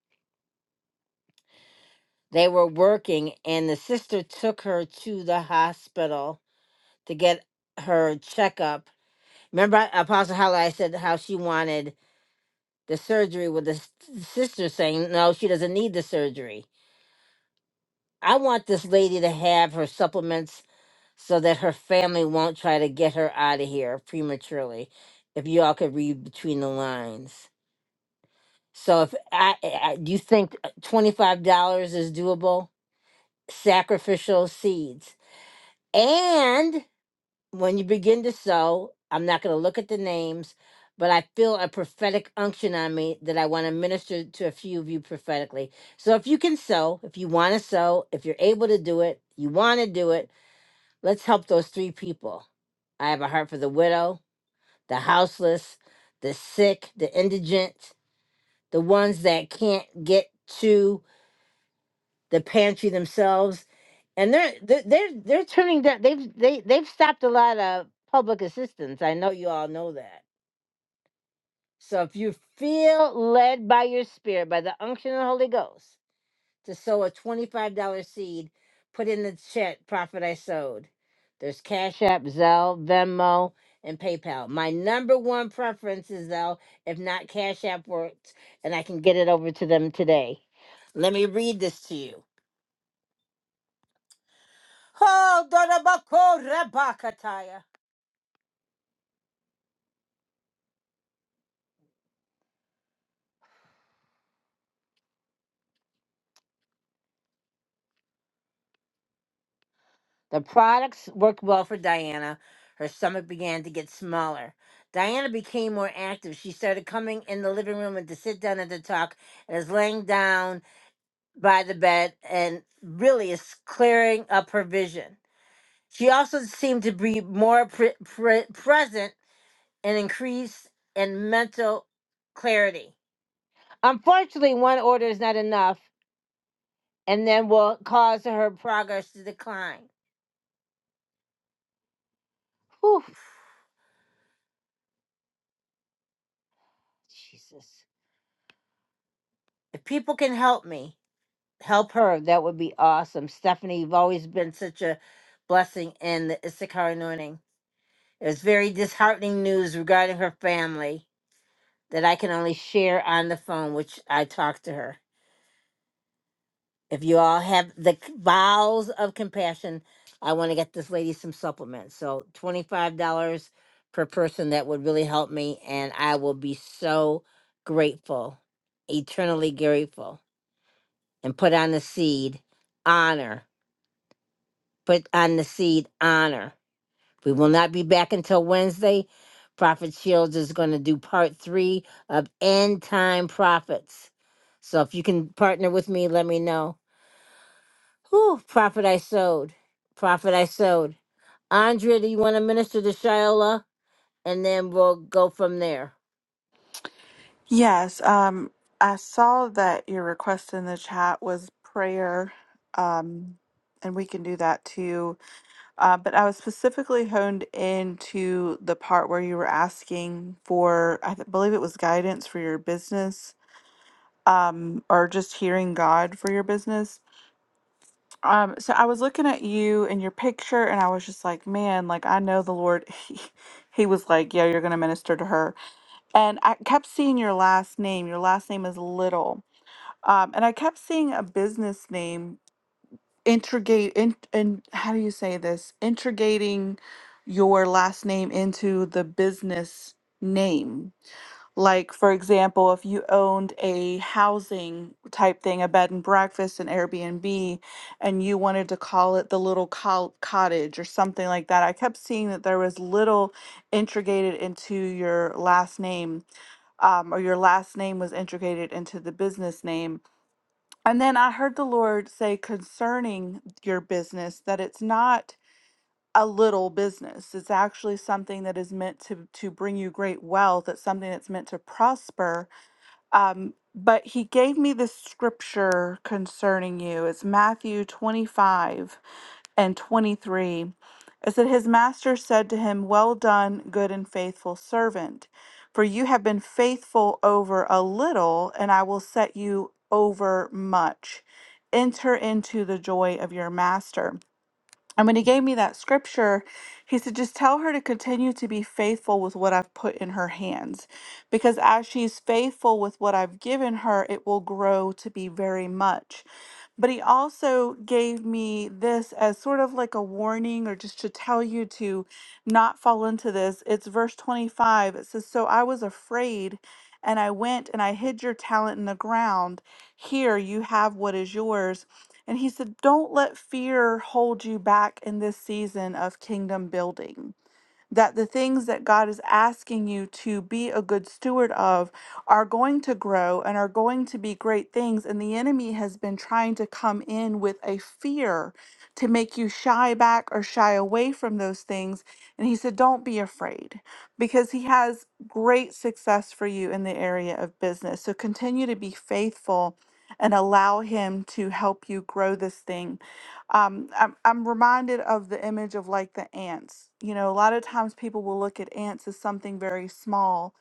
They were working, and the sister took her to the hospital to get her checkup. Remember, Apostle Hyla, I said how she wanted the surgery with the s- sister saying no she doesn't need the surgery i want this lady to have her supplements so that her family won't try to get her out of here prematurely if y'all could read between the lines so if i, I do you think uh, $25 is doable sacrificial seeds and when you begin to sow, I'm not going to look at the names, but I feel a prophetic unction on me that I want to minister to a few of you prophetically. So if you can sow, if you want to sow, if you're able to do it, you want to do it, let's help those three people. I have a heart for the widow, the houseless, the sick, the indigent, the ones that can't get to the pantry themselves, and they're they're they're, they're turning down. They've they they've stopped a lot of public assistance. I know you all know that. So if you feel led by your spirit, by the unction of the Holy Ghost, to sow a twenty-five dollar seed, put in the chat Prophet, I sowed." There's Cash App, Zelle, Venmo, and PayPal. My number one preference is Zelle. If not, Cash App works, and I can get it over to them today. Let me read this to you. Oh, Dorabako Rebakataya. The products worked well for Diana. Her stomach began to get smaller. Diana became more active. She started coming in the living room and to sit down and to talk, and is laying down by the bed and really is clearing up her vision. She also seemed to be more pre- pre- present and increased in mental clarity. Unfortunately, one order is not enough and then will cause her progress to decline. Whew, Jesus. If people can help me, help her. That would be awesome. Stephanie, you've always been such a blessing in the Issachar anointing. It was very disheartening news regarding her family that I can only share on the phone, which I talked to her. If you all have the c- bowels of compassion, I want to get this lady some supplements. So $25 per person, that would really help me. And I will be so grateful, eternally grateful. and put on the seed honor. Put on the seed honor. We will not be back until Wednesday. Prophet Shields is going to do part three of End Time Prophets. So if you can partner with me, let me know. Whew, prophet I sowed. Prophet I sowed. Andrea, do you want to minister to Shiloh? And then we'll go from there.
Yes, um, I saw that your request in the chat was prayer, um, and we can do that too. Uh, but I was specifically honed into the part where you were asking for, I th- believe it was guidance for your business, um, or just hearing God for your business. Um, so I was looking at you and your picture, and I was just like, man, like I know the Lord. (laughs) He, he was like, yeah, you're gonna minister to her. And I kept seeing your last name. Your last name is Little. Um, and I kept seeing a business name integrate in and how do you say this? Integrating your last name into the business name like, for example, if you owned a housing type thing, a bed and breakfast, an Airbnb, and you wanted to call it the little col- cottage or something like that, I kept seeing that there was little integrated into your last name, um, or your last name was integrated into the business name. And then I heard the Lord say concerning your business that it's not a little business. It's actually something that is meant to to bring you great wealth. It's something that's meant to prosper um, but he gave me this scripture concerning you. It's Matthew 25 and 23. It said, His master said to him, Well done, good and faithful servant, for you have been faithful over a little, and I will set you over much. Enter into the joy of your master. And when he gave me that scripture, he said, just tell her to continue to be faithful with what I've put in her hands. Because as she's faithful with what I've given her, it will grow to be very much. But he also gave me this as sort of like a warning or just to tell you to not fall into this. It's verse 25. It says, So I was afraid and I went and I hid your talent in the ground. Here you have what is yours. And he said, Don't let fear hold you back in this season of kingdom building that the things that God is asking you to be a good steward of are going to grow and are going to be great things. And the enemy has been trying to come in with a fear to make you shy back or shy away from those things. And he said, Don't be afraid because he has great success for you in the area of business. So continue to be faithful and allow him to help you grow this thing um I'm, I'm reminded of the image of like the ants you know a lot of times people will look at ants as something very small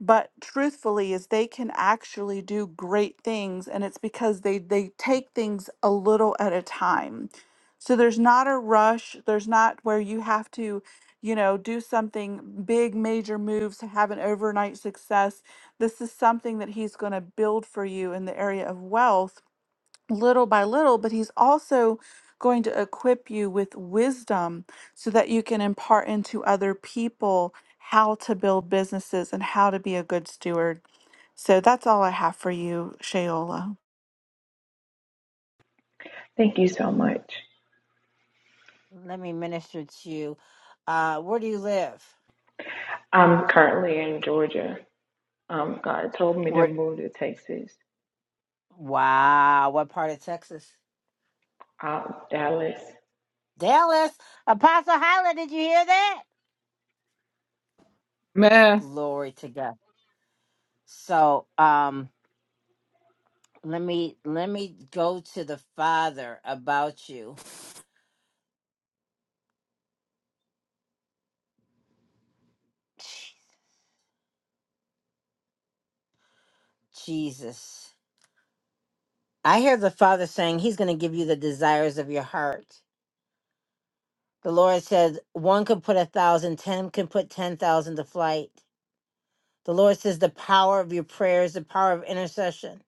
but truthfully is they can actually do great things and it's because they they take things a little at a time so there's not a rush there's not where you have to you know do something big major moves to have an overnight success this is something that he's going to build for you in the area of wealth little by little, but he's also going to equip you with wisdom so that you can impart into other people how to build businesses and how to be a good steward. So that's all I have for you, Shayola.
Thank you so much.
Let me minister to you. Uh, where do you live?
I'm currently in Georgia. Um, God told me to
Where,
move to Texas,
wow, what part of Texas?
uh, Dallas.
Dallas, Apostle Hyla, did you hear that?
man.
Glory to God. So, um, let me let me go to the Father about you. Jesus. I hear the Father saying He's going to give you the desires of your heart. The Lord says one could put a thousand, ten can put ten thousand to flight. The Lord says the power of your prayers, the power of intercession.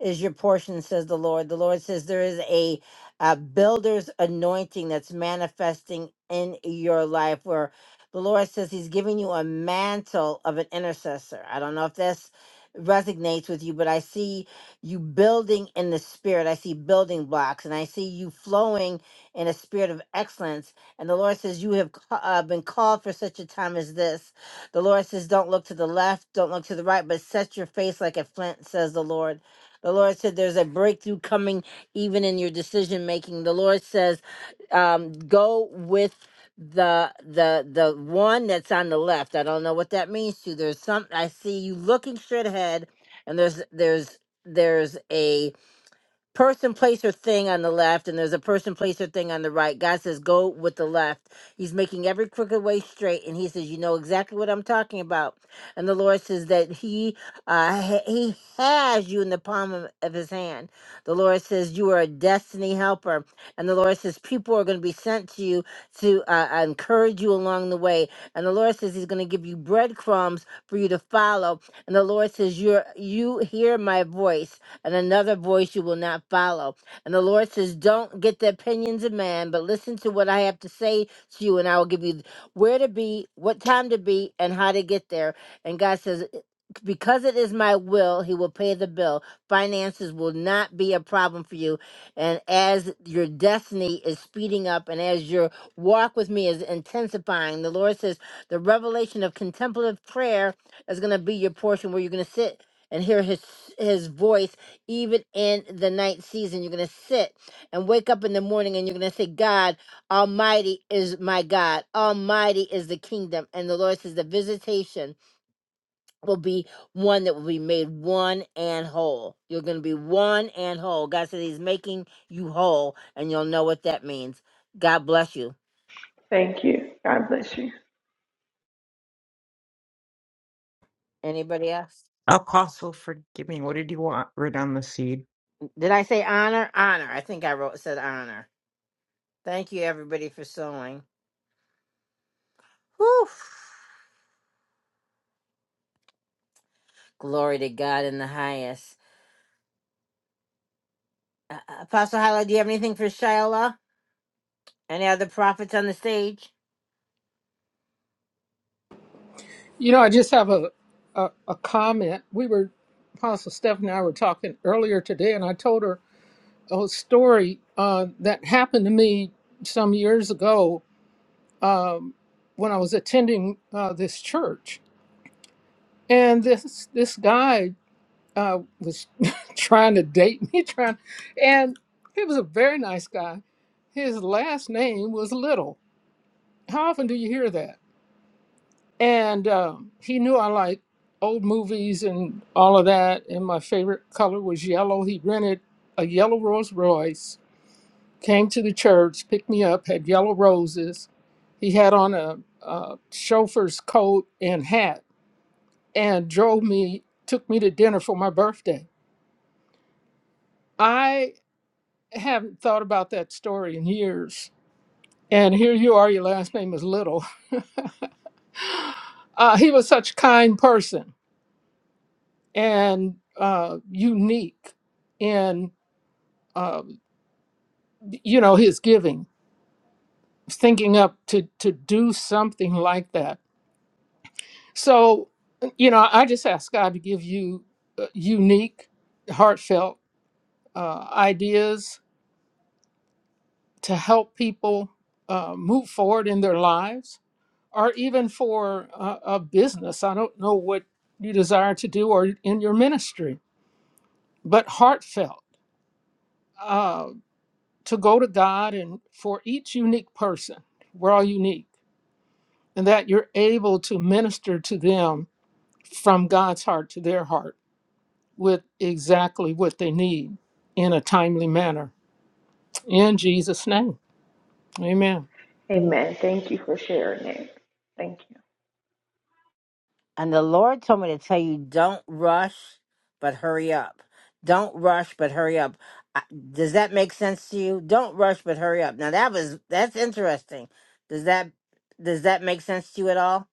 is your portion, says the Lord. The Lord says there is a, a builder's anointing that's manifesting in your life, where the Lord says He's giving you a mantle of an intercessor. I don't know if this resonates with you, but I see you building in the spirit. I see building blocks, and I see you flowing in a spirit of excellence. And the Lord says you have ca- uh, been called for such a time as this. The Lord says, Don't look to the left, don't look to the right, but set your face like a flint, says the Lord. The Lord said there's a breakthrough coming even in your decision making. The Lord says, um, go with the the the one that's on the left. I don't know what that means to you. There's some I see you looking straight ahead and there's there's there's a person, place, or thing on the left, and there's a person, place, or thing on the right. God says, go with the left. He's making every crooked way straight, and He says, you know exactly what I'm talking about. And the Lord says that He, uh, ha- He has you in the palm of, of His hand. The Lord says you are a destiny helper, and the Lord says people are going to be sent to you to uh, uh, encourage you along the way. And the Lord says He's going to give you breadcrumbs for you to follow. And the Lord says, you're you hear my voice and another voice you will not follow. And the Lord says, Don't get the opinions of man, but listen to what I have to say to you, and I will give you where to be, what time to be, and how to get there. And God says, because it is my will, he will pay the bill. Finances will not be a problem for you. And as your destiny is speeding up and as your walk with me is intensifying, the Lord says the revelation of contemplative prayer is going to be your portion where you're going to sit and hear his his voice even in the night season. You're going to sit and wake up in the morning and you're going to say, God Almighty is my God. Almighty is the kingdom. And the Lord says the visitation will be one that will be made one and whole. You're going to be one and whole. God says He's making you whole, and you'll know what that means. God bless you.
Thank you. God bless you.
Anybody else?
Apostle, forgive me. What did you want written on the seed?
Did I say honor? Honor. I think I wrote said honor. Thank you everybody for sewing. Whew. Glory to God in the highest. Uh, uh, Apostle Hyla, do you have anything for Shayla? Any other prophets on the stage?
You know, I just have a, a, a comment. We were, Apostle Steph and I were talking earlier today, and I told her a story uh, that happened to me some years ago um, when I was attending uh, this church. And this this guy uh, was (laughs) trying to date me, (laughs) trying, and he was a very nice guy. His last name was Little. How often do you hear that? And um, he knew I like old movies and all of that. And my favorite color was yellow. He rented a yellow Rolls Royce, came to the church, picked me up, had yellow roses. He had on a, a chauffeur's coat and hat and drove me, took me to dinner for my birthday. I haven't thought about that story in years. And here you are, your last name is Little. Uh, he was such a kind person and uh, unique. um, you know, his giving, thinking up to to do something like that. So, you know, I just ask God to give you uh, unique, heartfelt uh, ideas to help people uh, move forward in their lives, or even for uh, a business. I don't know what you desire to do or in your ministry, but heartfelt uh, to go to God and for each unique person. We're all unique and that you're able to minister to them from God's heart to their heart with exactly what they need in a timely manner. In Jesus' name, amen.
Amen. Thank you for sharing that. Thank you.
And the Lord told me to tell you don't rush, but hurry up. Don't rush, but hurry up. I- Does that make sense to you? Don't rush, but hurry up. Now that was that's interesting. Does that does that make sense to you at all?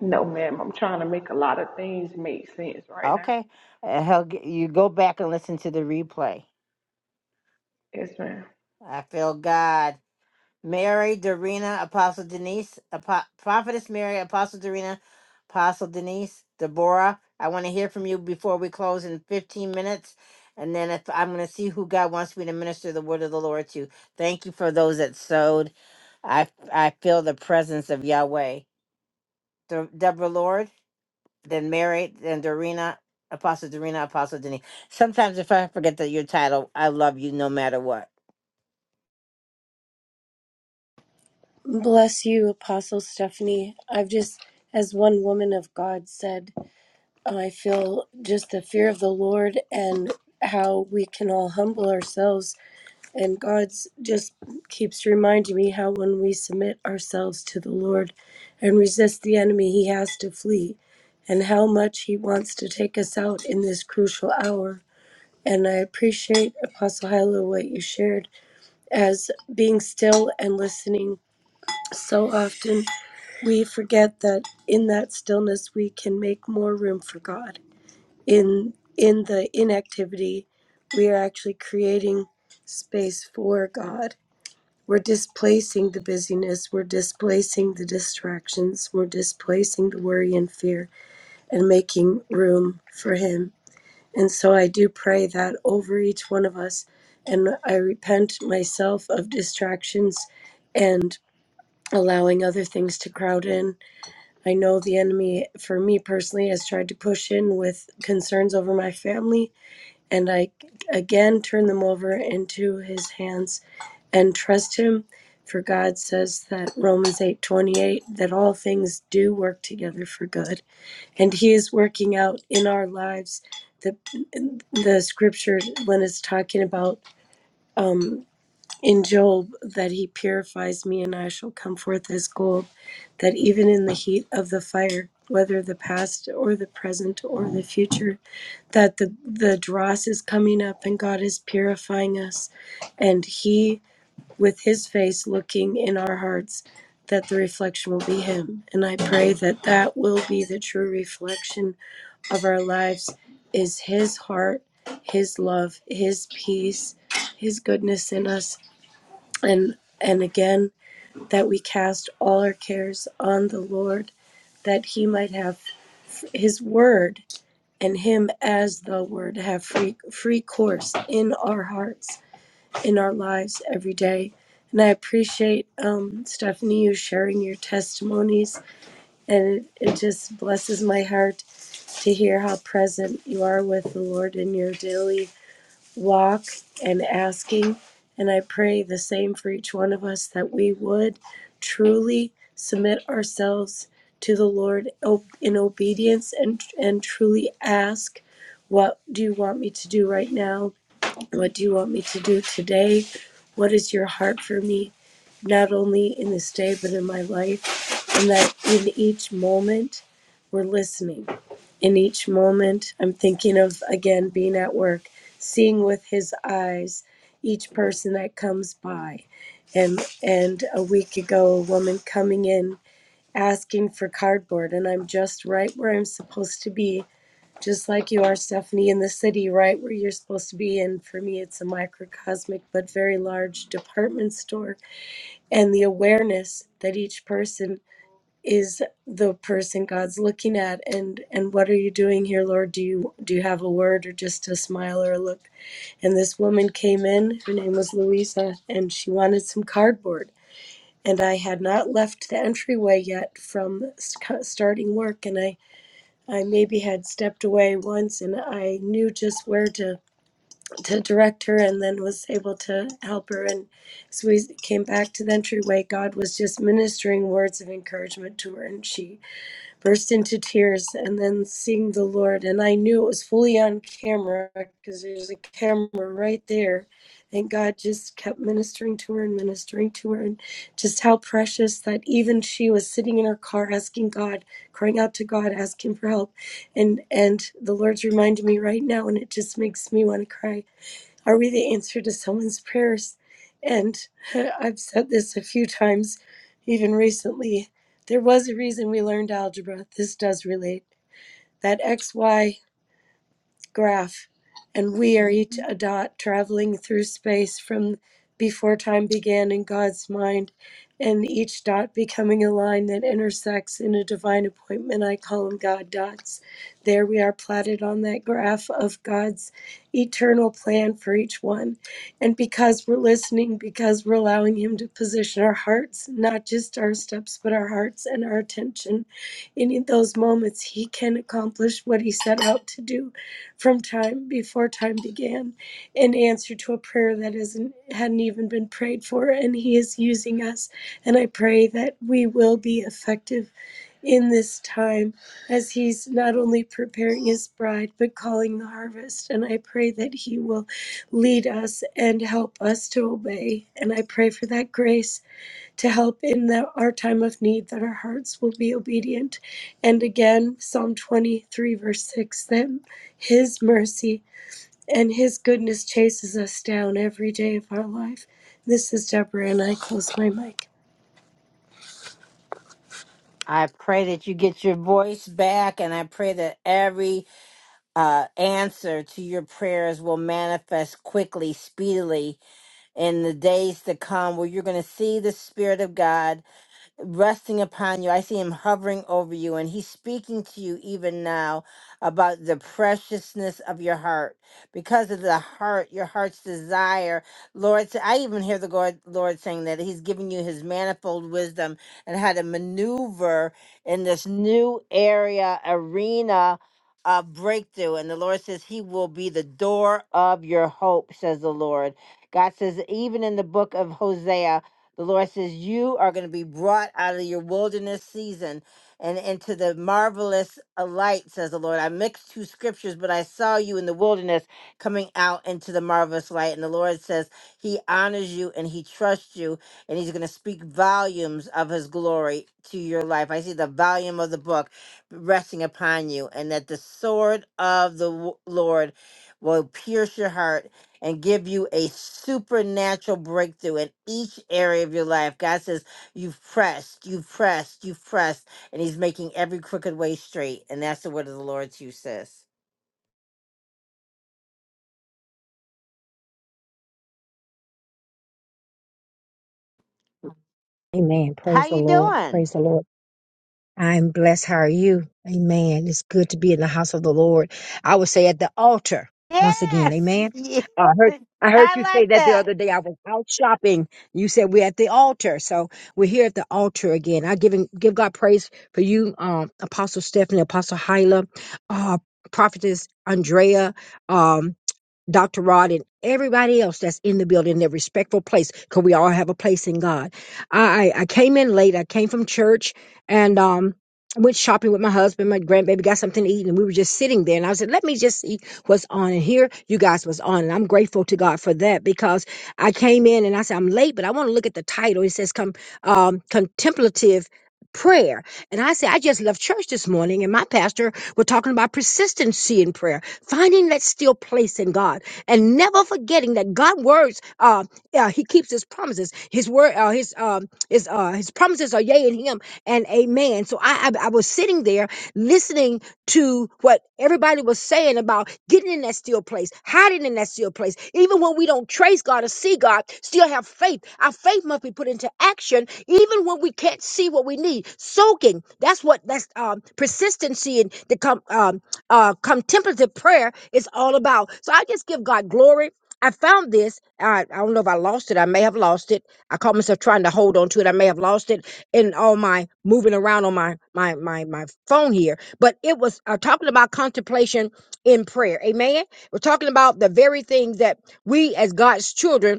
No, ma'am. I'm trying to make a lot of things make sense right now.
Okay, Uh, he'll, g- you go back and listen to the replay.
Yes, ma'am.
I feel God. Mary, Dorina, Apostle Denise, Apo- Prophetess Mary, Apostle Dorina, Apostle Denise, Deborah. I want to hear from you before we close in 15 minutes. And then if I'm going to see who God wants me to minister the word of the Lord to. Thank you for those that sowed. I I feel the presence of Yahweh. De- Deborah Lord, then Mary, then Dorina, Apostle Dorina, Apostle Denise. Sometimes if I forget that your title, I love you no matter what.
Bless you, Apostle Stephanie. I've just, as one woman of God said, I feel just the fear of the Lord and how we can all humble ourselves. And God's just keeps reminding me how when we submit ourselves to the Lord and resist the enemy, he has to flee, and how much he wants to take us out in this crucial hour. And I appreciate, Apostle Hyla, what you shared as being still and listening so often we forget that in that stillness we can make more room for god in in the inactivity we are actually creating space for god we're displacing the busyness we're displacing the distractions we're displacing the worry and fear and making room for him and so i do pray that over each one of us and i repent myself of distractions and allowing other things to crowd in I know the enemy, for me personally, has tried to push in with concerns over my family, and I again turn them over into his hands and trust him. For God says that Romans 8:28 that all things do work together for good, and He is working out in our lives the the scripture when it's talking about um in Job that he purifies me and I shall come forth as gold, that even in the heat of the fire, whether the past or the present or the future, that the, the dross is coming up and God is purifying us. And he, with his face looking in our hearts, that the reflection will be him. And I pray that that will be the true reflection of our lives is his heart, his love, his peace, his goodness in us and and again that we cast all our cares on the lord that he might have his word and him as the word have free free course in our hearts in our lives every day and i appreciate um, stephanie you sharing your testimonies and it, it just blesses my heart to hear how present you are with the lord in your daily walk and asking. And I pray the same for each one of us that we would truly submit ourselves to the Lord in obedience and, and truly ask, What do you want me to do right now? What do you want me to do today? What is your heart for me, not only in this day, but in my life? And that in each moment, we're listening in each moment. I'm thinking of, again, being at work, seeing with his eyes each person that comes by. And, and a week ago, a woman coming in asking for cardboard, and I'm just right where I'm supposed to be, just like you are, Stephanie, in the city, right where you're supposed to be. And for me, it's a microcosmic but very large department store. And the awareness that each person is the person God's looking at and and what are you doing here Lord do you do you have a word or just a smile or a look and this woman came in her name was Louisa and she wanted some cardboard and I had not left the entryway yet from sc- starting work and I I maybe had stepped away once and I knew just where to to direct her and then was able to help her and so we came back to the entryway God was just ministering words of encouragement to her and she burst into tears and then sing the Lord. And I knew it was fully on camera because there's a camera right there. And God just kept ministering to her and ministering to her, and just how precious that even she was sitting in her car asking God, crying out to God, asking for help. And and the Lord's reminded me right now, and it just makes me want to cry are we the answer to someone's prayers? And (laughs) I've said this a few times, even recently. There was a reason we learned algebra. This does relate. That XY graph, and we are each a dot traveling through space from before time began in God's mind, and each dot becoming a line that intersects in a divine appointment. I call them God dots. There we are plotted on that graph of God's eternal plan for each one. And because we're listening, because we're allowing Him to position our hearts, not just our steps, but our hearts and our attention in those moments, He can accomplish what He set out to do from time before time began in answer to a prayer that isn't hadn't even been prayed for and he is using us and i pray that we will be effective in this time as he's not only preparing his bride but calling the harvest and i pray that he will lead us and help us to obey and i pray for that grace to help in the, our time of need, that our hearts will be obedient. And again, Psalm 23, verse 6, that His mercy and His goodness chases us down every day of our life. This is Deborah, and I close my mic.
I pray that you get your voice back, and I pray that every uh, answer to your prayers will manifest quickly, speedily in the days to come, where you're going to see the Spirit of God resting upon you. I see him hovering over you, and he's speaking to you even now about the preciousness of your heart. Because of the heart, your heart's desire, Lord, sa- I even hear the Lord, Lord saying that he's giving you his manifold wisdom and how to maneuver in this new area, arena. of breakthrough, and the Lord says He will be the door of your hope, says the Lord. God says, even in the book of Hosea, the Lord says, You are going to be brought out of your wilderness season and into the marvelous uh, light, says the Lord. I mixed two scriptures, but I saw you in the wilderness coming out into the marvelous light. And the Lord says, He honors you and He trusts you, and He's going to speak volumes of His glory to your life. I see the volume of the book resting upon you, and that the sword of the w- Lord will pierce your heart and give you a supernatural breakthrough in each area of your life. God says, You've pressed, you've pressed, you've pressed, and He's making every crooked way straight. And that's the word of the Lord to you, sis.
Amen.
How
Praise the
you
Lord.
doing?
Praise the Lord. I'm blessed. How are you? Amen. It's good to be in the house of the Lord. I would say at the altar once again.
Yes. (laughs)
Amen.
Ye-
Uh, I heard. I heard
I
you say
like
that the
that.
other day. I was out shopping. You said we're at the altar, so we're here at the altar again. I give him, give God praise for you, um, Apostle Stephanie, Apostle Hyla, uh, Prophetess Andrea. Um, Dr. Rod and everybody else that's in the building, their respectful place, because we all have a place in God. I, I I came in late. I came from church and um went shopping with my husband. My grandbaby got something to eat, and we were just sitting there. And I said, "Let me just see what's on." And here you guys was on, and I'm grateful to God for that because I came in and I said, "I'm late, but I want to look at the title." It says, "Come um, contemplative." Prayer. And I said, I just left church this morning and my pastor was talking about persistency in prayer finding that still place in God and never forgetting that God words uh, uh he keeps his promises his word uh, his um his uh his promises are yea in him and amen so I, I I was sitting there listening to what everybody was saying about getting in that still place hiding in that still place even when we don't trace God or see God still have faith our faith must be put into action even when we can't see what we need soaking that's what that's um persistency and the come uh, contemplative prayer is all about. So I just give God glory. I found this. I, I don't know if I lost it. I may have lost it. I caught myself trying to hold on to it. I may have lost it in all my moving around on my my my my phone here. But it was uh, talking about contemplation in prayer. Amen. We're talking about the very things that we as God's children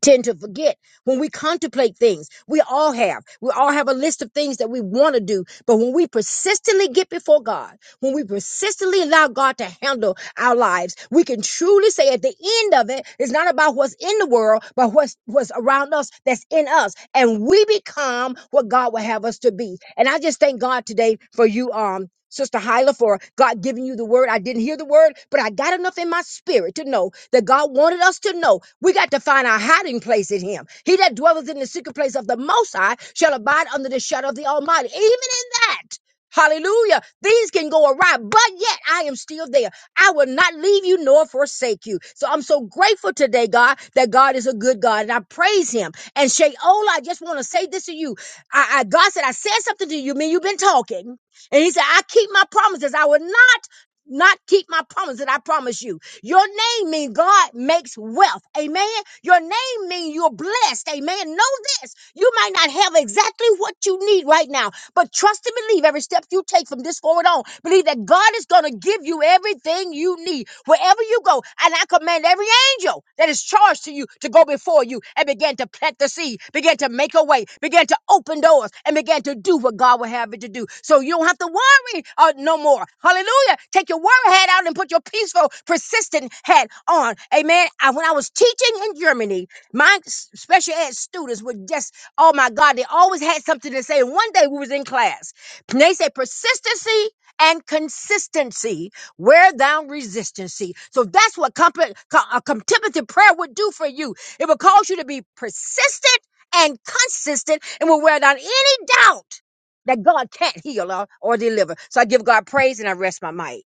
tend to forget when we contemplate things we all have we all have a list of things that we want to do but when we persistently get before god when we persistently allow god to handle our lives. We can truly say at the end of it, it's not about what's in the world, but what's what's around us that's in us. And we become what God will have us to be. And I just thank God today for you, um, Sister Hyla, for God giving you the word. I didn't hear the word, but I got enough in my spirit to know that God wanted us to know we got to find our hiding place in Him. He that dwelleth in the secret place of the Most High shall abide under the shadow of the Almighty. Even in that, hallelujah, things can go awry, but yet I am still there. I will not leave you nor forsake you. So I'm so grateful today, God, that God is a good God and I praise him. And Shayola, I just want to say this to you. I, I God said, I said something to you, man. You've been talking. And he said, I keep my promises. I will not not keep my promise that I promise you. Your name means God makes wealth. Amen. Your name means you're blessed. Amen. Know this. You might not have exactly what you need right now, but trust and believe every step you take from this forward on. Believe that God is going to give you everything you need wherever you go. And I command every angel that is charged to you to go before you and begin to plant the seed, begin to make a way, begin to open doors, and begin to do what God will have it to do. So you don't have to worry uh, no more. Hallelujah. Take your worry hat out and put your peaceful, persistent hat on. Amen. I, when I was teaching in Germany, my s- special ed students would just Oh my God, they always had something to say. And one day we was in class. And they said persistency and consistency wear down resistancy. So that's what comp- co- a contemplative prayer would do for you. It would cause you to be persistent and consistent and will wear down any doubt that God can't heal or, or deliver. So I give God praise and I rest my might.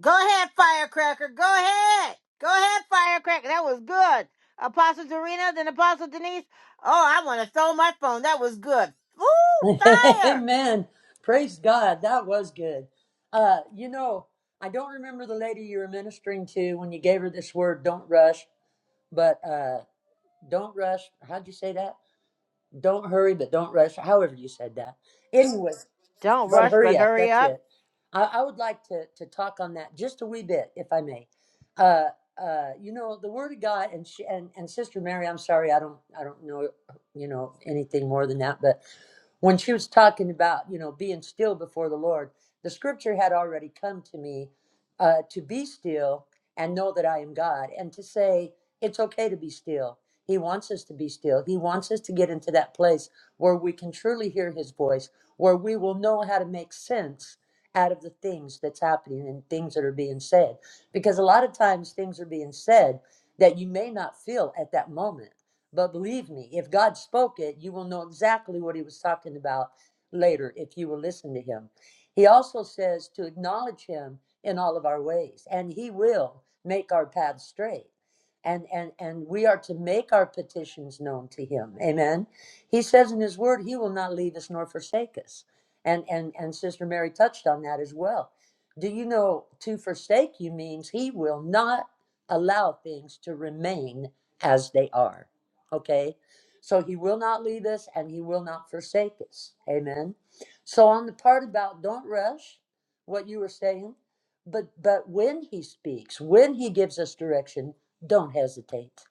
Go ahead, firecracker. Go ahead. Go ahead, firecracker. That was good. Apostle Dorina, then Apostle Denise. Oh, I want to throw my phone. That was good.
(laughs)
Ooh, fire.
Amen. Praise God. That was good. Uh, you know, I don't remember the lady you were ministering to when you gave her this word, don't rush, but uh, don't rush. How'd you say that? Don't hurry, but don't rush. However, you said that. Anyway,
Don't
but
rush, but
hurry up.
hurry
That's
up.
it. I, I would like to, to talk on that just a wee bit, if I may. Uh, uh, you know, the word of God and, she, and, and Sister Mary, I'm sorry, I don't, I don't know, you know, anything more than that, but when she was talking about you know being still before the lord the scripture had already come to me uh, to be still and know that i am god and to say it's okay to be still he wants us to be still he wants us to get into that place where we can truly hear his voice where we will know how to make sense out of the things that's happening and things that are being said because a lot of times things are being said that you may not feel at that moment but believe me, if God spoke it, you will know exactly what he was talking about later if you will listen to him. He also says to acknowledge him in all of our ways, and he will make our paths straight. And, and and we are to make our petitions known to him. Amen. He says in his word, he will not leave us nor forsake us. And and and Sister Mary touched on that as well. Do you know to forsake you means he will not allow things to remain as they are. Okay. So he will not leave us and he will not forsake us. Amen. So on the part about don't rush, what you were saying, but but when he speaks, when he gives us direction, don't hesitate.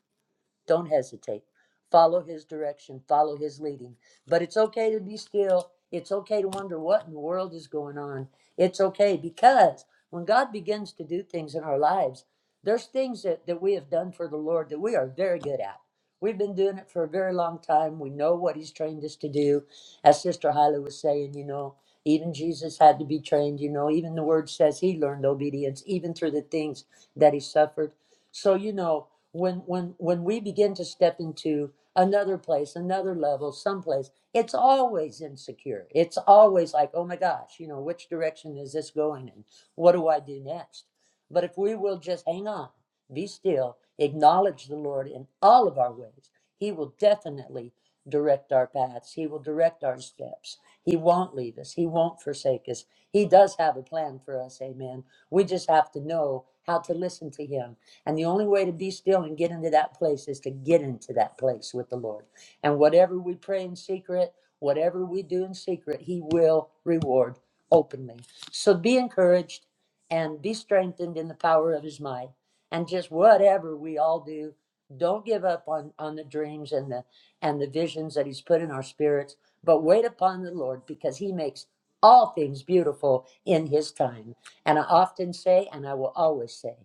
Don't hesitate. Follow his direction, follow his leading. But it's okay to be still. It's okay to wonder what in the world is going on. It's okay because when God begins to do things in our lives, there's things that, that we have done for the Lord that we are very good at. We've been doing it for a very long time. We know what he's trained us to do. As Sister Hyla was saying, you know, even Jesus had to be trained, you know, even the word says he learned obedience, even through the things that he suffered. So you know, when when when we begin to step into another place, another level, someplace, it's always insecure. It's always like, oh my gosh, you know, which direction is this going and what do I do next? But if we will just hang on, be still, acknowledge the Lord in all of our ways, He will definitely direct our paths. He will direct our steps. He won't leave us. He won't forsake us. He does have a plan for us. Amen. We just have to know how to listen to Him and the only way to be still and get into that place is to get into that place with the Lord. And whatever we pray in secret, whatever we do in secret, He will reward openly. So be encouraged and be strengthened in the power of His might. And just whatever we all do, don't give up on, on the dreams and the and the visions that He's put in our spirits, but wait upon the Lord because He makes all things beautiful in His time. And I often say, and I will always say,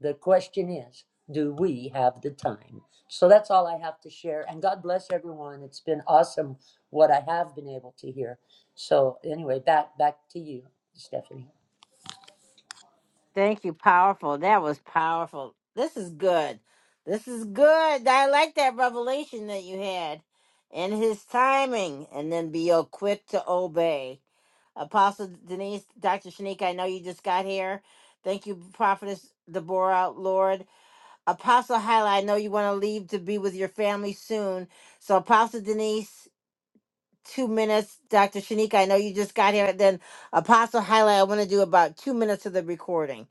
the question is, do we have the time? So that's all I have to share. And God bless everyone. It's been awesome what I have been able to hear. So anyway, back back to you, Stephanie.
Thank you. Powerful. That was powerful. This is good. This is good. I like that revelation that you had and his timing, and then be oh, quick to obey. Apostle Denise, Dr. Shanique, I know you just got here. Thank you, Prophetess Deborah, Lord. Apostle Hyla, I know you want to leave to be with your family soon. So, Apostle Denise, two minutes. Dr. Shanika, I know you just got here. Then Apostle Highlight, I want to do about two minutes of the recording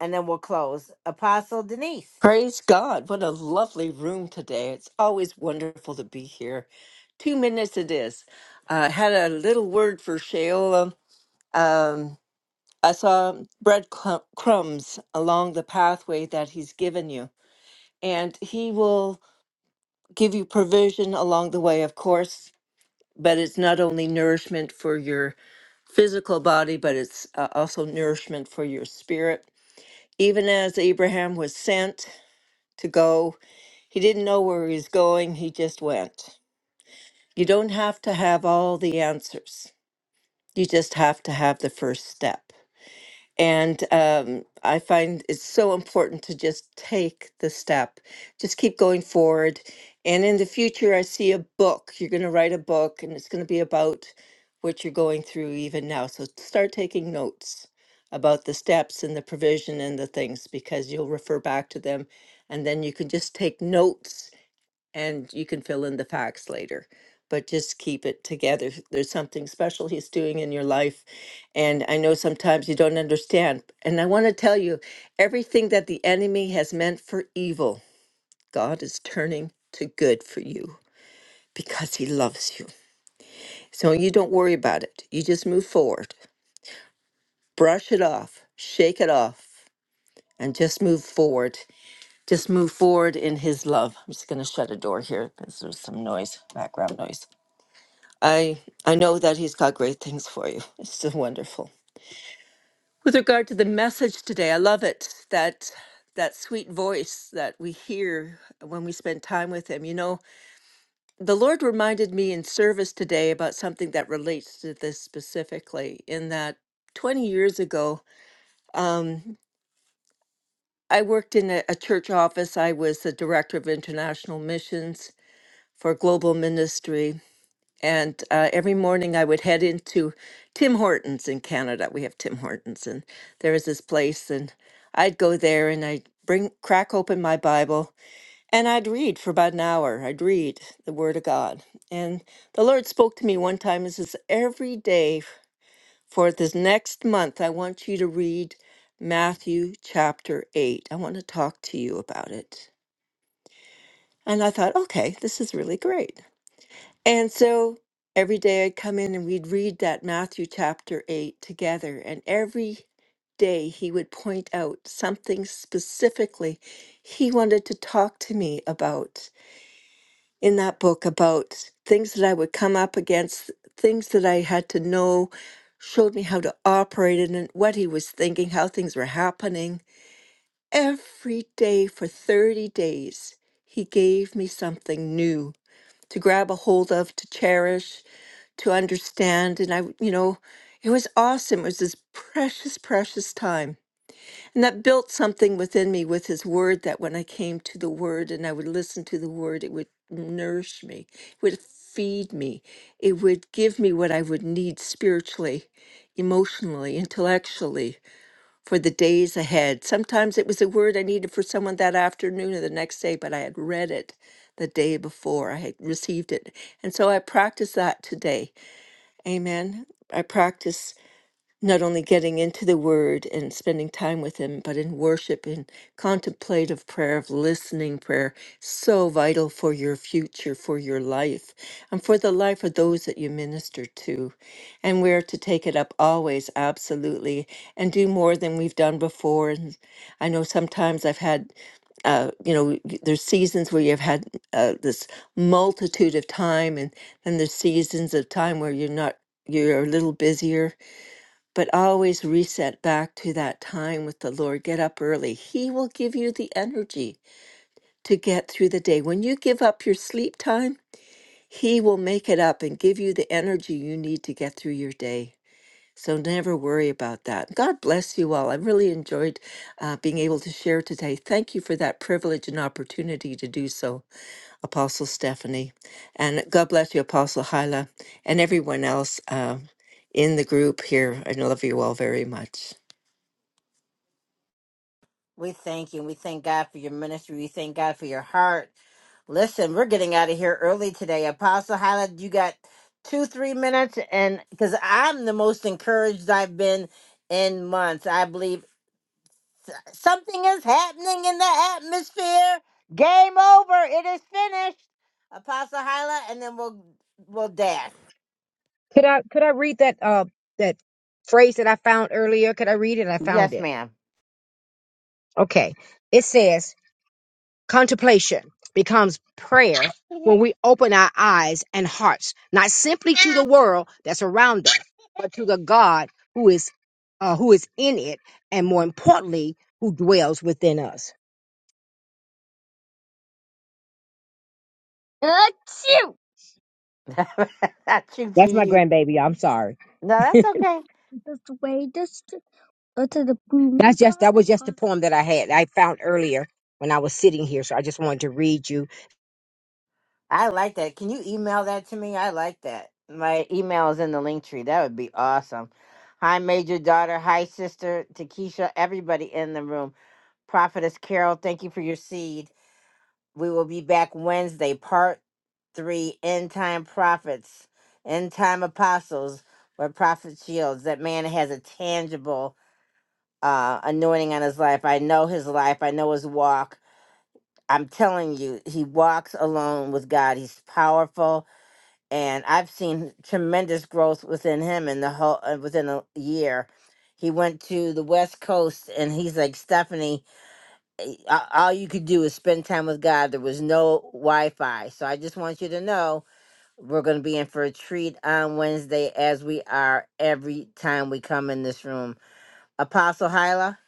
and then we'll close. Apostle Denise,
Praise God. What a lovely room today. It's always wonderful to be here. Two minutes it is. Uh, I had a little word for Sheola. Um, I saw breadcrumbs along the pathway that he's given you, and he will give you provision along the way, of course. But it's not only nourishment for your physical body, but it's uh, also nourishment for your spirit. Even as Abraham was sent to go. He didn't know where he was going, he just went. You don't have to have all the answers, you just have to have the first step. And um, I find it's so important to just take the step, just keep going forward. And in the future, I see a book. You're going to write a book, and it's going to be about what you're going through even now. So start taking notes about the steps and the provision and the things because you'll refer back to them. And then you can just take notes and you can fill in the facts later but just keep it together there's something special he's doing in your life and i know sometimes you don't understand and i want to tell you everything that the enemy has meant for evil god is turning to good for you because he loves you so you don't worry about it you just move forward brush it off shake it off and just move forward just move forward in his love i'm just going to shut a door here because there's some noise background noise I I know that he's got great things for you. (laughs) It's so wonderful. With regard to the message today, I love it that that sweet voice that we hear when we spend time with him. You know, the Lord reminded me in service today about something that relates to this specifically in that 20 years ago, um, I worked in a, a church office. I was the director of international missions for global ministry and uh, every morning I would head into Tim Hortons in Canada. We have Tim Hortons, and there was this place, and I'd go there and I'd bring crack open my Bible and I'd read for about an hour. I'd read the Word of God, and the Lord spoke to me one time and says, "Every day for this next month, I want you to read Matthew chapter eight. I want to talk to you about it." And I thought, okay, this is really great. And so every day I'd come in and we'd read that Matthew chapter 8 together. And every day he would point out something specifically he wanted to talk to me about in that book about things that I would come up against, things that I had to know, showed me how to operate in it, what he was thinking, how things were happening. Every day for 30 days, he gave me something new to grab a hold of, to cherish, to understand. And I, you know, it was awesome. It was this precious, precious time. And that built something within me with his word that when I came to the word and I would listen to the word, it would nourish me, it would feed me, it would give me what I would need spiritually, emotionally, intellectually for the days ahead. Sometimes it was a word I needed for someone that afternoon or the next day, but I had read it the day before I had received it. And so I practiced that today Amen. I practice not only getting into the word and spending time with him but in worship in contemplative prayer of listening prayer so vital for your future for your life and for the life of those that you minister to and we're to take it up always absolutely and do more than we've done before and i know sometimes i've had uh, you know, y- there's seasons where you've had uh, this multitude of time, and then there's seasons of time where you're not, you're a little busier but always reset back to that time with the Lord. Get up early. He will give you the energy to get through the day. When you give up your sleep time, He will make it up and give you the energy you need to get through your day. So never worry about that. God bless you all. I really enjoyed uh, being able to share today. Thank you for that privilege and opportunity to do so. Apostle Stephanie. And God bless you, Apostle Hyla, and everyone else uh, in the group here. I love you all very much.
we thank you. We thank God for your ministry. We thank God for your heart. Listen, we're getting out of here early today. Apostle Highlight, you got two, three minutes. And because I'm the most encouraged I've been in months, I believe something is happening in the atmosphere. Game over. It is finished. Apostle Hyla, and then we'll we'll dash.
Could I could I read that uh that phrase that I found earlier? Could I read it? I found
Yes,
it.
ma'am.
Okay. It says Contemplation becomes prayer when we open our eyes and hearts, not simply to the world that's around us, but to the God who is uh, who is in it, and more importantly, who dwells within us. Achoo!
(laughs) I shoot to
That's my
you.
grandbaby. I'm sorry.
No, that's okay.
Just wait, just go to the That's just that was just the poem that I had. I found earlier when I was sitting here, so I just wanted to read you
I like that. Can you email that to me? I like that. My email is in the link tree. That would be awesome. Hi, major daughter. Hi, sister. Takesha. Everybody in the room. Prophetess Carol, thank you for your seed. We will be back Wednesday, part three End Time Prophets, End Time Apostles, where Prophet Shields. That man has a tangible uh, anointing on his life. I know his life, I know his walk. I'm telling you, he walks alone with God. He's powerful, and I've seen tremendous growth within him in the whole uh, within a year. He went to the West Coast, and he's like Stephanie a- all you could do is spend time with God. There was no Wi Fi. So I just want you to know we're going to be in for a treat on Wednesday, as we are every time we come in this room. Apostle Hyla.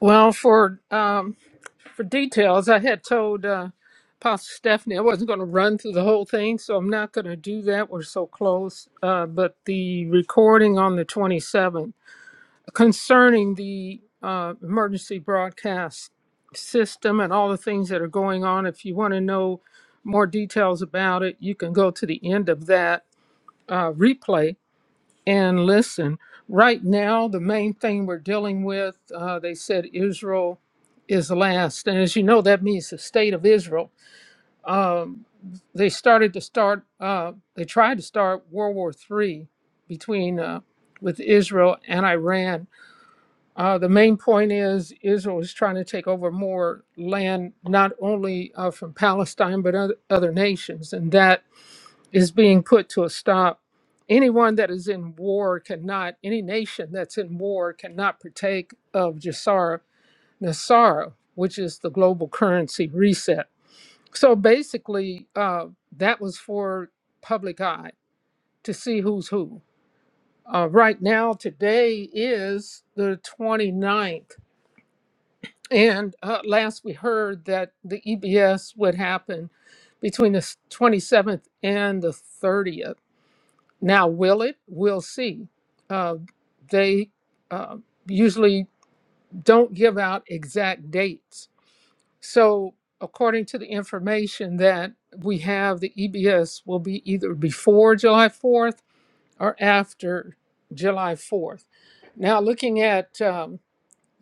Well, for um, for details, I had told uh, Pastor Stephanie I wasn't going to run through the whole thing, so I'm not going to do that. We're so close. Uh, but the recording on the 27th concerning the uh, emergency broadcast system and all the things that are going on. If you want to know more details about it, you can go to the end of that uh, replay and listen. Right now, the main thing we're dealing with, uh, they said Israel is last. And as you know, that means the state of Israel. Um, they started to start, uh, they tried to start World War III between uh, with Israel and Iran uh, the main point is Israel is trying to take over more land, not only uh, from Palestine, but other, other nations. And that is being put to a stop. Anyone that is in war cannot, any nation that's in war cannot partake of Jasara Nasara, which is the global currency reset. So basically, uh, that was for public eye to see who's who. Uh, right now, today is the 29th And uh, last we heard that the EBS would happen between the 27th and the 30th. Now, will it? We'll see. Uh, they uh, usually don't give out exact dates. So, according to the information that we have, the EBS will be either before July 4th or after July 4th. Now, looking at um,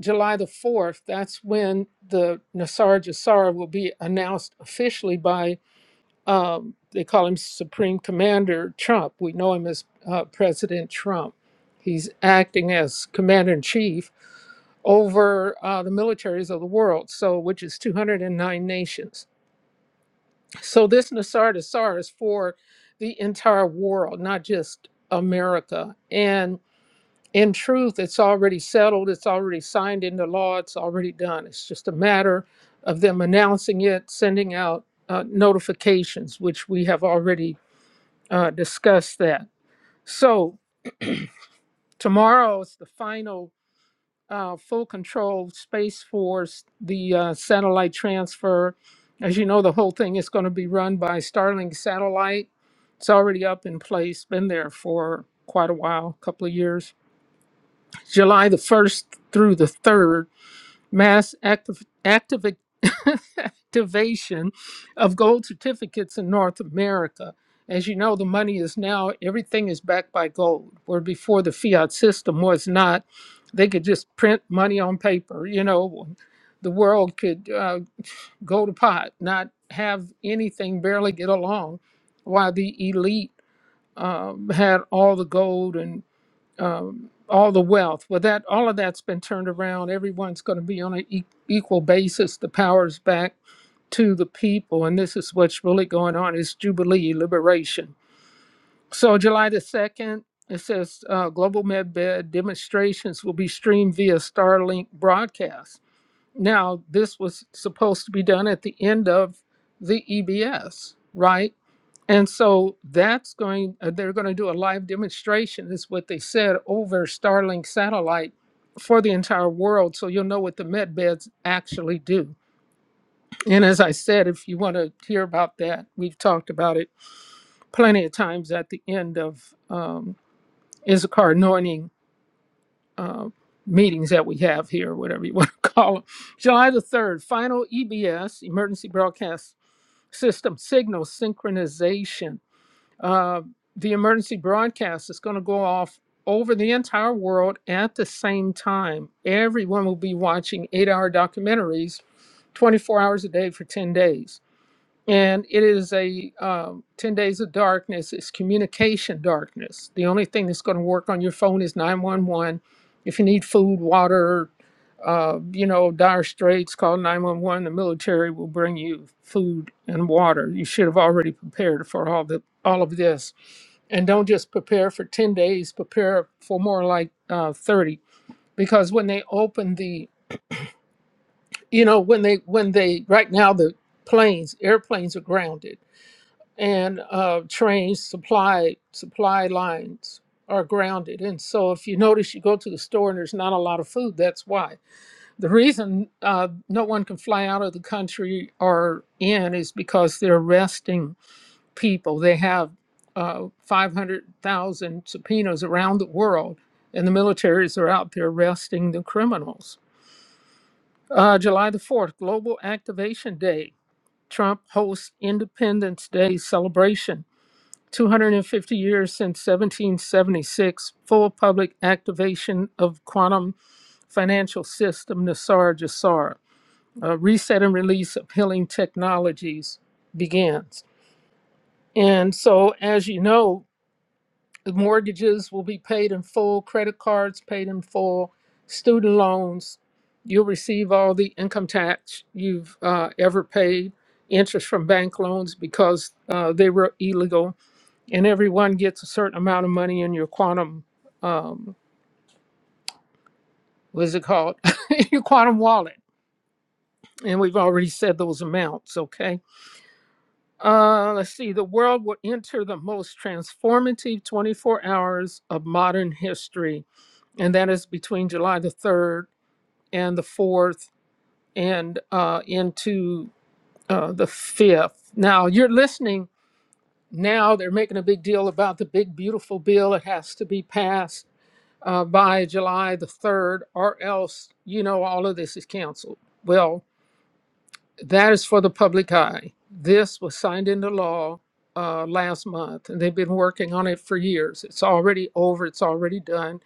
July the 4th, that's when the Nasar Jassar will be announced officially by, um, they call him Supreme Commander Trump. We know him as uh, President Trump. He's acting as Commander in Chief over uh, the militaries of the world, so which is 209 nations. So this Nasar Jassar is for the entire world, not just America. And in truth, it's already settled, it's already signed into law, it's already done. It's just a matter of them announcing it, sending out uh, notifications, which we have already uh, discussed that. So tomorrow is the final uh, full control Space Force, the uh, satellite transfer. As you know, the whole thing is going to be run by Starlink Satellite. It's already up in place, been there for quite a while, a couple of years. July the 1st through the 3rd mass activ- activi- (laughs) activation of gold certificates in North America. As you know, the money is now, everything is backed by gold, where before the fiat system was not. They could just print money on paper. You know, the world could uh, go to pot, not have anything, barely get along, while the elite um, had all the gold and um, all the wealth. Well, that all of that's been turned around. Everyone's going to be on an e- equal basis. The power's back to the people, and this is what's really going on: is jubilee liberation. So, July the second, it says uh, global medbed demonstrations will be streamed via Starlink broadcast. Now, this was supposed to be done at the end of the EBS, right? And so that's going, uh, they're going to do a live demonstration, is what they said, over Starlink satellite for the entire world. So you'll know what the med beds actually do. And as I said, if you want to hear about that, we've talked about it plenty of times at the end of um, Issachar anointing uh, meetings that we have here, whatever you want to (laughs) call them. July the 3rd, final EBS, Emergency Broadcast System Signal Synchronization Uh, the emergency broadcast is going to go off over the entire world at the same time. Everyone will be watching eight hour documentaries 24 hours a day for 10 days and it is a um, 10 days of darkness it's communication darkness the only thing that's going to work on your phone is 911 if you need food water uh, you know dire straits call 911 the military will bring you food and water you should have already prepared for all the all of this and don't just prepare for 10 days prepare for more like uh, 30 because when they open the you know when they when they right now the planes airplanes are grounded and uh, trains supply supply lines are grounded and so if you notice you go to the store and there's not a lot of food that's why the reason uh, no one can fly out of the country or in is because they're arresting people they have uh, 500000 subpoenas around the world and the militaries are out there arresting the criminals uh, july the 4th global activation day trump hosts independence day celebration 250 years since 1776, full public activation of quantum financial system Nassar Jassar, a reset and release of healing technologies begins. And so, as you know, the mortgages will be paid in full, credit cards paid in full, student loans. You'll receive all the income tax you've uh, ever paid, interest from bank loans because uh, they were illegal and everyone gets a certain amount of money in your quantum um what is it called (laughs) your quantum wallet and we've already said those amounts okay uh let's see the world will enter the most transformative 24 hours of modern history and that is between july the 3rd and the 4th and uh into uh the 5th now you're listening now they're making a big deal about the big beautiful bill it has to be passed uh, by July the 3rd, or else, you know, all of this is canceled. Well, that is for the public eye. This was signed into law uh, last month, and they've been working on it for years. It's already over, it's already done.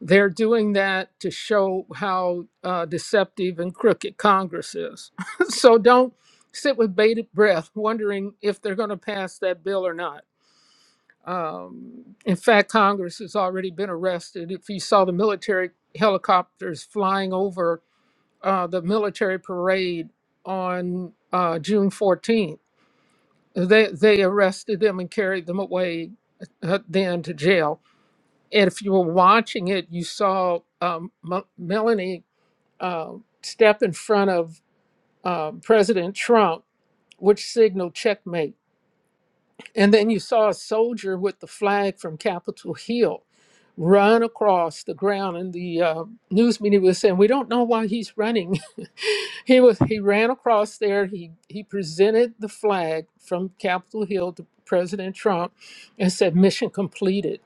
They're doing that to show how uh, deceptive and crooked Congress is. (laughs) so don't sit with bated breath wondering if they're going to pass that bill or not. Um, in fact, Congress has already been arrested. If you saw the military helicopters flying over uh, the military parade on uh, June 14th, they, they arrested them and carried them away uh, then to jail. And if you were watching it, you saw um, M- Melanie uh, step in front of uh, President Trump, which signaled checkmate And then you saw a soldier with the flag from Capitol Hill run across the ground. And the uh, news media was saying, "We don't know why he's running." (laughs) he was he ran across there. He he presented the flag from Capitol Hill to President Trump and said, "Mission completed.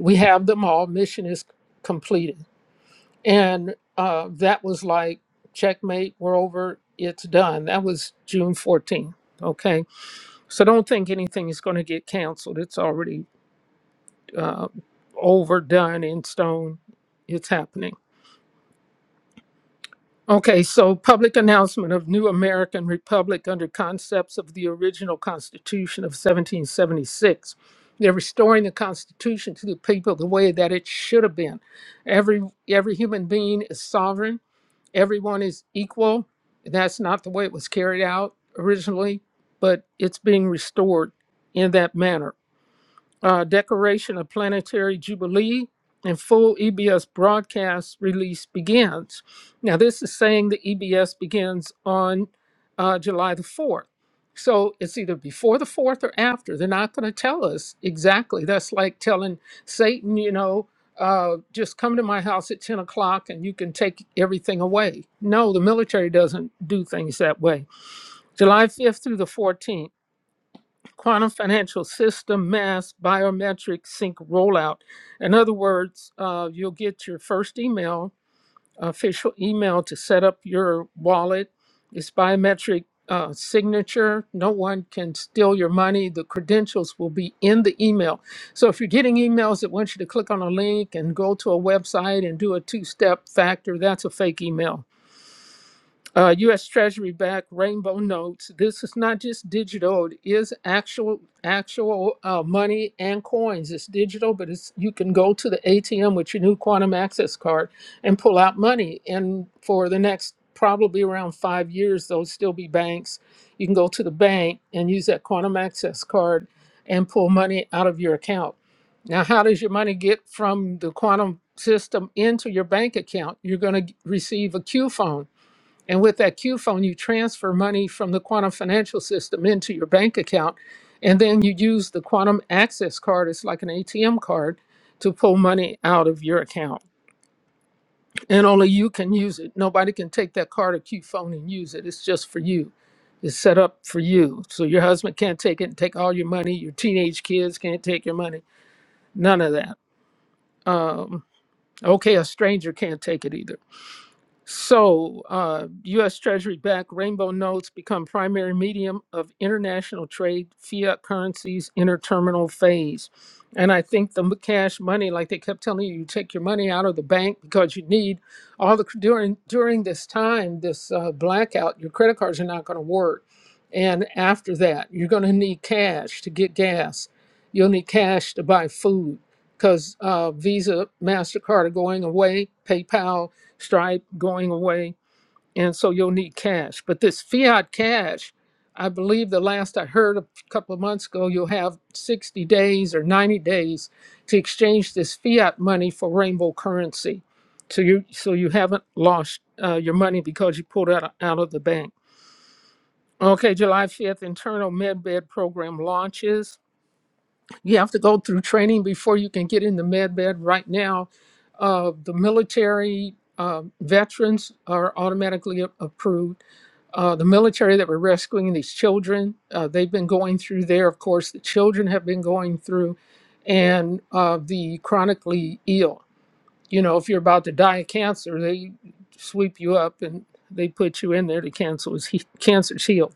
We have them all. Mission is completed." And uh, that was like checkmate. We're over. It's done. That was June 14th. Okay so don't think anything is going to get canceled. It's already uh, overdone in stone. It's happening. Okay, so public announcement of new American Republic under concepts of the original Constitution of 1776. They're restoring the Constitution to the people the way that it should have been. Every every human being is sovereign. Everyone is equal. That's not the way it was carried out originally, but it's being restored in that manner uh, decoration of planetary jubilee and full EBS broadcast release begins. Now, this is saying the EBS begins on uh, July the 4th. So it's either before the 4th or after. They're not going to tell us exactly. That's like telling Satan, you know, uh, just come to my house at 10 o'clock and you can take everything away. No, the military doesn't do things that way. July 5th through the 14th quantum financial system, mass, biometric sync rollout. In other words, uh, you'll get your first email, official email to set up your wallet. It's biometric uh, signature. No one can steal your money. The credentials will be in the email. So if you're getting emails that want you to click on a link and go to a website and do a two step factor, that's a fake email uh, U.S. Treasury backed rainbow notes. This is not just digital; it is actual actual uh, money and coins. It's digital, but it's you can go to the ATM with your new quantum access card and pull out money. And for the next probably around five years, there'll still be banks. You can go to the bank and use that quantum access card and pull money out of your account. Now, how does your money get from the quantum system into your bank account? You're going to receive a Q phone and with that Q phone, you transfer money from the quantum financial system into your bank account. And then you use the quantum access card, it's like an ATM card, to pull money out of your account. And only you can use it. Nobody can take that card or Q phone and use it. It's just for you. It's set up for you. So your husband can't take it and take all your money. Your teenage kids can't take your money. None of that. Um, okay, a stranger can't take it either So, uh, U.S. Treasury backed rainbow notes become primary medium of international trade, fiat currencies, interterminal phase. And I think the m- cash money, like they kept telling you, you take your money out of the bank because you need all the during during this time, this uh, blackout, your credit cards are not going to work. And after that, you're going to need cash to get gas. You'll need cash to buy food because uh, Visa, Mastercard are going away. PayPal Stripe going away. And so you'll need cash. But this fiat cash, I believe the last I heard a couple of months ago, you'll have 60 days or 90 days to exchange this fiat money for rainbow currency. So you so you haven't lost uh, your money because you pulled it out out of the bank. Okay, July 5th, internal MedBed program launches. You have to go through training before you can get into med bed. Right now, uh, the military uh, veterans are automatically a- approved uh, the military that were rescuing these children. Uh, they've been going through there. Of course, the children have been going through, and uh, the chronically ill. You know, if you're about to die of cancer, they sweep you up and they put you in there to cancel (laughs) is he- cancer's healed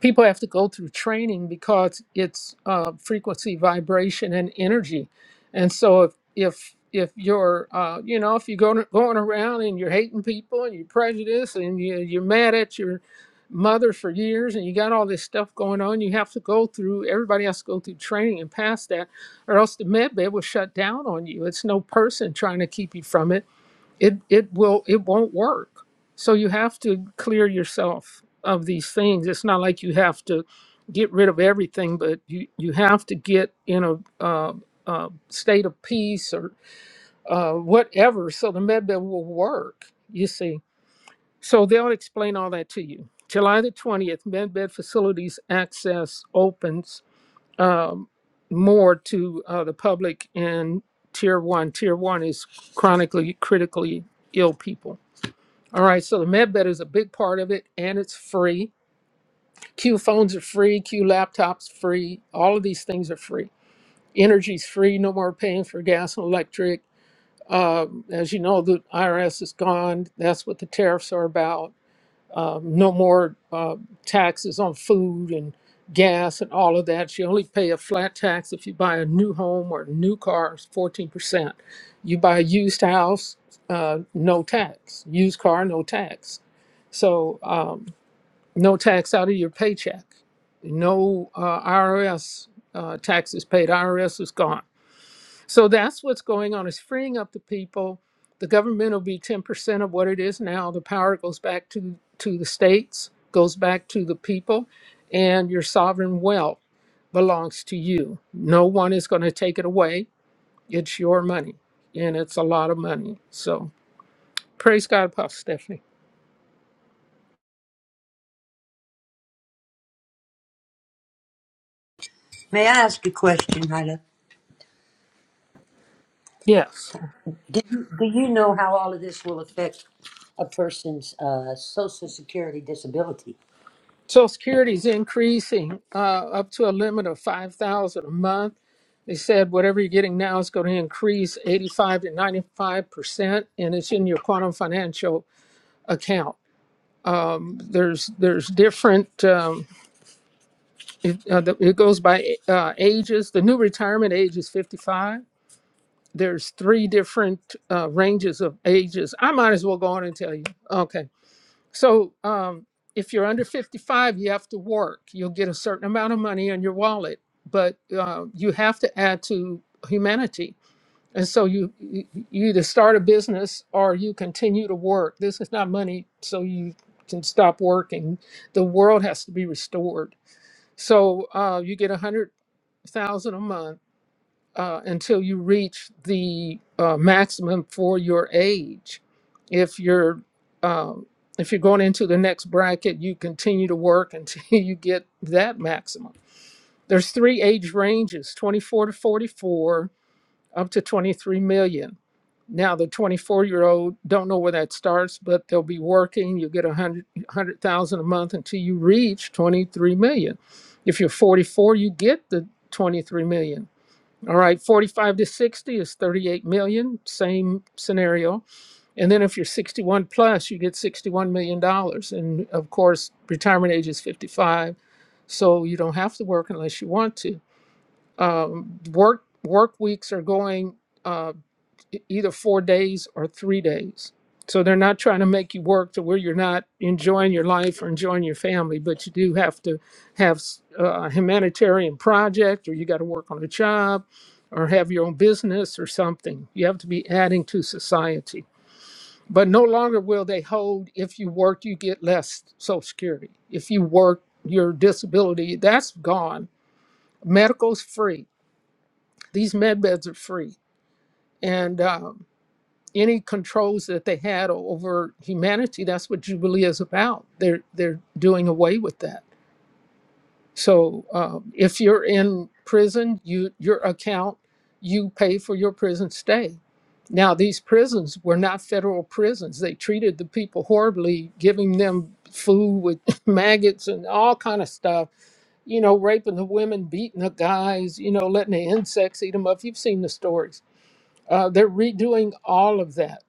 people have to go through training because it's uh, frequency, vibration, and energy. And so if if if you're uh, you know if you're going going around and you're hating people and you're prejudiced and you, you're mad at your mother for years and you got all this stuff going on, you have to go through. Everybody has to go through training and pass that, or else the med bed will shut down on you. It's no person trying to keep you from it it it will it won't work so you have to clear yourself of these things it's not like you have to get rid of everything but you you have to get in a uh, uh, state of peace or uh, whatever so the medbed will work you see so they'll explain all that to you july the 20th medbed facilities access opens um, more to uh, the public in tier one tier one is chronically critically ill people all right, so the MedBed is a big part of it, and it's free. Q phones are free, Q laptops free. All of these things are free. Energy's free, no more paying for gas and electric. Um, as you know, the IRS is gone. That's what the tariffs are about um, no more uh, taxes on food and gas and all of that. You only pay a flat tax if you buy a new home or a new car, it's 14%. You buy a used house, uh, no tax. Used car, no tax. So, um, no tax out of your paycheck. No uh, IRS uh, taxes paid. IRS is gone so that's what's going on is freeing up the people. The government will be 10% of what it is now. The power goes back to, to the states, goes back to the people, and your sovereign wealth belongs to you. No one is going to take it away. It's your money, and it's a lot of money. So praise God, Apostle Stephanie.
May I ask a question, Hyla?
Yes.
Do you, do you know how all of this will affect a person's uh, social security disability?
Social Security is increasing uh, up to a limit of five thousand a month. They said whatever you're getting now is going to increase 85 to 95 percent, and it's in your quantum financial account. There's there's different. Um, it, uh, the- it goes by uh, ages. The new retirement age is 55. There's three different uh, ranges of ages. I might as well go on and tell you. Okay. So um, if you're under 55, you have to work. You'll get a certain amount of money in your wallet, but uh, you have to add to humanity. And so you you you either start a business or you continue to work. This is not money, so you can stop working. The world has to be restored. So uh, you get a hundred thousand a month uh, until you reach the uh, maximum for your age. If you're um, if you're going into the next bracket, you continue to work until (laughs) you get that maximum. There's three age ranges: 24 to 44, up to 23 million. Now the 24 year old don't know where that starts, but they'll be working. You get a hundred hundred thousand a month until you reach 23 million. If you're 44, you get the 23 million all right, 45 to 60 is 38 million, same scenario. And then if you're 61 plus, you get 61 million dollars. And of course, retirement age is 55, so you don't have to work unless you want to. Um, work work weeks are going. uh, e- either four days or three days. So they're not trying to make you work to where you're not enjoying your life or enjoying your family, but you do have to have a humanitarian project or you got to work on a job or have your own business or something. You have to be adding to society. But no longer will they hold if you work, you get less Social Security. If you work, your disability, that's gone. Medical's free. These med beds are free. And um, any controls that they had over humanity. That's what Jubilee is about. They're they're doing away with that. So um, if you're in prison, you your account, you pay for your prison stay. Now these prisons were not federal prisons. They treated the people horribly, giving them food with (laughs) maggots and all kind of stuff. You know, raping the women, beating the guys. You know, letting the insects eat them up. You've seen the stories. Uh, they're redoing all of that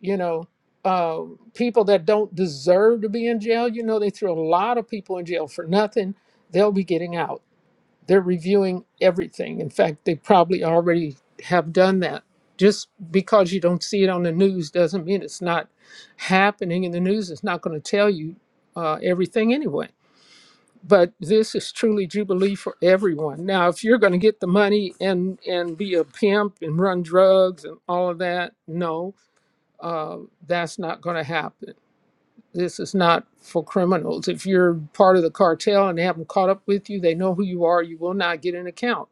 you know uh, people that don't deserve to be in jail you know they throw a lot of people in jail for nothing they'll be getting out they're reviewing everything in fact they probably already have done that just because you don't see it on the news doesn't mean it's not happening in the news it's not going to tell you uh, everything anyway but this is truly jubilee for everyone now if you're going to get the money and and be a pimp and run drugs and all of that no uh, that's not going to happen. This is not for criminals. If you're part of the cartel and they haven't caught up with you, they know who you are. You will not get an account.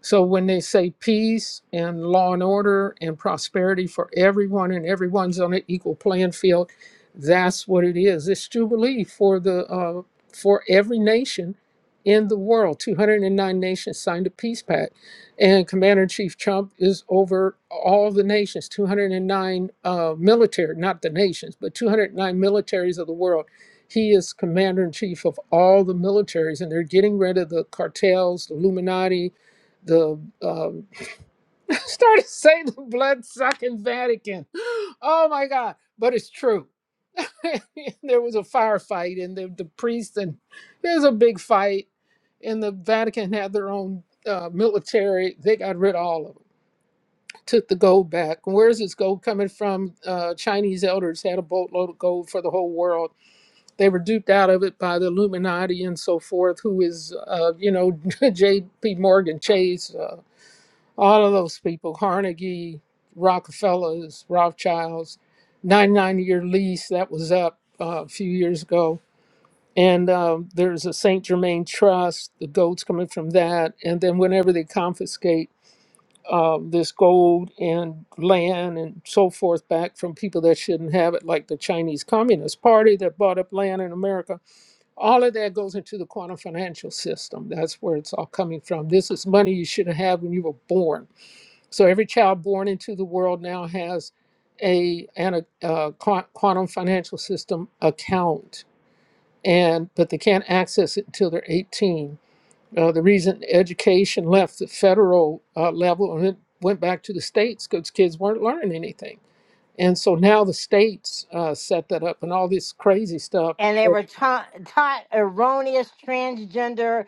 So when they say peace and law and order and prosperity for everyone and everyone's on an equal playing field, that's what it is. It's jubilee for the uh, for every nation in the world. 209 nations signed a peace pact, and Commander in Chief Trump is over all the nations. 209 uh, military, not the nations, but 209 militaries of the world. He is commander in chief of all the militaries, and they're getting rid of the cartels, the Illuminati, the um, (laughs) started saying the blood sucking Vatican. Oh my God! But it's true. (laughs) there was a firefight, and the, the priest and there's a big fight, and the Vatican had their own uh, military. They got rid of all of them. Took the gold back. Where's this gold coming from? Uh, Chinese elders had a boatload of gold for the whole world. They were duped out of it by the Illuminati and so forth, who is, uh, you know, (laughs) J.P. Morgan Chase. uh, all of those people, Carnegie, Rockefellers, Rothschilds, 99 year lease that was up uh, a few years ago. And um, there's a St. Germain Trust, the gold's coming from that. And then whenever they confiscate uh, this gold and land and so forth back from people that shouldn't have it, like the Chinese Communist Party that bought up land in America, all of that goes into the quantum financial system. That's where it's all coming from. This is money you should have had when you were born so every child born into the world now has a an a, uh, quantum financial system account, and but they can't access it until they're 18. Uh, the reason education left the federal uh, level and it went back to the states because kids weren't learning anything, and so now the states uh, set that up and all this crazy stuff,
And they
uh,
were taught, taught erroneous transgender,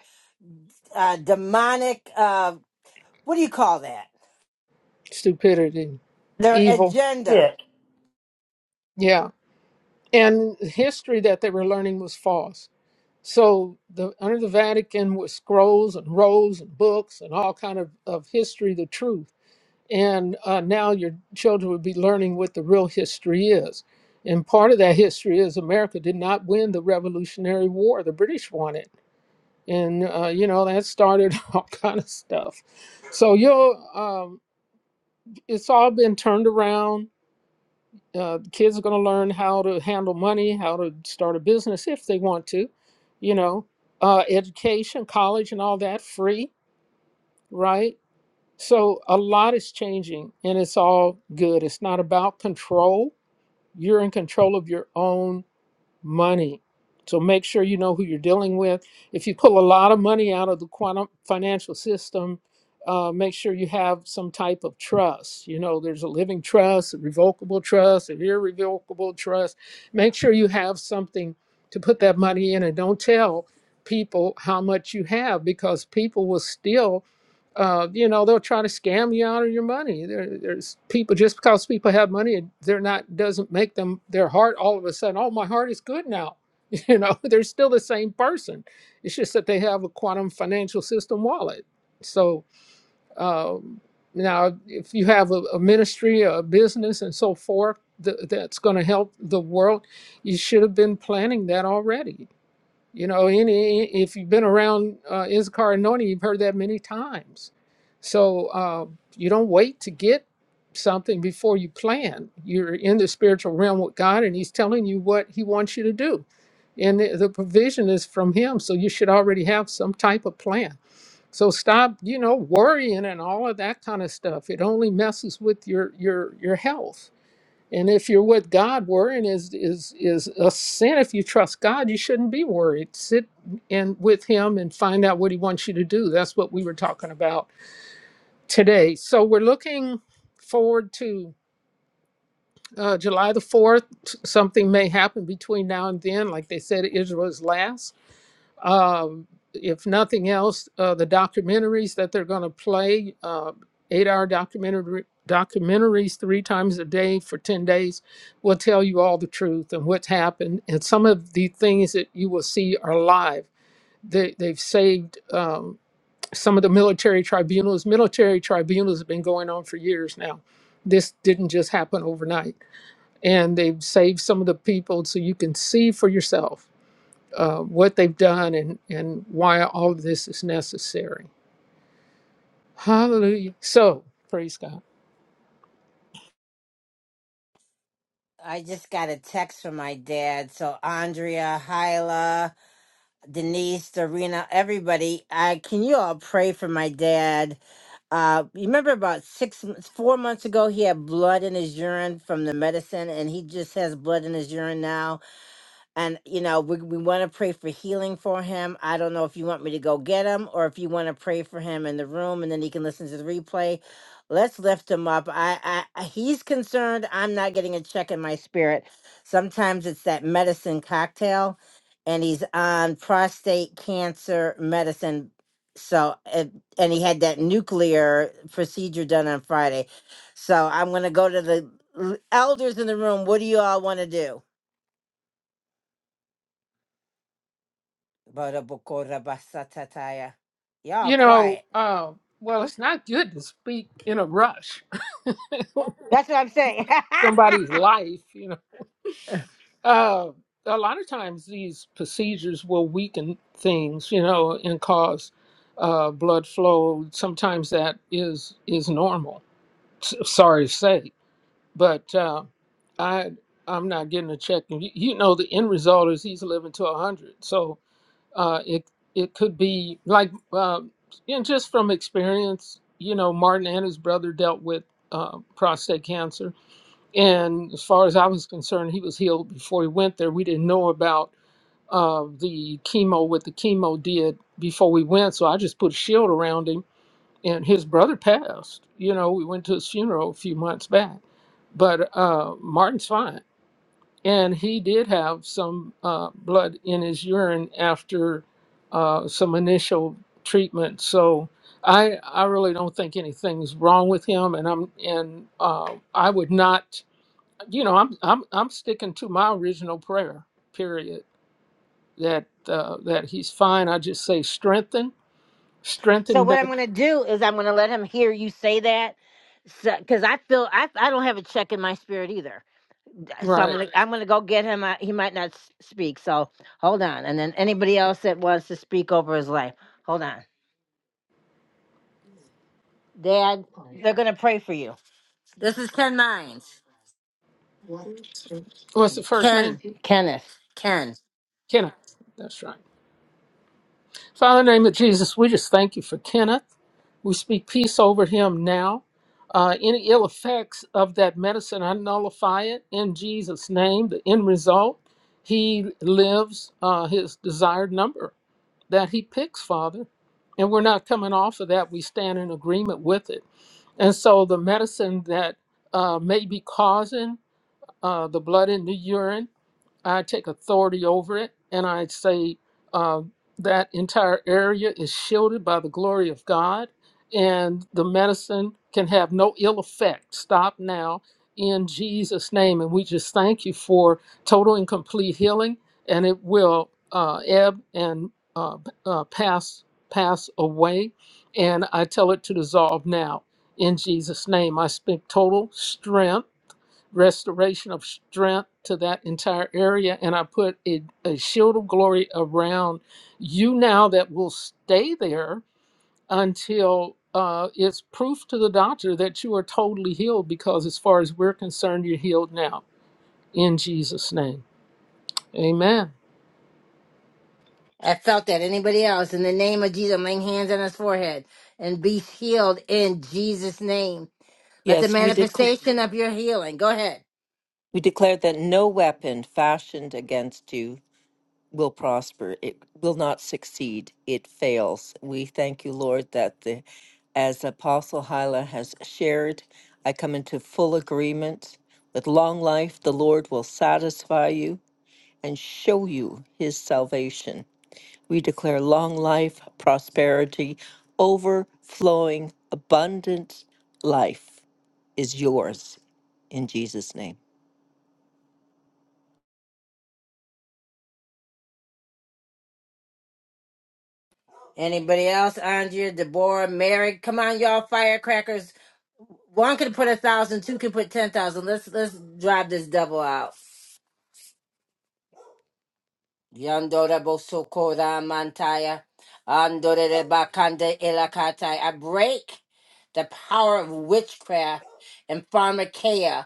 uh, demonic, uh, what do you call that?
stupidity,
Their
evil,
agenda.
Sick.
yeah. And history that they were learning was false So the under the Vatican were scrolls and rolls and books and all kind of, of history, the truth. And uh, now your children would be learning what the real history is. And part of that history is America did not win the Revolutionary War. The British won it. And, uh, you know, that started (laughs) all kind of stuff. So you'll, um, it's all been turned around uh, kids are going to learn how to handle money, how to start a business if they want to, you know, uh, education, college, and all that free, right? So a lot is changing and it's all good. It's not about control. You're in control of your own money. So make sure you know who you're dealing with. If you pull a lot of money out of the quantum financial system, uh, make sure you have some type of trust. You know, there's a living trust, a revocable trust, an irrevocable trust. Make sure you have something to put that money in and don't tell people how much you have because people will steal uh, you know they'll try to scam you out of your money there, there's people just because people have money they're not doesn't make them their heart all of a sudden oh my heart is good now (laughs) you know they're still the same person it's just that they have a quantum financial system wallet so um, now if you have a, a ministry a business and so forth th- that's going to help the world you should have been planning that already you know, any if you've been around uh, Issachar anointing, you've heard that many times. So uh, you don't wait to get something before you plan. You're in the spiritual realm with God, and He's telling you what He wants you to do, and the, the provision is from Him. So you should already have some type of plan. So stop, you know, worrying and all of that kind of stuff. It only messes with your your your health and if you're with God, worrying is is is a sin. If you trust God, you shouldn't be worried. Sit and with Him and find out what He wants you to do. That's what we were talking about today. So we're looking forward to uh, July the fourth. Something may happen between now and then. Like they said, Israel is last. Um, if nothing else, uh, the documentaries that they're going to play, uh, eight hour documentary, documentaries three times a day for 10 days, will tell you all the truth and what's happened. And some of the things that you will see are live. They, they've saved um, some of the military tribunals. Military tribunals have been going on for years now. This didn't just happen overnight. And they've saved some of the people so you can see for yourself uh, what they've done and, and why all of this is necessary. Hallelujah. So, praise God.
I just got a text from my dad. So Andrea, Hyla, Denise, Serena, everybody. I can you all pray for my dad? Uh, you remember about six, m- four months ago, he had blood in his urine from the medicine, and he just has blood in his urine now and you know we, we want to pray for healing for him i don't know if you want me to go get him or if you want to pray for him in the room and then he can listen to the replay let's lift him up i i I- he's concerned i'm not getting a check in my spirit sometimes it's that medicine cocktail and he's on prostate cancer medicine so and, and he had that nuclear procedure done on friday so i'm going to go to the l- elders in the room what do you all want to do Barabokorobasatataya. Y'all
You know,
quiet.
uh, well, it's not good to speak in a rush (laughs) on
That's what I'm saying.
somebody's life, you know. Uh, a lot of times these procedures will weaken things, you know, and cause uh, blood flow. Sometimes that is is normal. S- sorry to say, but uh, I I'm not getting a check. And you, you know, the end result is he's living to a hundred. So uh, it it could be like uh, you just from experience. You know, Martin and his brother dealt with uh, prostate cancer, and as far as I was concerned, he was healed before he went there. We didn't know about uh, the chemo what the chemo did before we went, so I just put a shield around him. And his brother passed. You know, we went to his funeral a few months back, but uh, Martin's fine and he did have some uh, blood in his urine after uh, some initial treatment. So I I really don't think anything's wrong with him, and I'm and uh, I would not, you know, I'm I'm I'm sticking to my original prayer. Period. That uh, that he's fine. I just say strengthen,
(laughs) so
strengthen
what I'm
that.
going to do is I'm going to let him hear you say that, because I feel I I don't have a check in my spirit either. So I'm
Right.
gonna I'm gonna go get him. I, he might not s- speak. So hold on, and then anybody else that wants to speak over his life, hold on. Dad, they're gonna pray for you. This is Ken Mines.
What's the first name?
Ken. Kenneth. Ken.
Kenna. That's right. Father, in the name of Jesus, we just thank you for Kenneth. We speak peace over him now. Uh, any ill effects of that medicine, I nullify it in Jesus' name. The end result, he lives uh, his desired number that he picks, Father. And we're not coming off of that. We stand in agreement with it. And so the medicine that uh, may be causing uh, the blood in the urine, I take authority over it, and I say uh, that entire area is shielded by the glory of God, and the medicine can have no ill effect. Stop now in Jesus' name. And we just thank you for total and complete healing, and it will uh, ebb and uh, uh, pass pass away. And I tell it to dissolve now in Jesus' name. I speak total strength restoration of strength to that entire area. And I put a, a shield of glory around you now that will stay there until uh, it's proof to the doctor that you are totally healed, because as far as we're concerned, you're healed now. In Jesus' name, amen.
I felt that. Anybody else? In the name of Jesus, I'm laying hands on his forehead and be healed in Jesus' name. Let the
Yes, we, dec-
manifestation of your healing. Go ahead.
we declare that no weapon fashioned against you will prosper. It will not succeed. It fails. We thank you, Lord, that the as Apostle Hyla has shared, I come into full agreement. With long life, the Lord will satisfy you and show you his salvation. We declare long life, prosperity, overflowing, abundant life is yours in Jesus' name.
Anybody else? Andrea, Deborah, Mary. Come on, y'all, firecrackers. One can put a thousand, two can put ten thousand. Let's let's drive this devil out. Yandora Bosokora Mantaya. Andore de Bakande Elakatai. I break the power of witchcraft and pharmakeia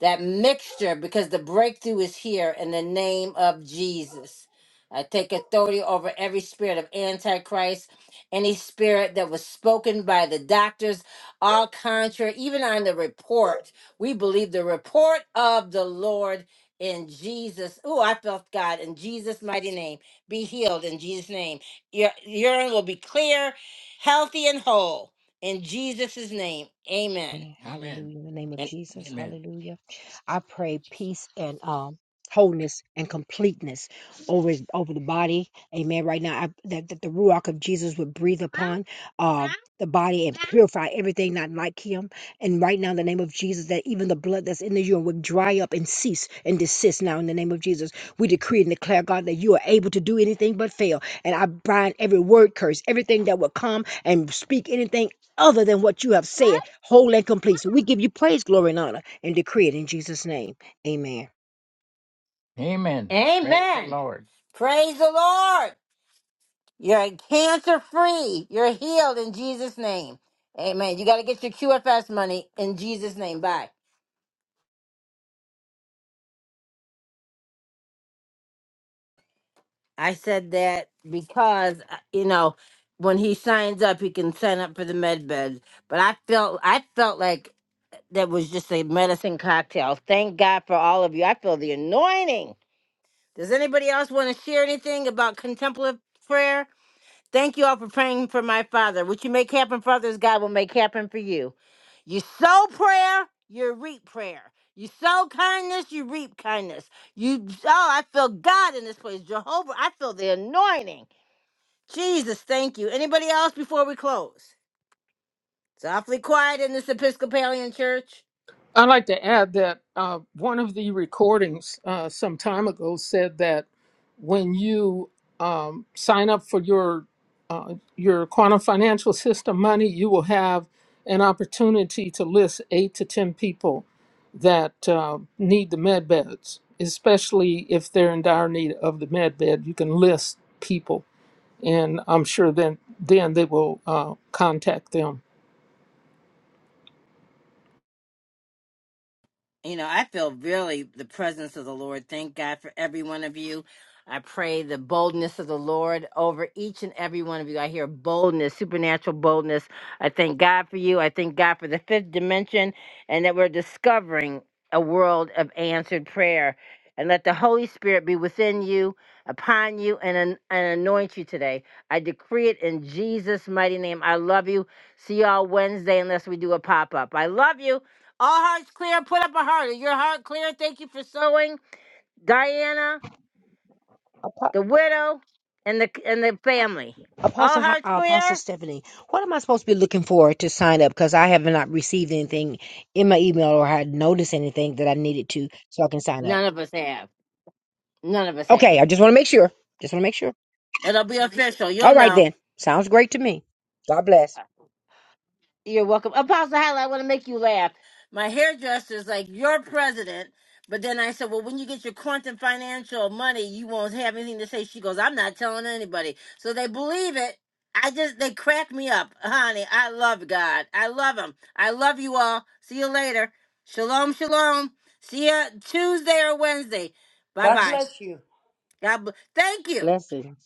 that mixture because the breakthrough is here in the name of Jesus. I take authority over every spirit of antichrist, any spirit that was spoken by the doctors, all contrary, even on the report. We believe the report of the Lord in Jesus. Oh, I felt God in Jesus' mighty name. Be healed in Jesus' name. Your urine will be clear, healthy, and whole in Jesus' name. Amen.
Hallelujah. In the name of Jesus. Hallelujah. I pray peace and um wholeness and completeness over over the body. Amen. Right now, I, that, that the ruach of Jesus would breathe upon uh the body and purify everything not like him. And right now, in the name of Jesus, that even the blood that's in the urine would dry up and cease and desist now in the name of Jesus. We decree and declare, God, that you are able to do anything but fail. And I bind every word curse, everything that would come and speak anything other than what you have said, whole and complete. So we give you praise, glory, and honor, and decree it in Jesus' name. Amen.
Amen. Praise the Amen. Lord. Praise the Lord. You're cancer free. You're healed in Jesus' name. Amen. You got to get your QFS money in Jesus' name. Bye. I said that because, uh, you know, when he signs up, he can sign up for the med beds. But I felt, I felt like that was just a medicine cocktail. Thank God for all of you. I feel the anointing. Does anybody else want to share anything about contemplative prayer? Thank you all for praying for my father. What you make happen for others, God will make happen for you. You sow prayer, you reap prayer. You sow kindness, you reap kindness. You oh, I feel God in this place. Jehovah, I feel the anointing. Jesus, thank you. Anybody else before we close? It's awfully quiet in this Episcopalian church.
I'd like to add that uh, one of the recordings uh, some time ago said that. when you um, sign up for your uh, your quantum financial system money, you will have an opportunity to list eight to ten people that uh, need the med beds, especially if they're in dire need of the med bed. You can list people, and I'm sure then then they will uh, contact them.
You know, I feel really the presence of the Lord. Thank God for every one of you. I pray the boldness of the Lord over each and every one of you. I hear boldness, supernatural boldness. I thank God for you. I thank God for the fifth dimension and that we're discovering a world of answered prayer. And let the Holy Spirit be within you, upon you, and, an- and anoint you today. I decree it in Jesus' mighty name. I love you. See y'all Wednesday unless we do a pop up. I love you. All hearts clear. Put up a heart. Is Your heart clear. Thank you for sewing, Diana,
Apo-
the widow, and the and the family. All
Apostle, Ho- uh,
hearts
Apostle
clear.
Stephanie, what am I supposed to be looking for to sign up? Because I have not received anything in my email or had noticed anything that I needed to, so I can sign up.
None of us have. None of us have.
Okay, I just want to make sure. Just want to make sure.
It'll be official. You'll
All right
know.
then, sounds great to me. God bless.
You're welcome. Apostle Hal, I want to make you laugh. My hairdresser's like, You're president. But then I said, Well, when you get your quantum financial money, you won't have anything to say. She goes, I'm not telling anybody. So they believe it. I just, they crack me up. Honey, I love God. I love Him. I love you all. See you later. Shalom, shalom. See ya Tuesday or Wednesday. Bye
God
bye.
bless you.
God bless. Thank you.
Blessings.